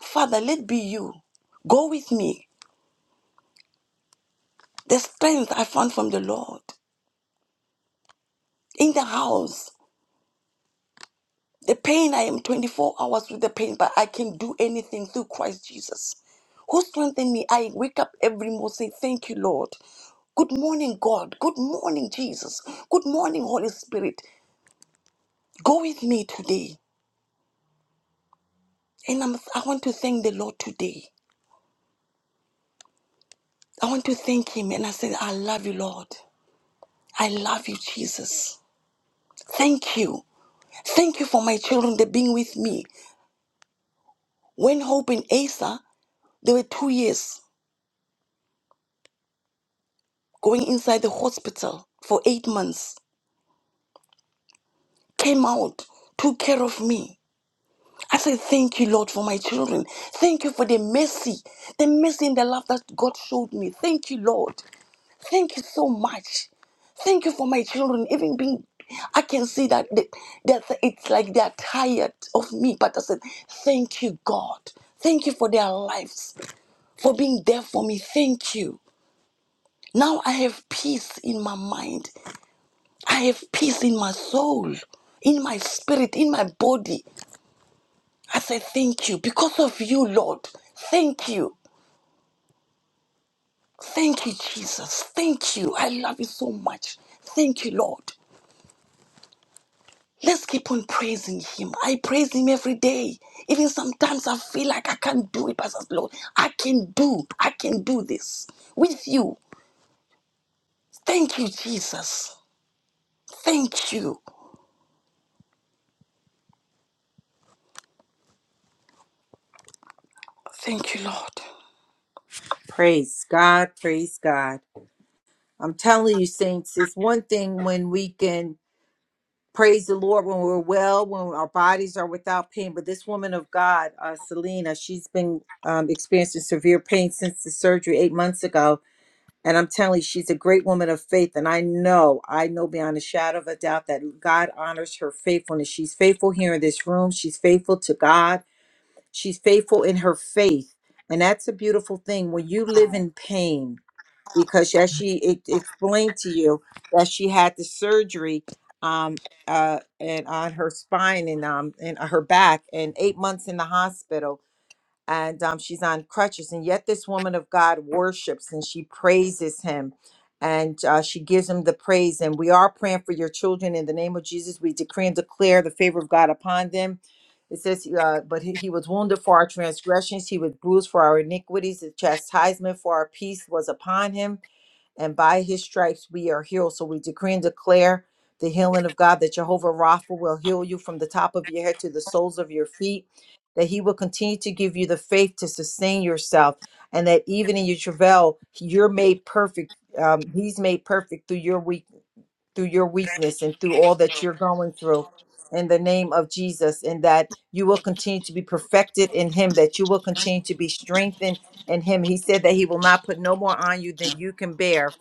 K: Father, let be you. Go with me. The strength I found from the Lord in the house. The pain, I am 24 hours with the pain, but I can do anything through Christ Jesus. Who strengthened me? I wake up every morning, say, Thank you, Lord. Good morning, God. Good morning, Jesus. Good morning, Holy Spirit. Go with me today. And I'm, I want to thank the Lord today. I want to thank Him. And I said, I love you, Lord. I love you, Jesus. Thank you. Thank you for my children, they being with me. When Hope and Asa, they were two years. going inside the hospital for eight months, came out, took care of me. I say thank you, Lord, for my children. Thank you for the mercy, the mercy and the love that God showed me. Thank you, Lord. Thank you so much. Thank you for my children, even being. I can see that they, that it's like they are tired of me, but I said, Thank you, God. Thank you for their lives, for being there for me. Thank you. Now I have peace in my mind. I have peace in my soul, in my spirit, in my body. I say thank you because of you, Lord. Thank you. Thank you, Jesus. Thank you. I love you so much. Thank you, Lord. Let's keep on praising Him. I praise Him every day. Even sometimes I feel like I can't do it, but Lord, I can do. I can do this with you. Thank you, Jesus. Thank you. Thank you, Lord.
A: Praise God, praise God. I'm telling you, saints, it's one thing when we can praise the Lord when we're well, when our bodies are without pain. But this woman of God, uh, Selena, she's been um, experiencing severe pain since the surgery eight months ago. And I'm telling you, she's a great woman of faith. And I know, I know beyond a shadow of a doubt that God honors her faithfulness. She's faithful here in this room, she's faithful to God, she's faithful in her faith. And that's a beautiful thing. When you live in pain, because as she e- explained to you that she had the surgery um uh and on her spine and um and uh, her back and eight months in the hospital and um she's on crutches and yet this woman of God worships and she praises him and uh, she gives him the praise and we are praying for your children in the name of Jesus we decree and declare the favor of God upon them it says uh, but he, he was wounded for our transgressions he was bruised for our iniquities the chastisement for our peace was upon him and by his stripes we are healed. So we decree and declare the healing of God that Jehovah Rapha will heal you from the top of your head to the soles of your feet, that he will continue to give you the faith to sustain yourself, and that even in your travail, you're made perfect. Um, he's made perfect through your weakness through your weakness and through all that you're going through in the name of Jesus, and that you will continue to be perfected in Him, that you will continue to be strengthened in Him. He said that He will not put no more on you than you can bear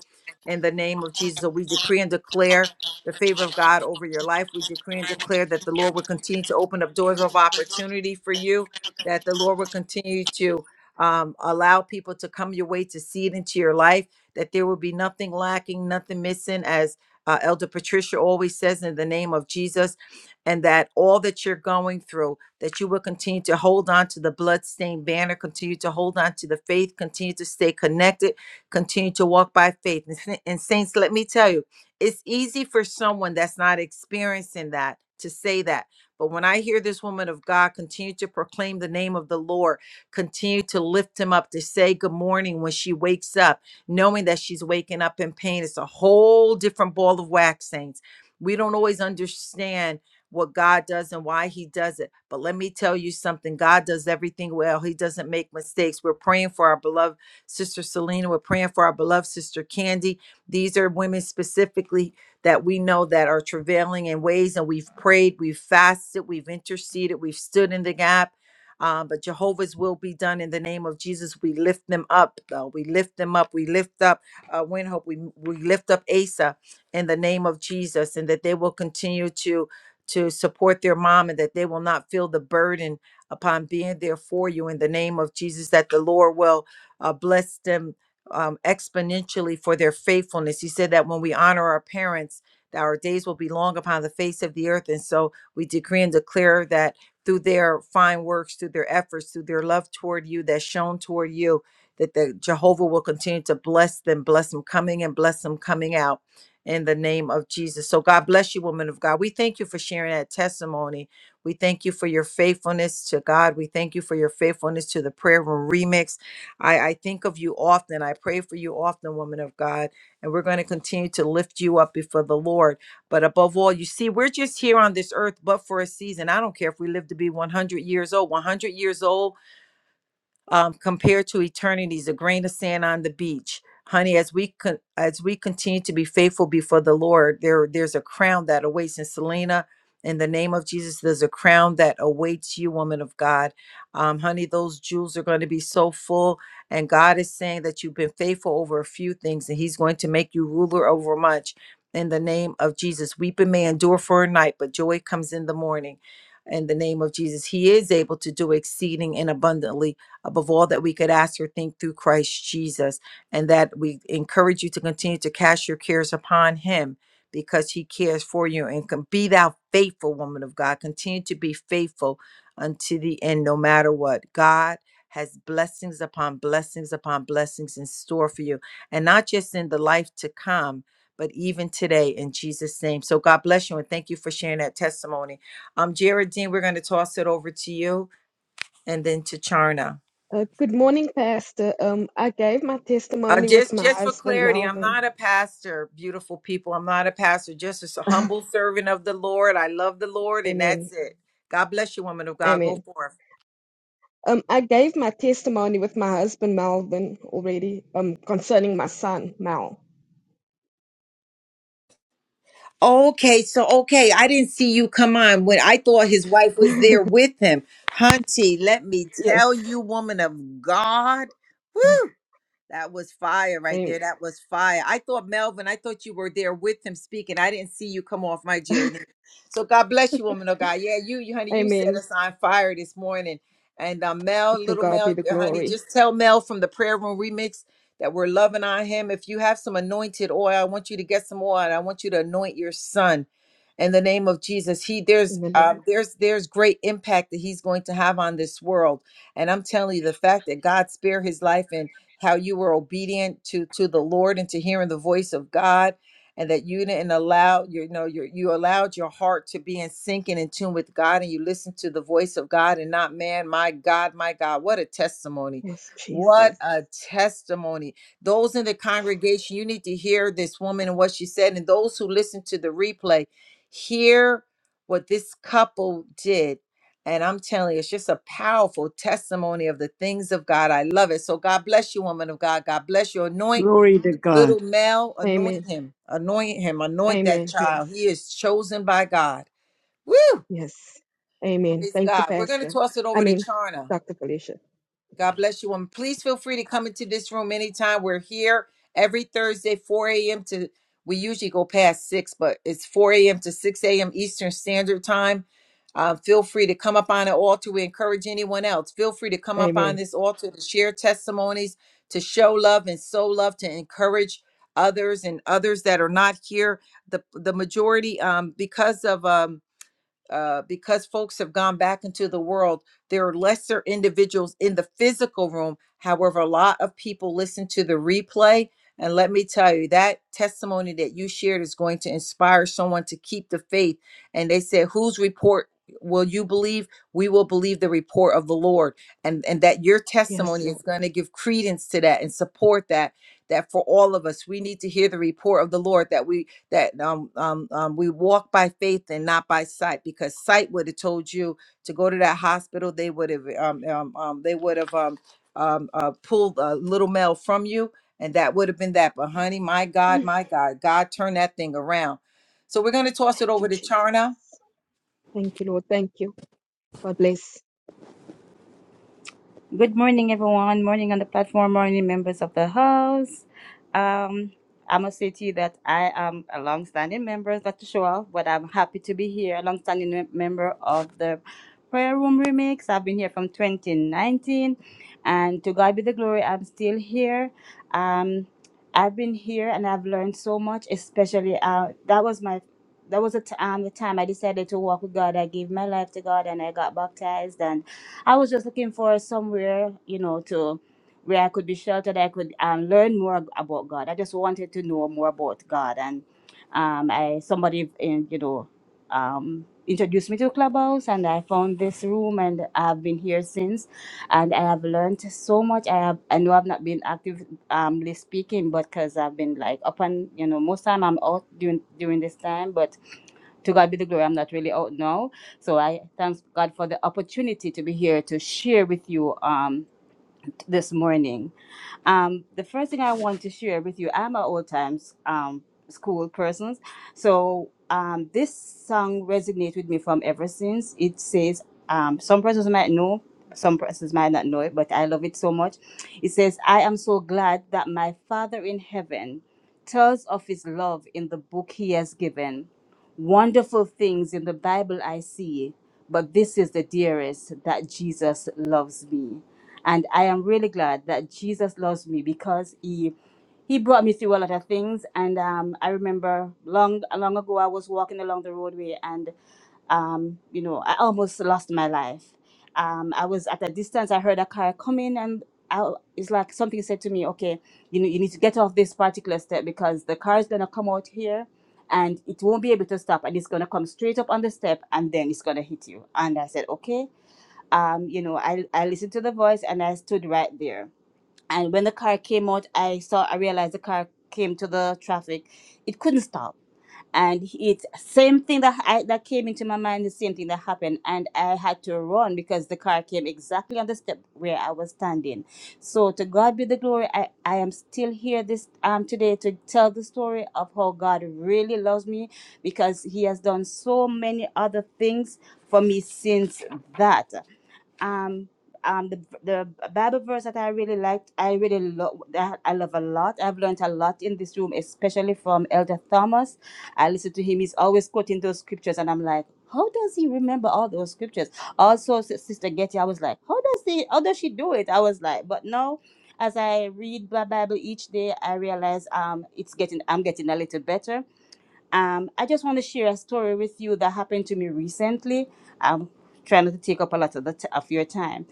A: in the name of Jesus. So we decree and declare the favor of God over your life. We decree and declare that the Lord will continue to open up doors of opportunity for you, that the Lord will continue to um, allow people to come your way to see it into your life, that there will be nothing lacking, nothing missing as uh, Elder Patricia always says, in the name of Jesus, and that all that you're going through, that you will continue to hold on to the bloodstained banner, continue to hold on to the faith, continue to stay connected, continue to walk by faith. And, sa- and saints, let me tell you, it's easy for someone that's not experiencing that to say that. But when I hear this woman of God continue to proclaim the name of the Lord, continue to lift him up, to say good morning when she wakes up, knowing that she's waking up in pain. It's a whole different ball of wax, saints. We don't always understand what God does and why He does it. But let me tell you something God does everything well, He doesn't make mistakes. We're praying for our beloved sister Selena, we're praying for our beloved sister Candy. These are women specifically that we know that are travailing in ways, and we've prayed, we've fasted, we've interceded, we've stood in the gap um, but Jehovah's will be done in the name of Jesus. We lift them up. uh, we lift them up. We lift up uh, Winhope. We, we lift up Asa in the name of Jesus and that they will continue to to support their mom and that they will not feel the burden upon being there for you in the name of Jesus, that the Lord will uh, bless them um, exponentially for their faithfulness. He said that when we honor our parents, that our days will be long upon the face of the earth. And so we decree and declare that through their fine works, through their efforts, through their love toward you that's shown toward you, that the Jehovah will continue to bless them, bless them coming and bless them coming out in the name of Jesus. So God bless you, woman of God. We thank you for sharing that testimony. We thank you for your faithfulness to God. We thank you for your faithfulness to the prayer room remix. I, I think of you often. I pray for you often, woman of God. And we're going to continue to lift you up before the Lord. But above all, you see, we're just here on this earth, but for a season. I don't care if we live to be 100 years old. 100 years old um, compared to eternity's a grain of sand on the beach. Honey, as we con- as we continue to be faithful before the Lord, there there's a crown that awaits in Selena. In the name of Jesus, there's a crown that awaits you, woman of God. Um, honey, those jewels are going to be so full, and God is saying that you've been faithful over a few things, and He's going to make you ruler over much. In the name of Jesus, weeping may endure for a night, but joy comes in the morning. In the name of Jesus, He is able to do exceeding and abundantly above all that we could ask or think through Christ Jesus. And that we encourage you to continue to cast your cares upon Him because He cares for you. And can be thou faithful, woman of God. Continue to be faithful unto the end, no matter what. God has blessings upon blessings upon blessings in store for you, and not just in the life to come. But even today, in Jesus' name. So God bless you and thank you for sharing that testimony. Um, Jared Dean, we're going to toss it over to you and then to Charna.
I: Uh, good morning, Pastor. Um, I gave my
A: Uh,
I: testimony with
A: just
I: my
A: just for
I: husband,
A: clarity, I'm
I: Melvin.
A: not a pastor, beautiful people. I'm not a pastor, just as a humble servant of the Lord. I love the Lord, and
I: Amen.
A: that's it. God bless you, woman of God. Go
I: Amen.
A: forth.
I: Um, I gave my testimony with my husband, Melvin, already um, concerning my son, Mal.
A: Okay, so okay, I didn't see you come on when I thought his wife was there with him. Hunty, let me
I: yes.
A: tell you, woman of God. Woo! That was fire right
I: Amen.
A: there. That was fire. I thought Melvin, I thought you were there with him speaking. I didn't see you come off my journey. So God bless you, woman of God. Yeah, you, you honey, you set
I: Amen.
A: us on fire this morning. And uh, Mel,
I: To
A: little
I: God be
A: Mel,
I: the
A: yeah, honey,
I: glory.
A: just tell Mel from the prayer room remix that we're loving on him. If you have some anointed oil, I want you to get some oil. And I want you to anoint your son in the name of Jesus. He there's
I: In the name
A: um,
I: of
A: there's there's great impact that he's going to have on this world. And I'm telling you, the fact that God spared his life and how you were obedient to to the Lord and to hearing the voice of God and that you didn't allow your you know your you allowed your heart to be in sync and in tune with God and you listened to the voice of God and not man my God my God what a testimony
I: yes,
A: what
I: Jesus.
A: a testimony those in the congregation you need to hear this woman and what she said and those who listen to the replay hear what this couple did and I'm telling you, it's just a powerful testimony of the things of God. I love it. So God bless you, woman of God. God bless you. Anoint
B: Glory to
A: little
B: God.
A: Mel. Anoint
I: Amen.
A: him. Anoint him. Anoint that
I: Amen.
A: child.
I: Yes.
A: He is chosen by God. Woo!
I: Yes. Amen.
A: Praise
I: Thank you,
A: God. We're going to
I: Pastor.
A: toss it
I: I
A: over to
I: mean,
A: Charna.
I: Dr. Felicia.
A: God bless you. And please feel free to come into this room anytime. We're here every Thursday, 4 a.m. to we usually go past six, but it's 4 a.m. to 6 a.m. Eastern Standard Time. Uh, feel free to come up on the altar. We encourage anyone else. Feel free to come up on
I: Amen.
A: this altar to share testimonies, to show love and sow love, to encourage others and others that are not here. The the majority, um, because of um, uh, because folks have gone back into the world, there are lesser individuals in the physical room. However, a lot of people listen to the replay. And let me tell you, that testimony that you shared is going to inspire someone to keep the faith. And they said, Whose report will you believe? We will believe the report of the Lord. And, and that your
I: Yes,
A: testimony
I: Lord.
A: is going to give credence to that and support that. That for all of us, we need to hear the report of the Lord, that we that um, um, um, we walk by faith and not by sight because sight would have told you to go to that hospital they would have um, um, um, they would have um, um, uh, pulled a little male from you and that would have been that but honey my god
I: Thank
A: my god god turned that thing around so we're going to toss it
I: you,
A: over to
I: Jesus.
A: charna
I: Thank you, Lord. Thank you. God bless.
L: Good morning, everyone. Morning on the platform, morning, members of the house. Um, I must say to you that I am a long-standing member, not to show off, but I'm happy to be here, a long-standing mem- member of the Prayer Room Remix. I've been here from 2019, and to God be the glory, I'm still here. Um, I've been here and I've learned so much, especially uh, that was my that was a t- um, the time I decided to walk with God. I gave my life to God and I got baptized and I was just looking for somewhere, you know, to where I could be sheltered. I could um, learn more ab- about God. I just wanted to know more about God, and um, I somebody in you know um, introduced me to Clubhouse, and I found this room, and I've been here since, and I have learned so much. I have I know I've not been active um really speaking, but because I've been like up and you know most time I'm out during during this time, but to God be the glory. I'm not really out now. So I thank God for the opportunity to be here to share with you um, this morning. Um, the first thing I want to share with you, I'm an old times um, school person. So um, this song resonates with me from ever since. It says, um, some persons might know, some persons might not know it, but I love it so much. It says, I am so glad that my Father in heaven tells of his love in the book he has given. Wonderful things in the Bible I see, but this is the dearest that Jesus loves me and I am really glad that Jesus loves me because he he brought me through a lot of things. And um, I remember long long ago, I was walking along the roadway, and um, you know, I almost lost my life. Um, I was at a distance. I heard a car coming, and I, it's like something said to me, "Okay, you know, you need to get off this particular step because the car is gonna come out here." And it won't be able to stop, and it's gonna come straight up on the step, and then it's gonna hit you. And I said, okay um, you know, I, I listened to the voice and I stood right there. And when the car came out, I saw, I realized the car came to the traffic. It couldn't stop. And it's same thing that I, that came into my mind, the same thing that happened. And I had to run because the car came exactly on the step where I was standing. So to God be the glory. I, I am still here this um today to tell the story of how God really loves me because he has done so many other things for me since that um um the the bible verse that i really liked i really love that i love a lot i've learned a lot in this room especially from elder thomas i listen to him he's always quoting those scriptures and i'm like how does he remember all those scriptures also Sis- sister getty i was like how does he how does she do it i was like but no as i read the bible each day i realize um it's getting i'm getting a little better um, I just want to share a story with you that happened to me recently. I'm trying not to take up a lot of, the t- of your time.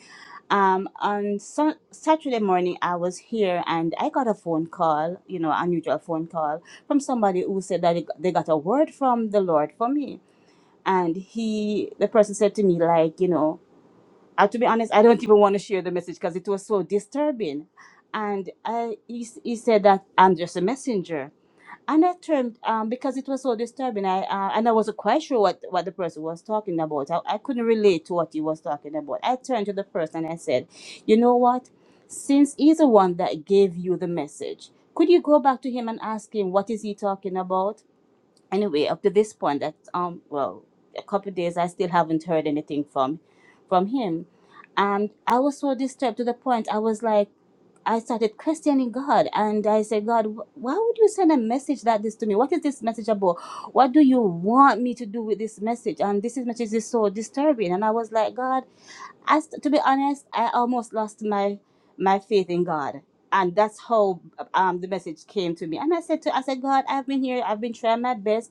L: Um, on Sun Saturday morning, I was here and I got a phone call, you know, unusual phone call from somebody who said that they they got a word from the Lord for me. And he, the person said to me, like, you know, uh, to be honest, I don't even want to share the message because it was so disturbing. And I, he, s- he said that I'm just a messenger and I turned um, because it was so disturbing. I uh, and I wasn't quite sure what, what the person was talking about. I, I couldn't relate to what he was talking about. I turned to the person and I said, "You know what? Since he's the one that gave you the message, could you go back to him and ask him what is he talking about?" Anyway, up to this point, that um, well, a couple of days, I still haven't heard anything from from him, and I was so disturbed to the point I was like. I started questioning God and I said, God, wh- why would you send a message like this to me? What is this message about? What do you want me to do with this message? And this is- message is so disturbing. And I was like, God, I, st- to be honest, I almost lost my my faith in God. And that's how um, the message came to me. And I said to I said, God, I've been here, I've been trying my best.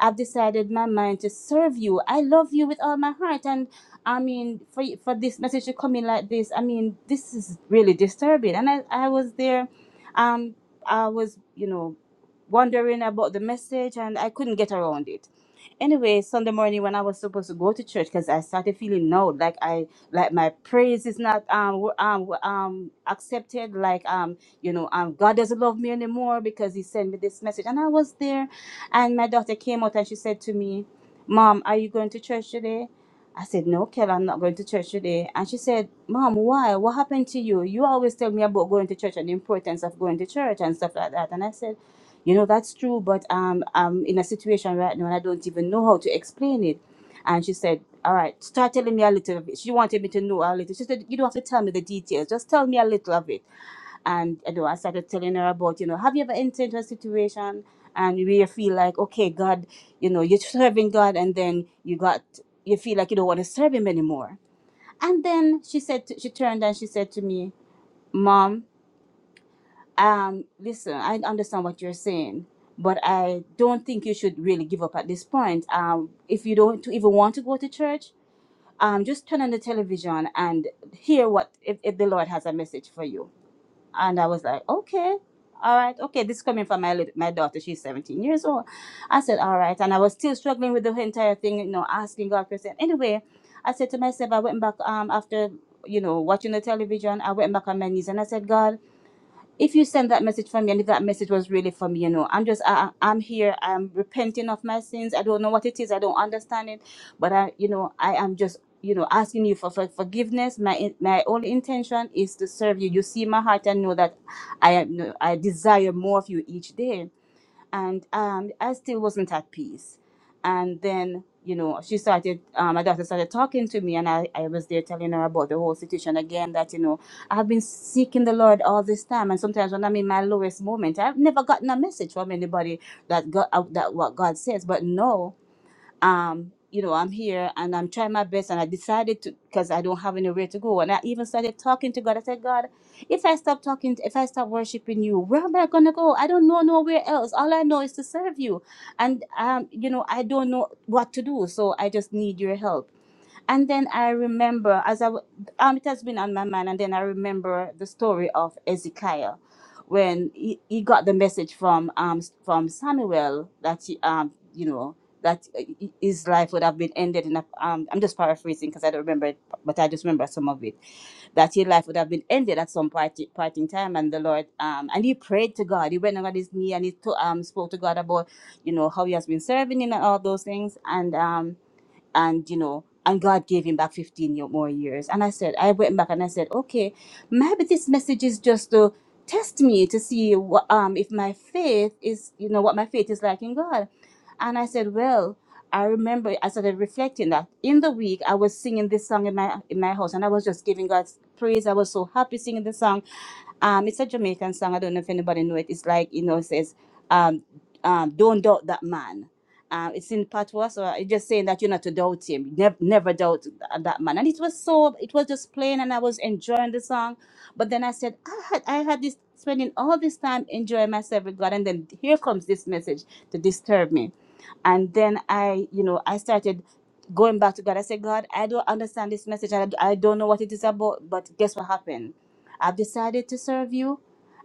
L: I've decided my mind to serve you. I love you with all my heart. And I mean, for, for this message to come in like this, I mean, this is really disturbing. And I, I was there. Um, I was, you know, wondering about the message and I couldn't get around it Anyway, Sunday morning when I was supposed to go to church, because I started feeling no, like I like my praise is not um wo- um wo- um accepted, like um you know um God doesn't love me anymore because He sent me this message, and I was there, and my daughter came out and she said to me, "Mom, are you going to church today?" I said, No, Kel, I'm not going to church today. And she said, Mom, why? What happened to you? You always tell me about going to church and the importance of going to church and stuff like that. And I said, you know, that's true, but um, I'm in a situation right now and I don't even know how to explain it. And she said, All right, start telling me a little of it. She wanted me to know a little. She said, You don't have to tell me the details, just tell me a little of it. And you know, I started telling her about, you know, have you ever entered into a situation and where you really feel like, okay, God, you know, you're serving God and then you got, you feel like you don't want to serve Him anymore. And then she said, to, she turned and she said to me, Mom, um, listen, I understand what you're saying, but I don't think you should really give up at this point. Um, if you don't even want to go to church, um, just turn on the television and hear what if, if the Lord has a message for you. And I was like, okay, all right, okay. This coming from my lit- my daughter. She's 17 years old. I said, all right, and I was still struggling with the entire thing, you know, asking God questions. Anyway, I said to myself, I went back um after you know watching the television. I went back on my knees and I said, God if you send that message for me and if that message was really for me you know i'm just I, I- am here i'm repenting of my sins i don't know what it is i don't understand it but i you know i am just you know asking you for, for forgiveness my in- my only intention is to serve you you see my heart and know that i am i desire more of you each day and um, I still wasn't at peace. And then, you know, she started, um, my daughter started talking to me, and I, I was there telling her about the whole situation again that, you know, I've been seeking the Lord all this time. And sometimes when I'm in my lowest moment, I've never gotten a message from anybody that God, uh, that what God says. But no um, you know, I'm here and I'm trying my best. And I decided to, because I don't have anywhere to go. And I even started talking to God. I said, God, if I stop talking, if I stop worshiping you, where am I going to go? I don't know nowhere else. All I know is to serve you. And, um, you know, I don't know what to do. So I just need your help and then I remember as I w- um it has been on my mind, and then I remember the story of Ezekiel, when he, he got the message from um s- from Samuel that he, um you know that uh, h- his life would have been ended in a um I'm just paraphrasing because I don't remember it, but I just remember some of it that his life would have been ended at some party, parting time, and the Lord um and he prayed to God. He went on his knee and he to, um spoke to God about you know how he has been serving him and all those things and um and you know and god gave him back 15 yo- more years and i said i went back and i said okay maybe this message is just to test me to see what um if my faith is you know what my faith is like in god and i said well i remember i started reflecting that in the week i was singing this song in my in my house and i was just giving god praise i was so happy singing the song um, it's a Jamaican song. I don't know if anybody know it. It's like you know, it says, um, um, "Don't doubt that man." Um, it's in patois, so it's just saying that you're not to doubt him. Never, never doubt th- that man. And it was so, it was just plain, and I was enjoying the song. But then I said, I had, I had this spending all this time enjoying myself with God, and then here comes this message to disturb me and then i you know i started going back to god i said god i don't understand this message i, I don't know what it is about but guess what happened i've decided to serve you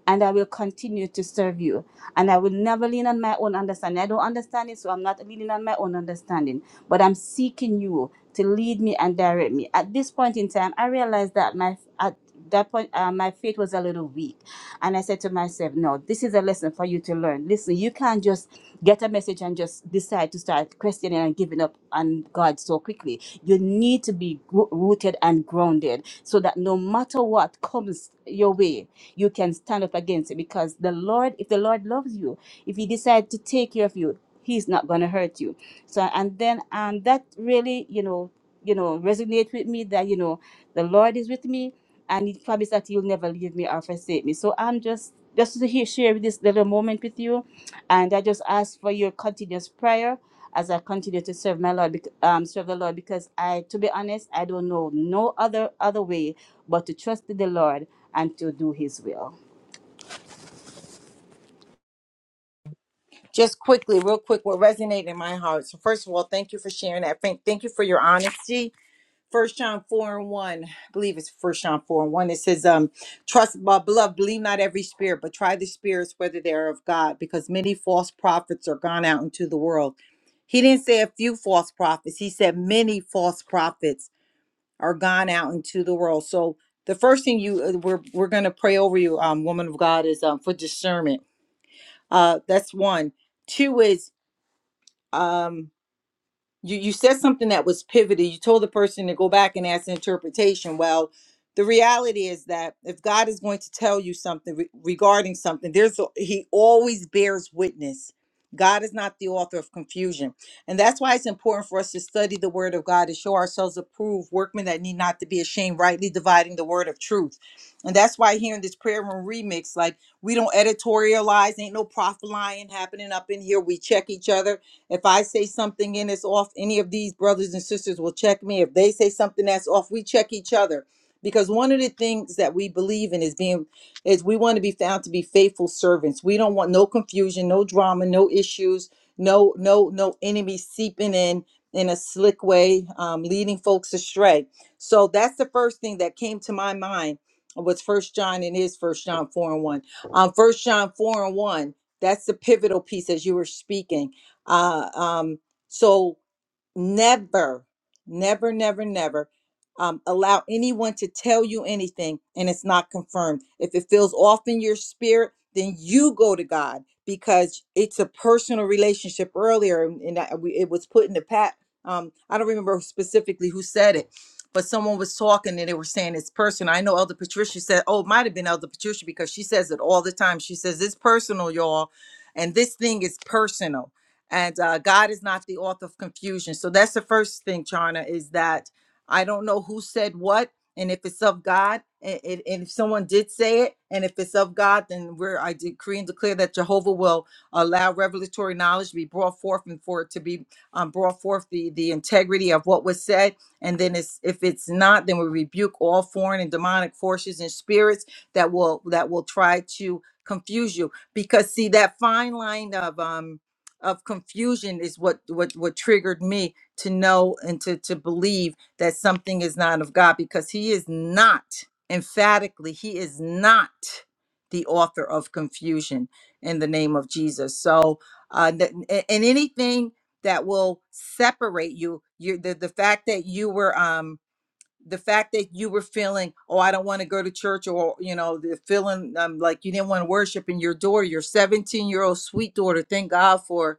L: and I will continue to serve you. And I will never lean on my own understanding. I don't understand it, so I'm not leaning on my own understanding. But I'm seeking you to lead me and direct me. At this point in time, I realized that my at that point uh, my faith was a little weak, and I said to myself, "No, this is a lesson for you to learn. Listen, you can't just get a message and just decide to start questioning and giving up on God so quickly. You need to be gro- rooted and grounded, so that no matter what comes your way." you can stand up against it because the Lord, if the Lord loves you, if He decides to take care of you, He's not going to hurt you. So, and then, and that really, you know, you know, resonate with me that, you know, the Lord is with me and He promised that He'll never leave me or forsake me. So I'm just, just to hear, share this little moment with you and I just ask for your continuous prayer as I continue to serve my Lord, bec- um, serve the Lord, because I, to be honest, I don't know no other other way but to trust in the Lord and to do His will.
A: just quickly real quick what resonated in my heart so first of all thank you for sharing that thank, thank you for your honesty First John four and one, I believe it's First John four and one. It says, "Um, trust my beloved, believe not every spirit, but try the spirits whether they are of God, because many false prophets are gone out into the world." He didn't say a few false prophets. He said many false prophets are gone out into the world. So the first thing you uh, we're we're gonna pray over you, um, woman of God, is um for discernment. Uh, that's one. Two is um you you said something that was pivoted you told the person to go back and ask interpretation well the reality is that if god is going to tell you something re- regarding something there's a- he always bears witness god is not the author of confusion and that's why it's important for us to study the word of god to show ourselves approved workmen that need not to be ashamed rightly dividing the word of truth and that's why here in this prayer room remix like we don't editorialize ain't no prophet lying happening up in here we check each other if I say something and it's off, any of these brothers and sisters will check me. If they say something that's off, we check each other. Because one of the things that we believe in is being is we want to be found to be faithful servants. We don't want no confusion, no drama, no issues, no no no enemy seeping in in a slick way, um, leading folks astray. So that's the first thing that came to my mind was First John and is First John four and one. Um, First John four and one. That's the pivotal piece as you were speaking uh, um, so never, never, never, never um, allow anyone to tell you anything and it's not confirmed. If it feels off in your spirit, then you go to God because it's a personal relationship. Earlier, and and I, we, it was put in the pat. Um, I don't remember specifically who said it, but someone was talking and they were saying it's personal. I know Elder Patricia said, "Oh, it might have been Elder Patricia because she says it all the time. She says it's personal, y'all, and this thing is personal." and uh, God is not the author of confusion. So that's the first thing, Charna, is that I don't know who said what, and if it's of God, and, and and if someone did say it, and if it's of God, then we're I decree and declare that Jehovah will allow revelatory knowledge to be brought forth and for it to be um, brought forth the the integrity of what was said. And then it's, if it's not, then we rebuke all foreign and demonic forces and spirits that will that will try to confuse you because see that fine line of um of confusion is what what what triggered me to know and to to believe that something is not of God because he is not emphatically he is not the author of confusion in the name of Jesus. So uh th- a- and anything that will separate you you the, the fact that you were um the fact that you were feeling oh i don't want to go to church or you know the feeling um, like you didn't want to worship in your daughter your 17 year old sweet daughter thank god for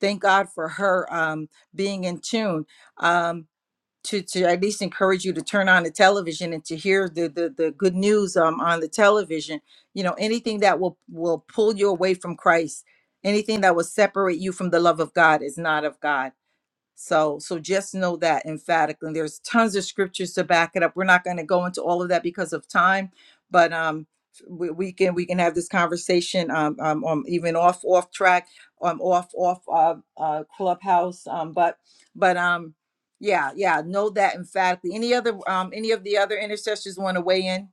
A: thank God for her um, being in tune um, to to at least encourage you to turn on the television and to hear the the, the good news um, on the television. You know, anything that will will pull you away from Christ, anything that will separate you from the love of God is not of God. So, so just know that emphatically. And there's tons of scriptures to back it up. We're not going to go into all of that because of time, but um, we, we can we can have this conversation um, um, um even off off track, um, off off uh, uh clubhouse. Um, but but um, yeah, yeah, know that emphatically. Any other um, any of the other intercessors want to weigh in?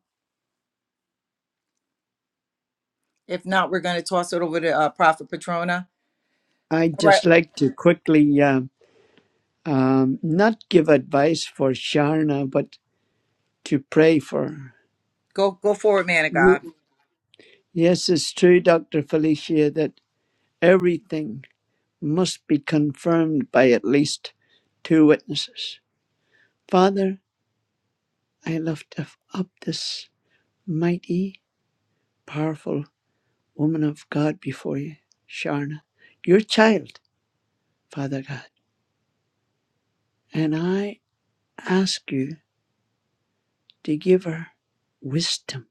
A: If not, we're going to toss it over to uh, Prophet Petrona.
B: I'd
A: All right,
B: just like to quickly uh, um, not give advice for Sharna, but to pray for her.
A: go go forward, man of
B: Ye-
A: God.
B: Yes, it's true, Dr. Felicia, that everything must be confirmed by at least two witnesses. Father, I lift up up this mighty, powerful woman of God before you, Sharna, your child, Father God. And I ask you to give her wisdom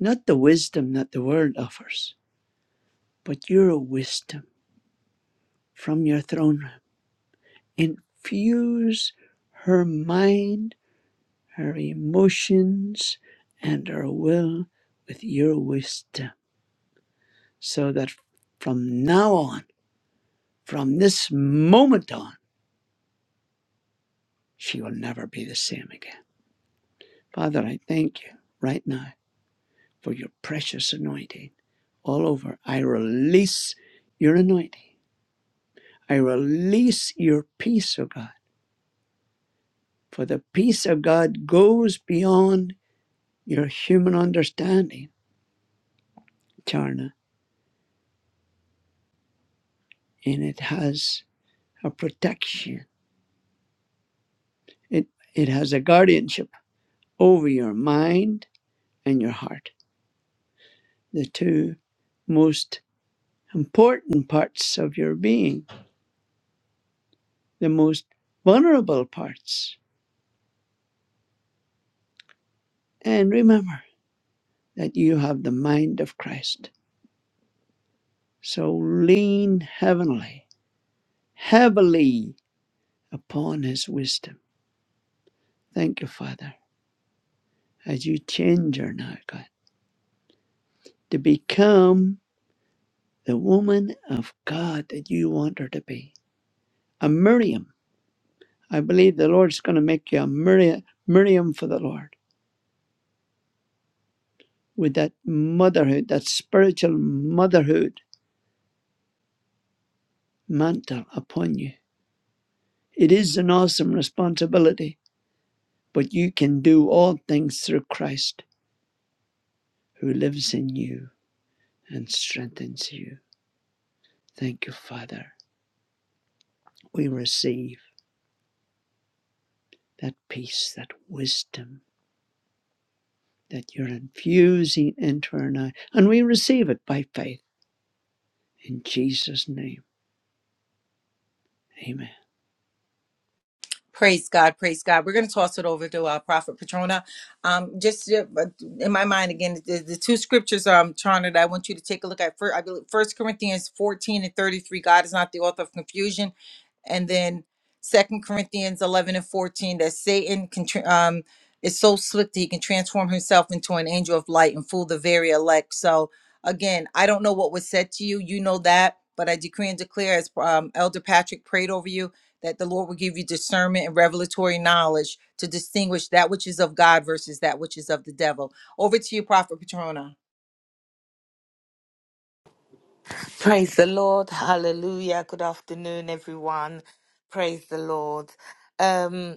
B: not the wisdom that the world offers, but your wisdom from your throne room. Infuse her mind, her emotions, and her will with your wisdom so that from now on, from this moment on, she will never be the same again. Father, I thank you right now for your precious anointing all over. I release your anointing. I release your peace, O God. For the peace of God goes beyond your human understanding, Charna, and it has a protection. It it has a guardianship over your mind and your heart, the two most important parts of your being, the most vulnerable parts. And remember that you have the mind of Christ. So lean heavenly, heavily upon his wisdom. Thank you, Father as you change her now, God, to become the woman of God that you want her to be. A Miriam. I believe the Lord's going to make you a Miriam, Miriam for the Lord with that motherhood, that spiritual motherhood mantle upon you. It is an awesome responsibility, but you can do all things through Christ who lives in you and strengthens you. Thank you, Father. We receive that peace, that wisdom that you're infusing into our night. And we receive it by faith in Jesus' name. Amen.
A: Praise God, praise God. We're going to toss it over to uh, Prophet Patrona. Um, just uh, in my mind, again, the, the two scriptures, um, Trona, that I want you to take a look at. First, I believe First Corinthians fourteen and thirty-three. God is not the author of confusion, and then Second Corinthians eleven and fourteen. That Satan can tr- um is so slick that he can transform himself into an angel of light and fool the very elect. So again, I don't know what was said to you. You know that, but I decree and declare, as um, Elder Patrick prayed over you that the Lord will give you discernment and revelatory knowledge to distinguish that which is of God versus that which is of the devil. Over to you, Prophet Petrona.
M: Praise the Lord. Hallelujah. Good afternoon, everyone. Praise the Lord. Um,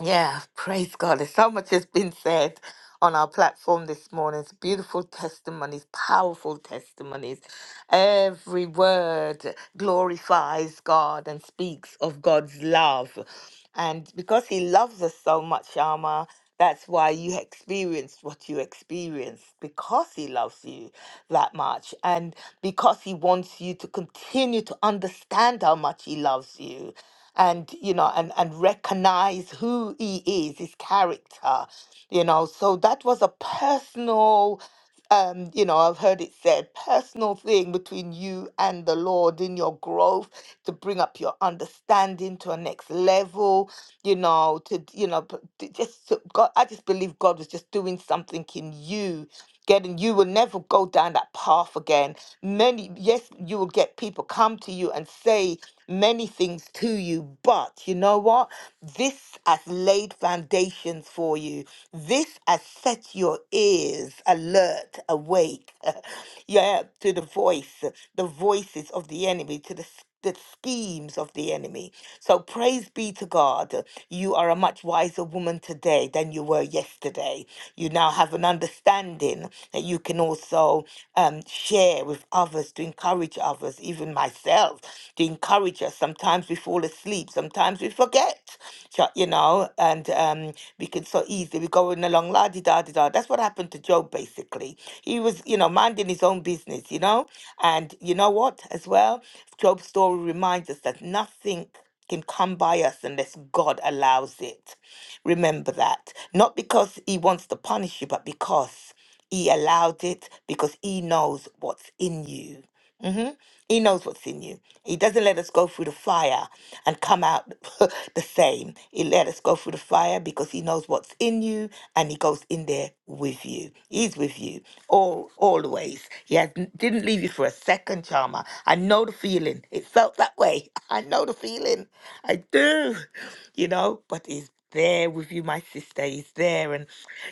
M: yeah, praise God. There's so much has been said on our platform this morning. It's beautiful testimonies, powerful testimonies. Every word glorifies God and speaks of God's love. And because He loves us so much, Alma, that's why you experienced what you experienced because He loves you that much. And because He wants you to continue to understand how much He loves you and you know and and recognize who he is his character you know so that was a personal um you know i've heard it said personal thing between you and the lord in your growth to bring up your understanding to a next level you know to you know p- to just to- god i just believe god was just doing something in you getting you will never go down that path again many yes you will get people come to you and say many things to you, but you know what? This has laid foundations for you. This has set your ears alert, awake, yeah, to the voice, the voices of the enemy, to the s- the schemes of the enemy. So praise be to God. You are a much wiser woman today than you were yesterday. You now have an understanding that you can also um, share with others to encourage others, even myself myself to encourage us. Sometimes we fall asleep, sometimes we forget, ju- you know, and um, we can so easily, we're going along la di da di da. That's what happened to Job basically. He was, you know, minding his own business, you know, and you know what, as well, Job's story reminds us that nothing can come by us unless God allows it. Remember that. Not because He wants to punish you, but because He allowed it, because He knows what's in you. Mm-hmm. He knows what's in you. He doesn't let us go through the fire and come out the same. He let us go through the fire because he knows what's in you and he goes in there with you. He's with you all always. He has, didn't leave you for a second, Charmer. I know the feeling. It felt that way. I know the feeling. I do. You know, but he's there with you, my sister. He's there. And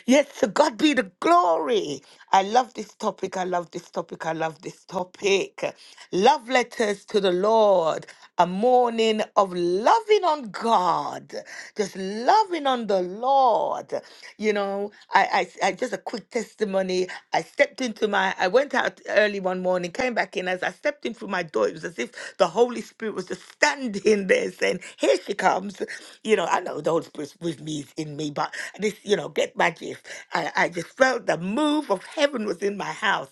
M: yes, to God be the glory. I love this topic. I love this topic. I love this topic. Love letters to the Lord. A morning of loving on God. Just loving on the Lord. You know, I, I, I just a quick testimony. I stepped into my, I went out early one morning, came back in. As I stepped in through my door, it was as if the Holy Spirit was just standing there saying, Here she comes. You know, I know the Holy Spirit was, was was me in me, but this, you know, get my gist. I, I just felt the move of heaven was in my house.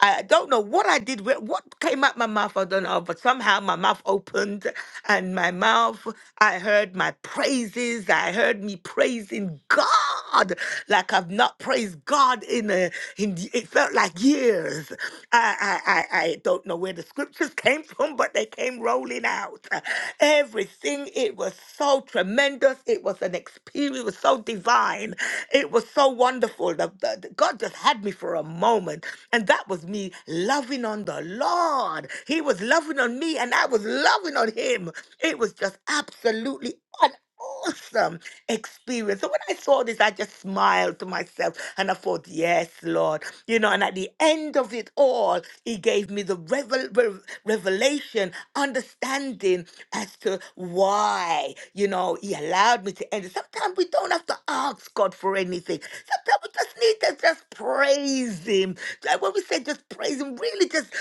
M: I don't know what I did, wh- what came out my mouth, I don't know, but somehow my mouth opened and my mouth, I heard my praises, I heard me praising God. God like I've not praised God in a, in it felt like years. I, I I I don't know where the scriptures came from, but they came rolling out. Everything it was so tremendous. It was an experience. It was so divine. It was so wonderful. The, the- the- God just had me for a moment, and that was me loving on the Lord. He was loving on me, and I was loving on Him. It was just absolutely awesome experience. So when I saw this, I just smiled to myself and I thought, yes, Lord. You know, and at the end of it all, He gave me the revel- rev- revelation, understanding as to why, you know, He allowed me to end it. Sometimes we don't have to ask God for anything. Sometimes we just need to just praise Him. Like When we say just praise Him, really just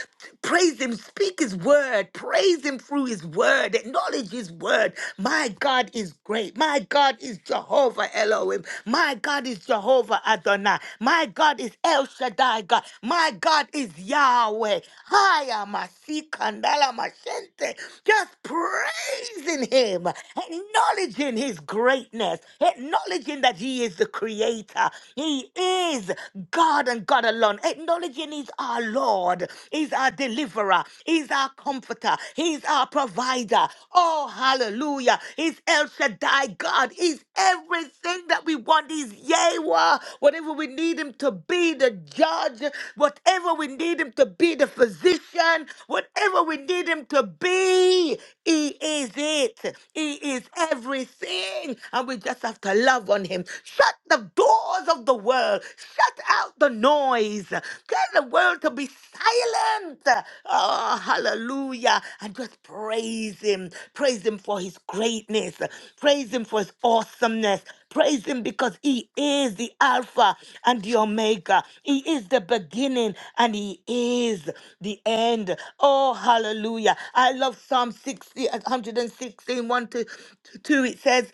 M: praise Him, speak His word, praise Praise him through his word. Acknowledge his word. My God is great. My God is Jehovah Elohim. My God is Jehovah Adonai. My God is El Shaddai God. My God is Yahweh. Haya masi kandala mashente. Just praising him, acknowledging his greatness, acknowledging that he is the creator. He is God and God alone, acknowledging his our Lord. He's our deliverer. He's our comforter. He's our provider. Oh, hallelujah. He's El Shaddai God. He's everything that we want. He's Yahweh. Whatever we need him to be, the judge. Whatever we need him to be, the physician. Whatever we need him to be, he is it. He is everything. And we just have to love on him. Shut the doors of out the world. Shut out the noise. Tell the world to be silent. Oh, hallelujah. And just praise Him. Praise Him for His greatness. Praise Him for His awesomeness. Praise Him because He is the Alpha and the Omega. He is the beginning and He is the end. Oh, hallelujah. I love Psalm 60, one hundred sixteen, one to 2. It says,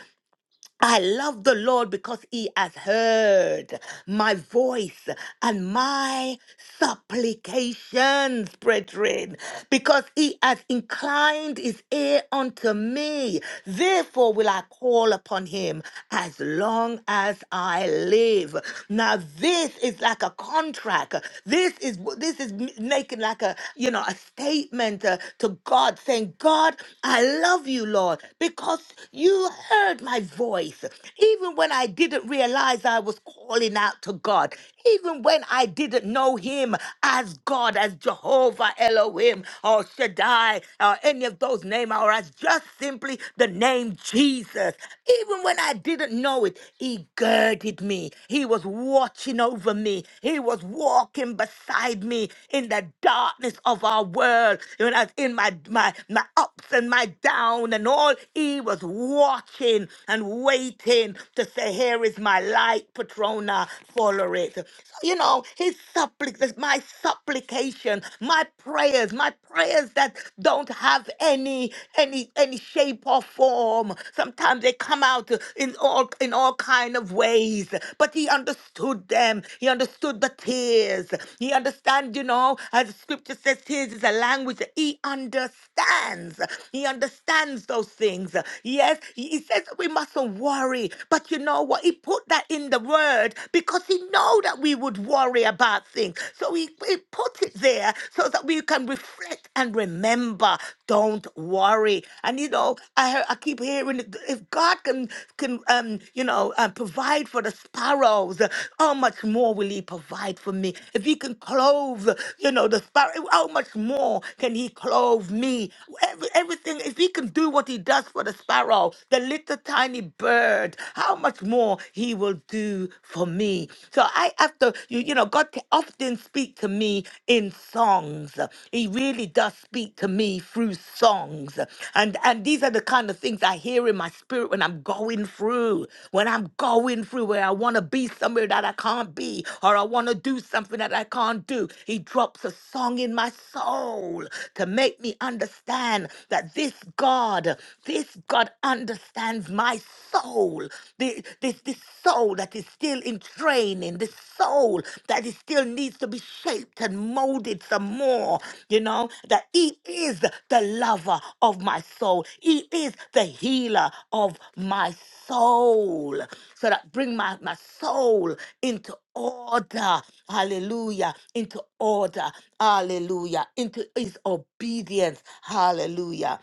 M: I love the Lord because he has heard my voice and my supplications, brethren, because he has inclined his ear unto me. Therefore will I call upon him as long as I live. Now this is like a contract. This is this is making like a you know a statement uh, to God saying, God, I love you, Lord, because you heard heard my voice, even when I didn't realize I was calling out to God, even when I didn't know Him as God, as Jehovah Elohim or Shaddai or any of those names, or as just simply the name Jesus. Even when I didn't know it, He girded me. He was watching over me. He was walking beside me in the darkness of our world. When I was in my my my ups and my down and all, He was watching watching and waiting to say, Here is my light, Patrona, follow it. So, you know, his supplic my supplication, my prayers, my prayers that don't have any any any shape or form. Sometimes they come out in all in all kind of ways. But he understood them. He understood the tears. He understand, you know, as the scripture says, tears is a language that he understands. He understands those things. Yes, he he says that we mustn't worry. But you know what? He put that in the word because he know that we would worry about things. So he, he put it there so that we can reflect and remember. Don't worry. And you know, I hear- I keep hearing if God can can um you know uh, provide for the sparrows, how much more will He provide for me? If He can clothe, you know, the sparrow, how much more can He clothe me? Every, everything. If He can do what He does does for the sparrow, the little tiny bird, how much more he will do for me. So I have to, you, you know, God t- often speak to me in songs. He really does speak to me through songs. And and these are the kind of things I hear in my spirit when I'm going through, when I'm going through where I want to be somewhere that I can't be, or I want to do something that I can't do. He drops a song in my soul to make me understand that this God. God, this God understands my soul. The- This, this soul that is still in training, this soul that is still needs to be shaped and molded some more. You know, that He is the lover of my soul. He is the healer of my soul. So that bring my, my soul into order. Hallelujah. Into order. Hallelujah. Into his obedience. Hallelujah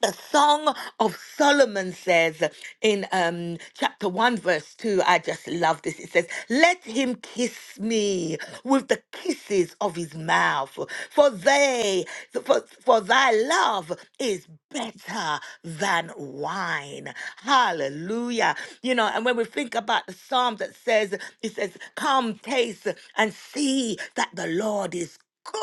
M: the Song of Solomon says in um, chapter 1, verse 2, I just love this. It says, Let him kiss me with the kisses of his mouth, for they, for, for thy love is better than wine. Hallelujah. You know, and when we think about the psalm that says, it says, Come, taste and see that the Lord is good.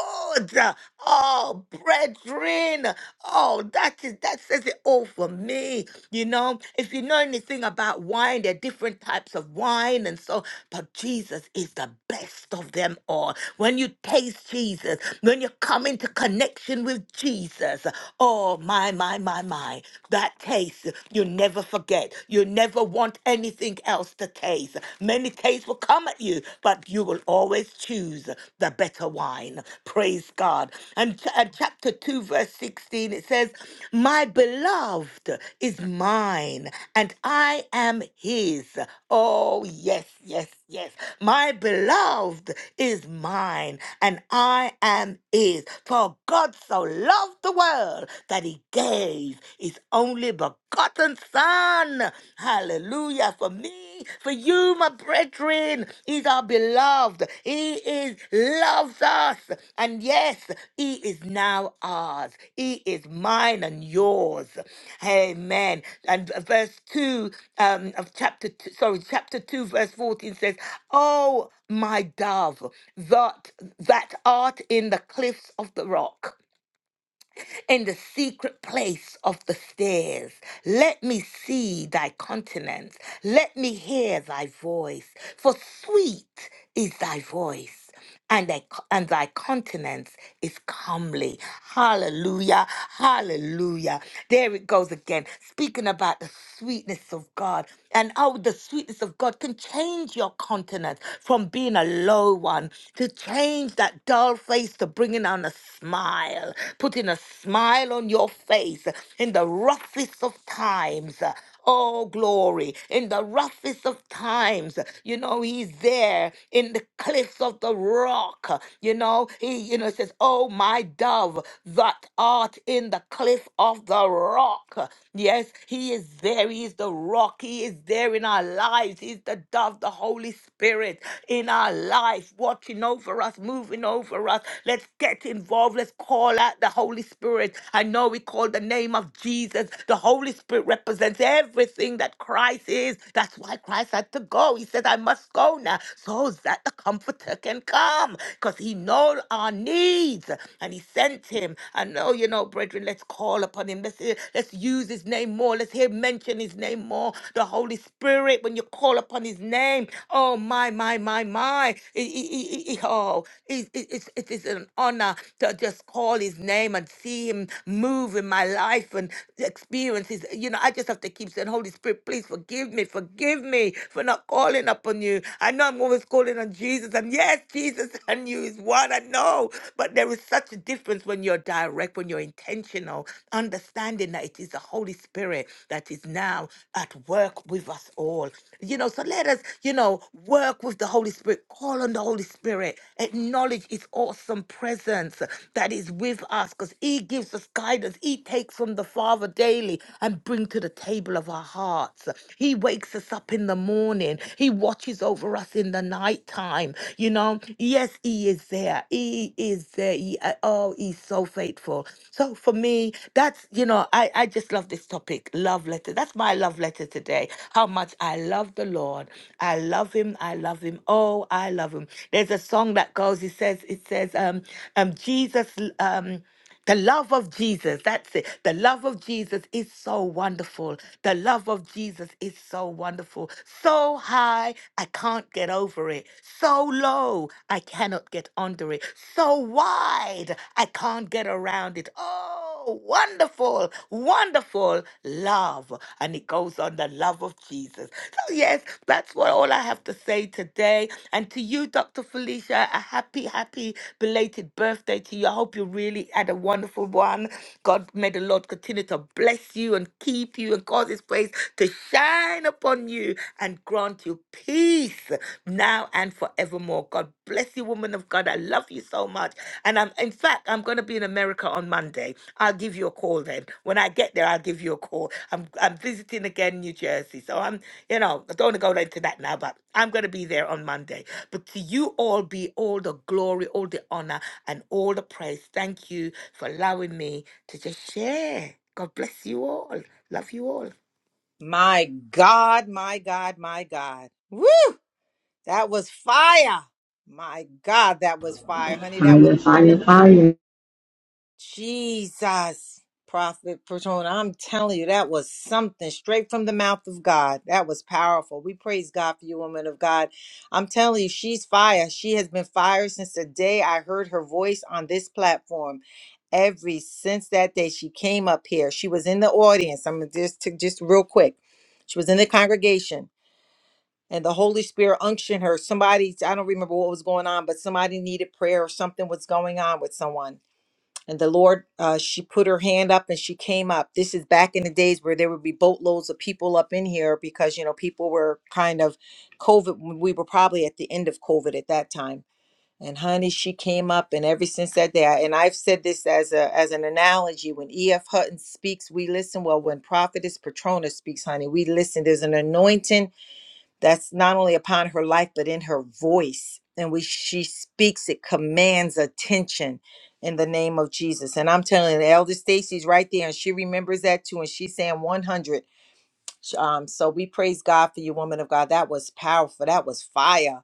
M: Oh, brethren. Oh, that is that says it all for me. You know, if you know anything about wine, there are different types of wine and so, but Jesus is the best of them all. When you taste Jesus, when you come into connection with Jesus, oh my, my, my, my, that taste you never forget. You never want anything else to taste. Many enemy's case will come at you, but you will always choose the better wine. Praise God. And, ch- and chapter 2, verse 16, it says, My beloved is mine, and I am his. Oh, yes, yes, yes. My beloved is mine, and I am his. For God so loved the world that he gave his only begotten forgotten son. Hallelujah. For me, for you, my brethren, is our beloved. He is loves us. And yes, he is now ours. He is mine and yours. Amen. And verse 2 um, of chapter 2, sorry, chapter 2, verse 14 says, Oh, my dove, that, that art in the cliffs of the rock in the secret place of the stairs. Let me see thy countenance. Let me hear thy voice. For sweet is thy voice. And thy, and thy countenance is comely. Hallelujah. Hallelujah. There it goes again, speaking about the sweetness of God and how the sweetness of God can change your countenance from being a low one to change that dull dull face to bringing on a smile, putting a smile on your face in the roughest of times. Oh, glory. In the roughest of times, you know, he's there in the cliffs of the rock. You know, he, you know, it says, Oh, my dove, that art in the cliff of the rock. Yes, he is there. He is the rock. He is there in our lives. He's the dove, the Holy Spirit. Spirit in our life, watching over us, moving over us. Let's get involved. Let's call out the Holy Spirit. I know we call the name of Jesus. The Holy Spirit represents everything that Christ is. That's why Christ had to go. He said, I must go now so that the Comforter can come because he knows our needs and he sent him. I know, you know, brethren, let's call upon him. Let's, hear- let's use his name more. Let's hear mention his name more. Holy Spirit when you call upon His name. Oh my, my, my, my! It- it- it- it- Oh, it- it- it's it is an honor to just call His name and see Him move in my life and experience His. You know, I just have to keep saying, Holy Spirit, please forgive me, forgive me for not calling upon You. I know I'm always calling on Jesus, and yes, Jesus and You is one. I know, but there is such a difference when you're direct, when you're intentional, understanding that that it is the Holy Spirit that is now at work with us all. You know, so let us, you know, work with the Holy Spirit, call on the Holy Spirit, acknowledge His awesome presence that is with us because He gives us guidance. He takes from the Father daily and bring to the table of our hearts. He wakes us up in the morning. He watches over us in the nighttime. You know, yes, He is there. He is there. He, uh, oh, He's so faithful. So for me, that's, you know, I, I just love this topic, love letter. That's my love letter today. How much I love the Lord. I love him. I love him. Oh, I love him. There's a song that goes, it says, it says, um, um, Jesus, um, the love of Jesus, that's it. The love of Jesus is so wonderful. The love of Jesus is so wonderful. So high, I can't get over it. So low, I cannot get under it. So wide, I can't get around it. Oh, Oh, wonderful, wonderful love. And it goes on the love of Jesus. So, yes, that's what all I have to say today. And to you, Dr. Felicia, a happy, happy belated birthday to you. I hope you really had a wonderful one. God, may the Lord continue to bless you and keep you and cause his face to shine upon you and grant you peace now and forevermore forevermore. God bless you, woman of God. I love you so much. And I'm, in fact, I'm going to be in America on Monday. I'll give you a call then. When I get there, I'll give you a call. I'm, I'm visiting again New Jersey. So I'm, you know, I don't want to go into that now, but I'm going to be there on Monday. But to you all be all the glory, all the honor, and all the praise. Thank you for allowing me to just share. God bless you all. Love you all.
A: My God, my God, my God. Woo! That was fire. My God, that was fire, honey. That was.
N: Fire, fire, fire.
A: Jesus, Prophet Patron, I'm telling you, that was something straight from the mouth of God. That was powerful. We praise God for you, woman of God. I'm telling you, she's fire. She has been fire since the day I heard her voice on this platform. Every since that day, she came up here. She was in the audience. I'm just to just real quick. She was in the congregation. And the Holy Spirit unctioned her. Somebody, I don't remember what was going on, but somebody needed prayer or something was going on with someone and the Lord, uh, she put her hand up and she came up. This is back in the days where there would be boatloads of people up in here because, you know, people were kind of COVID. We were probably at the end of COVID at that time. And honey, she came up, and ever since that day, I- and I've said this as a as an analogy. When E.F. Hutton speaks, we listen. Well, when Prophetess Patrona speaks, honey, we listen. There's an anointing that's not only upon her life but in her voice and we she speaks it commands attention in the name of jesus and i'm telling you elder stacy's right there and she remembers that too and she's saying 100 um, so we praise God for you, woman of God. That was powerful. That was fire.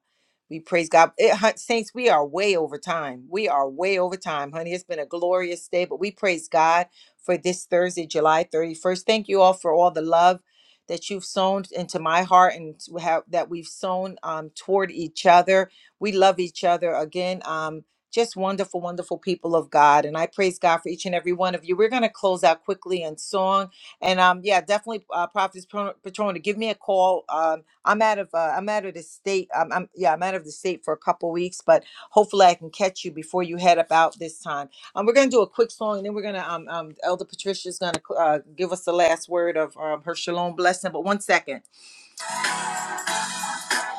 A: We praise God. It, hun- Saints, we are way over time. We are way over time, honey. It's been a glorious day, but we praise God for this Thursday, July 31st. Thank you all for all the love that you've sown into my heart and to have, that we've sown um, toward each other. We love each other. Again, um, just wonderful, wonderful people of God. And I praise God for each and every one of you. We're going to close out quickly in song and um, yeah, definitely, uh, Prophetess Patron- Patrona, give me a call. Um, I'm out of uh, I'm out of the state. Um, I'm yeah, I'm out of the state for a couple weeks, but hopefully I can catch you before you head up out this time. Um, we're gonna do a quick song, and then we're gonna um, um Elder Patricia's gonna uh, give us the last word of um, her shalom blessing. But one second,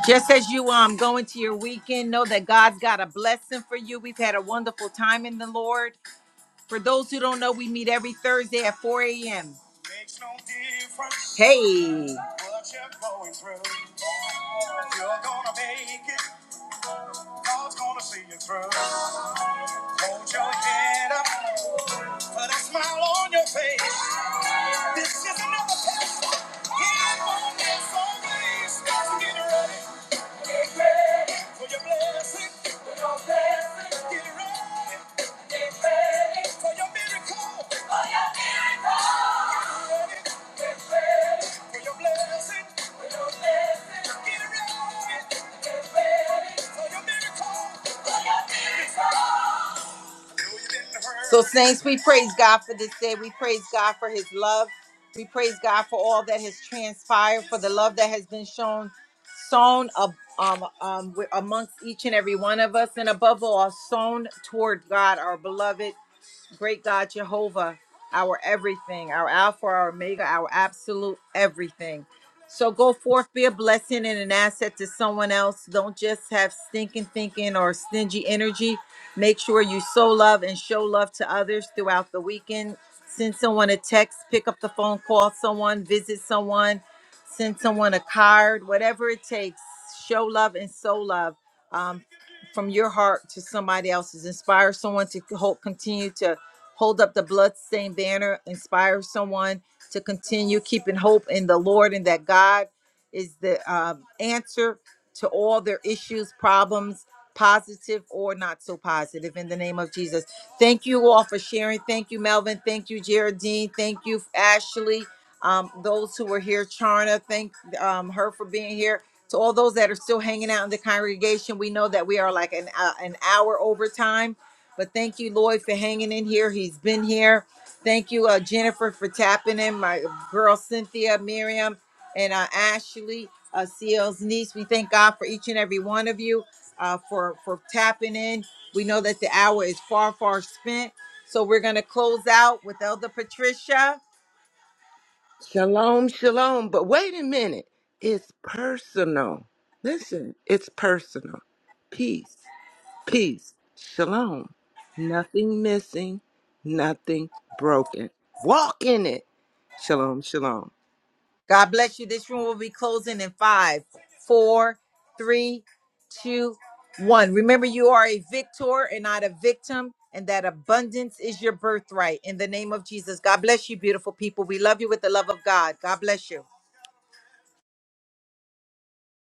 A: just as you um go into your weekend, know that God's got a blessing for you. We've had a wonderful time in the Lord. For those who don't know, we meet every Thursday at 4 a.m. Makes no difference Hey. What you're going through. You're gonna make it. God's gonna see you through. Hold your head up. Put a smile on your face. This is another test. It won't be so Get ready for your blessing. Get ready for your miracle. Get ready for your blessing. Get ready. So, Saints, we praise God for this day. We praise God for his love. We praise God for all that has transpired, for the love that has been shown, sown ab- um, um, wi- amongst each and every one of us, and above all, sown toward God, our beloved. great God Jehovah, our everything, our Alpha, our Omega, our absolute everything. So go forth, be a blessing and an asset to someone else. Don't just have stinking thinking or stingy energy. Make sure you sow love and show love to others throughout the weekend. Send someone a text, pick up the phone, call someone, visit someone, send someone a card, whatever it takes. Show love and sow love. Um from your heart to somebody else's. Inspire someone to hold, continue to hold up the bloodstained banner. Inspire someone to continue keeping hope in the Lord and that God is the um, answer to all their issues, problems, positive or not so positive, in the name of Jesus. Thank you all for sharing. Thank you, Melvin. Thank you, Geraldine. Thank you, Ashley. Um, those who were here, Charna, thank um, her for being here. To all those that are still hanging out in the congregation, we know that we are like an uh, an hour over time, but thank you, Lloyd, for hanging in here. He's been here. Thank you, uh, Jennifer, for tapping in. My girl Cynthia, Miriam, and uh, Ashley, uh, CL's niece. We thank God for each and every one of you uh, for for tapping in. We know that the hour is far, far spent. So we're going to close out with Elder Patricia.
C: Shalom, shalom. But wait a minute. It's personal. Listen, it's personal. Peace. peace, shalom. Nothing missing, nothing broken. Walk in it. Shalom, shalom.
A: God bless you. This room will be closing in five, four, three, two, one. Remember, you are a victor and not a victim, and that abundance is your birthright. In the name of Jesus, God bless you, beautiful people. We love you with the love of God. God bless you.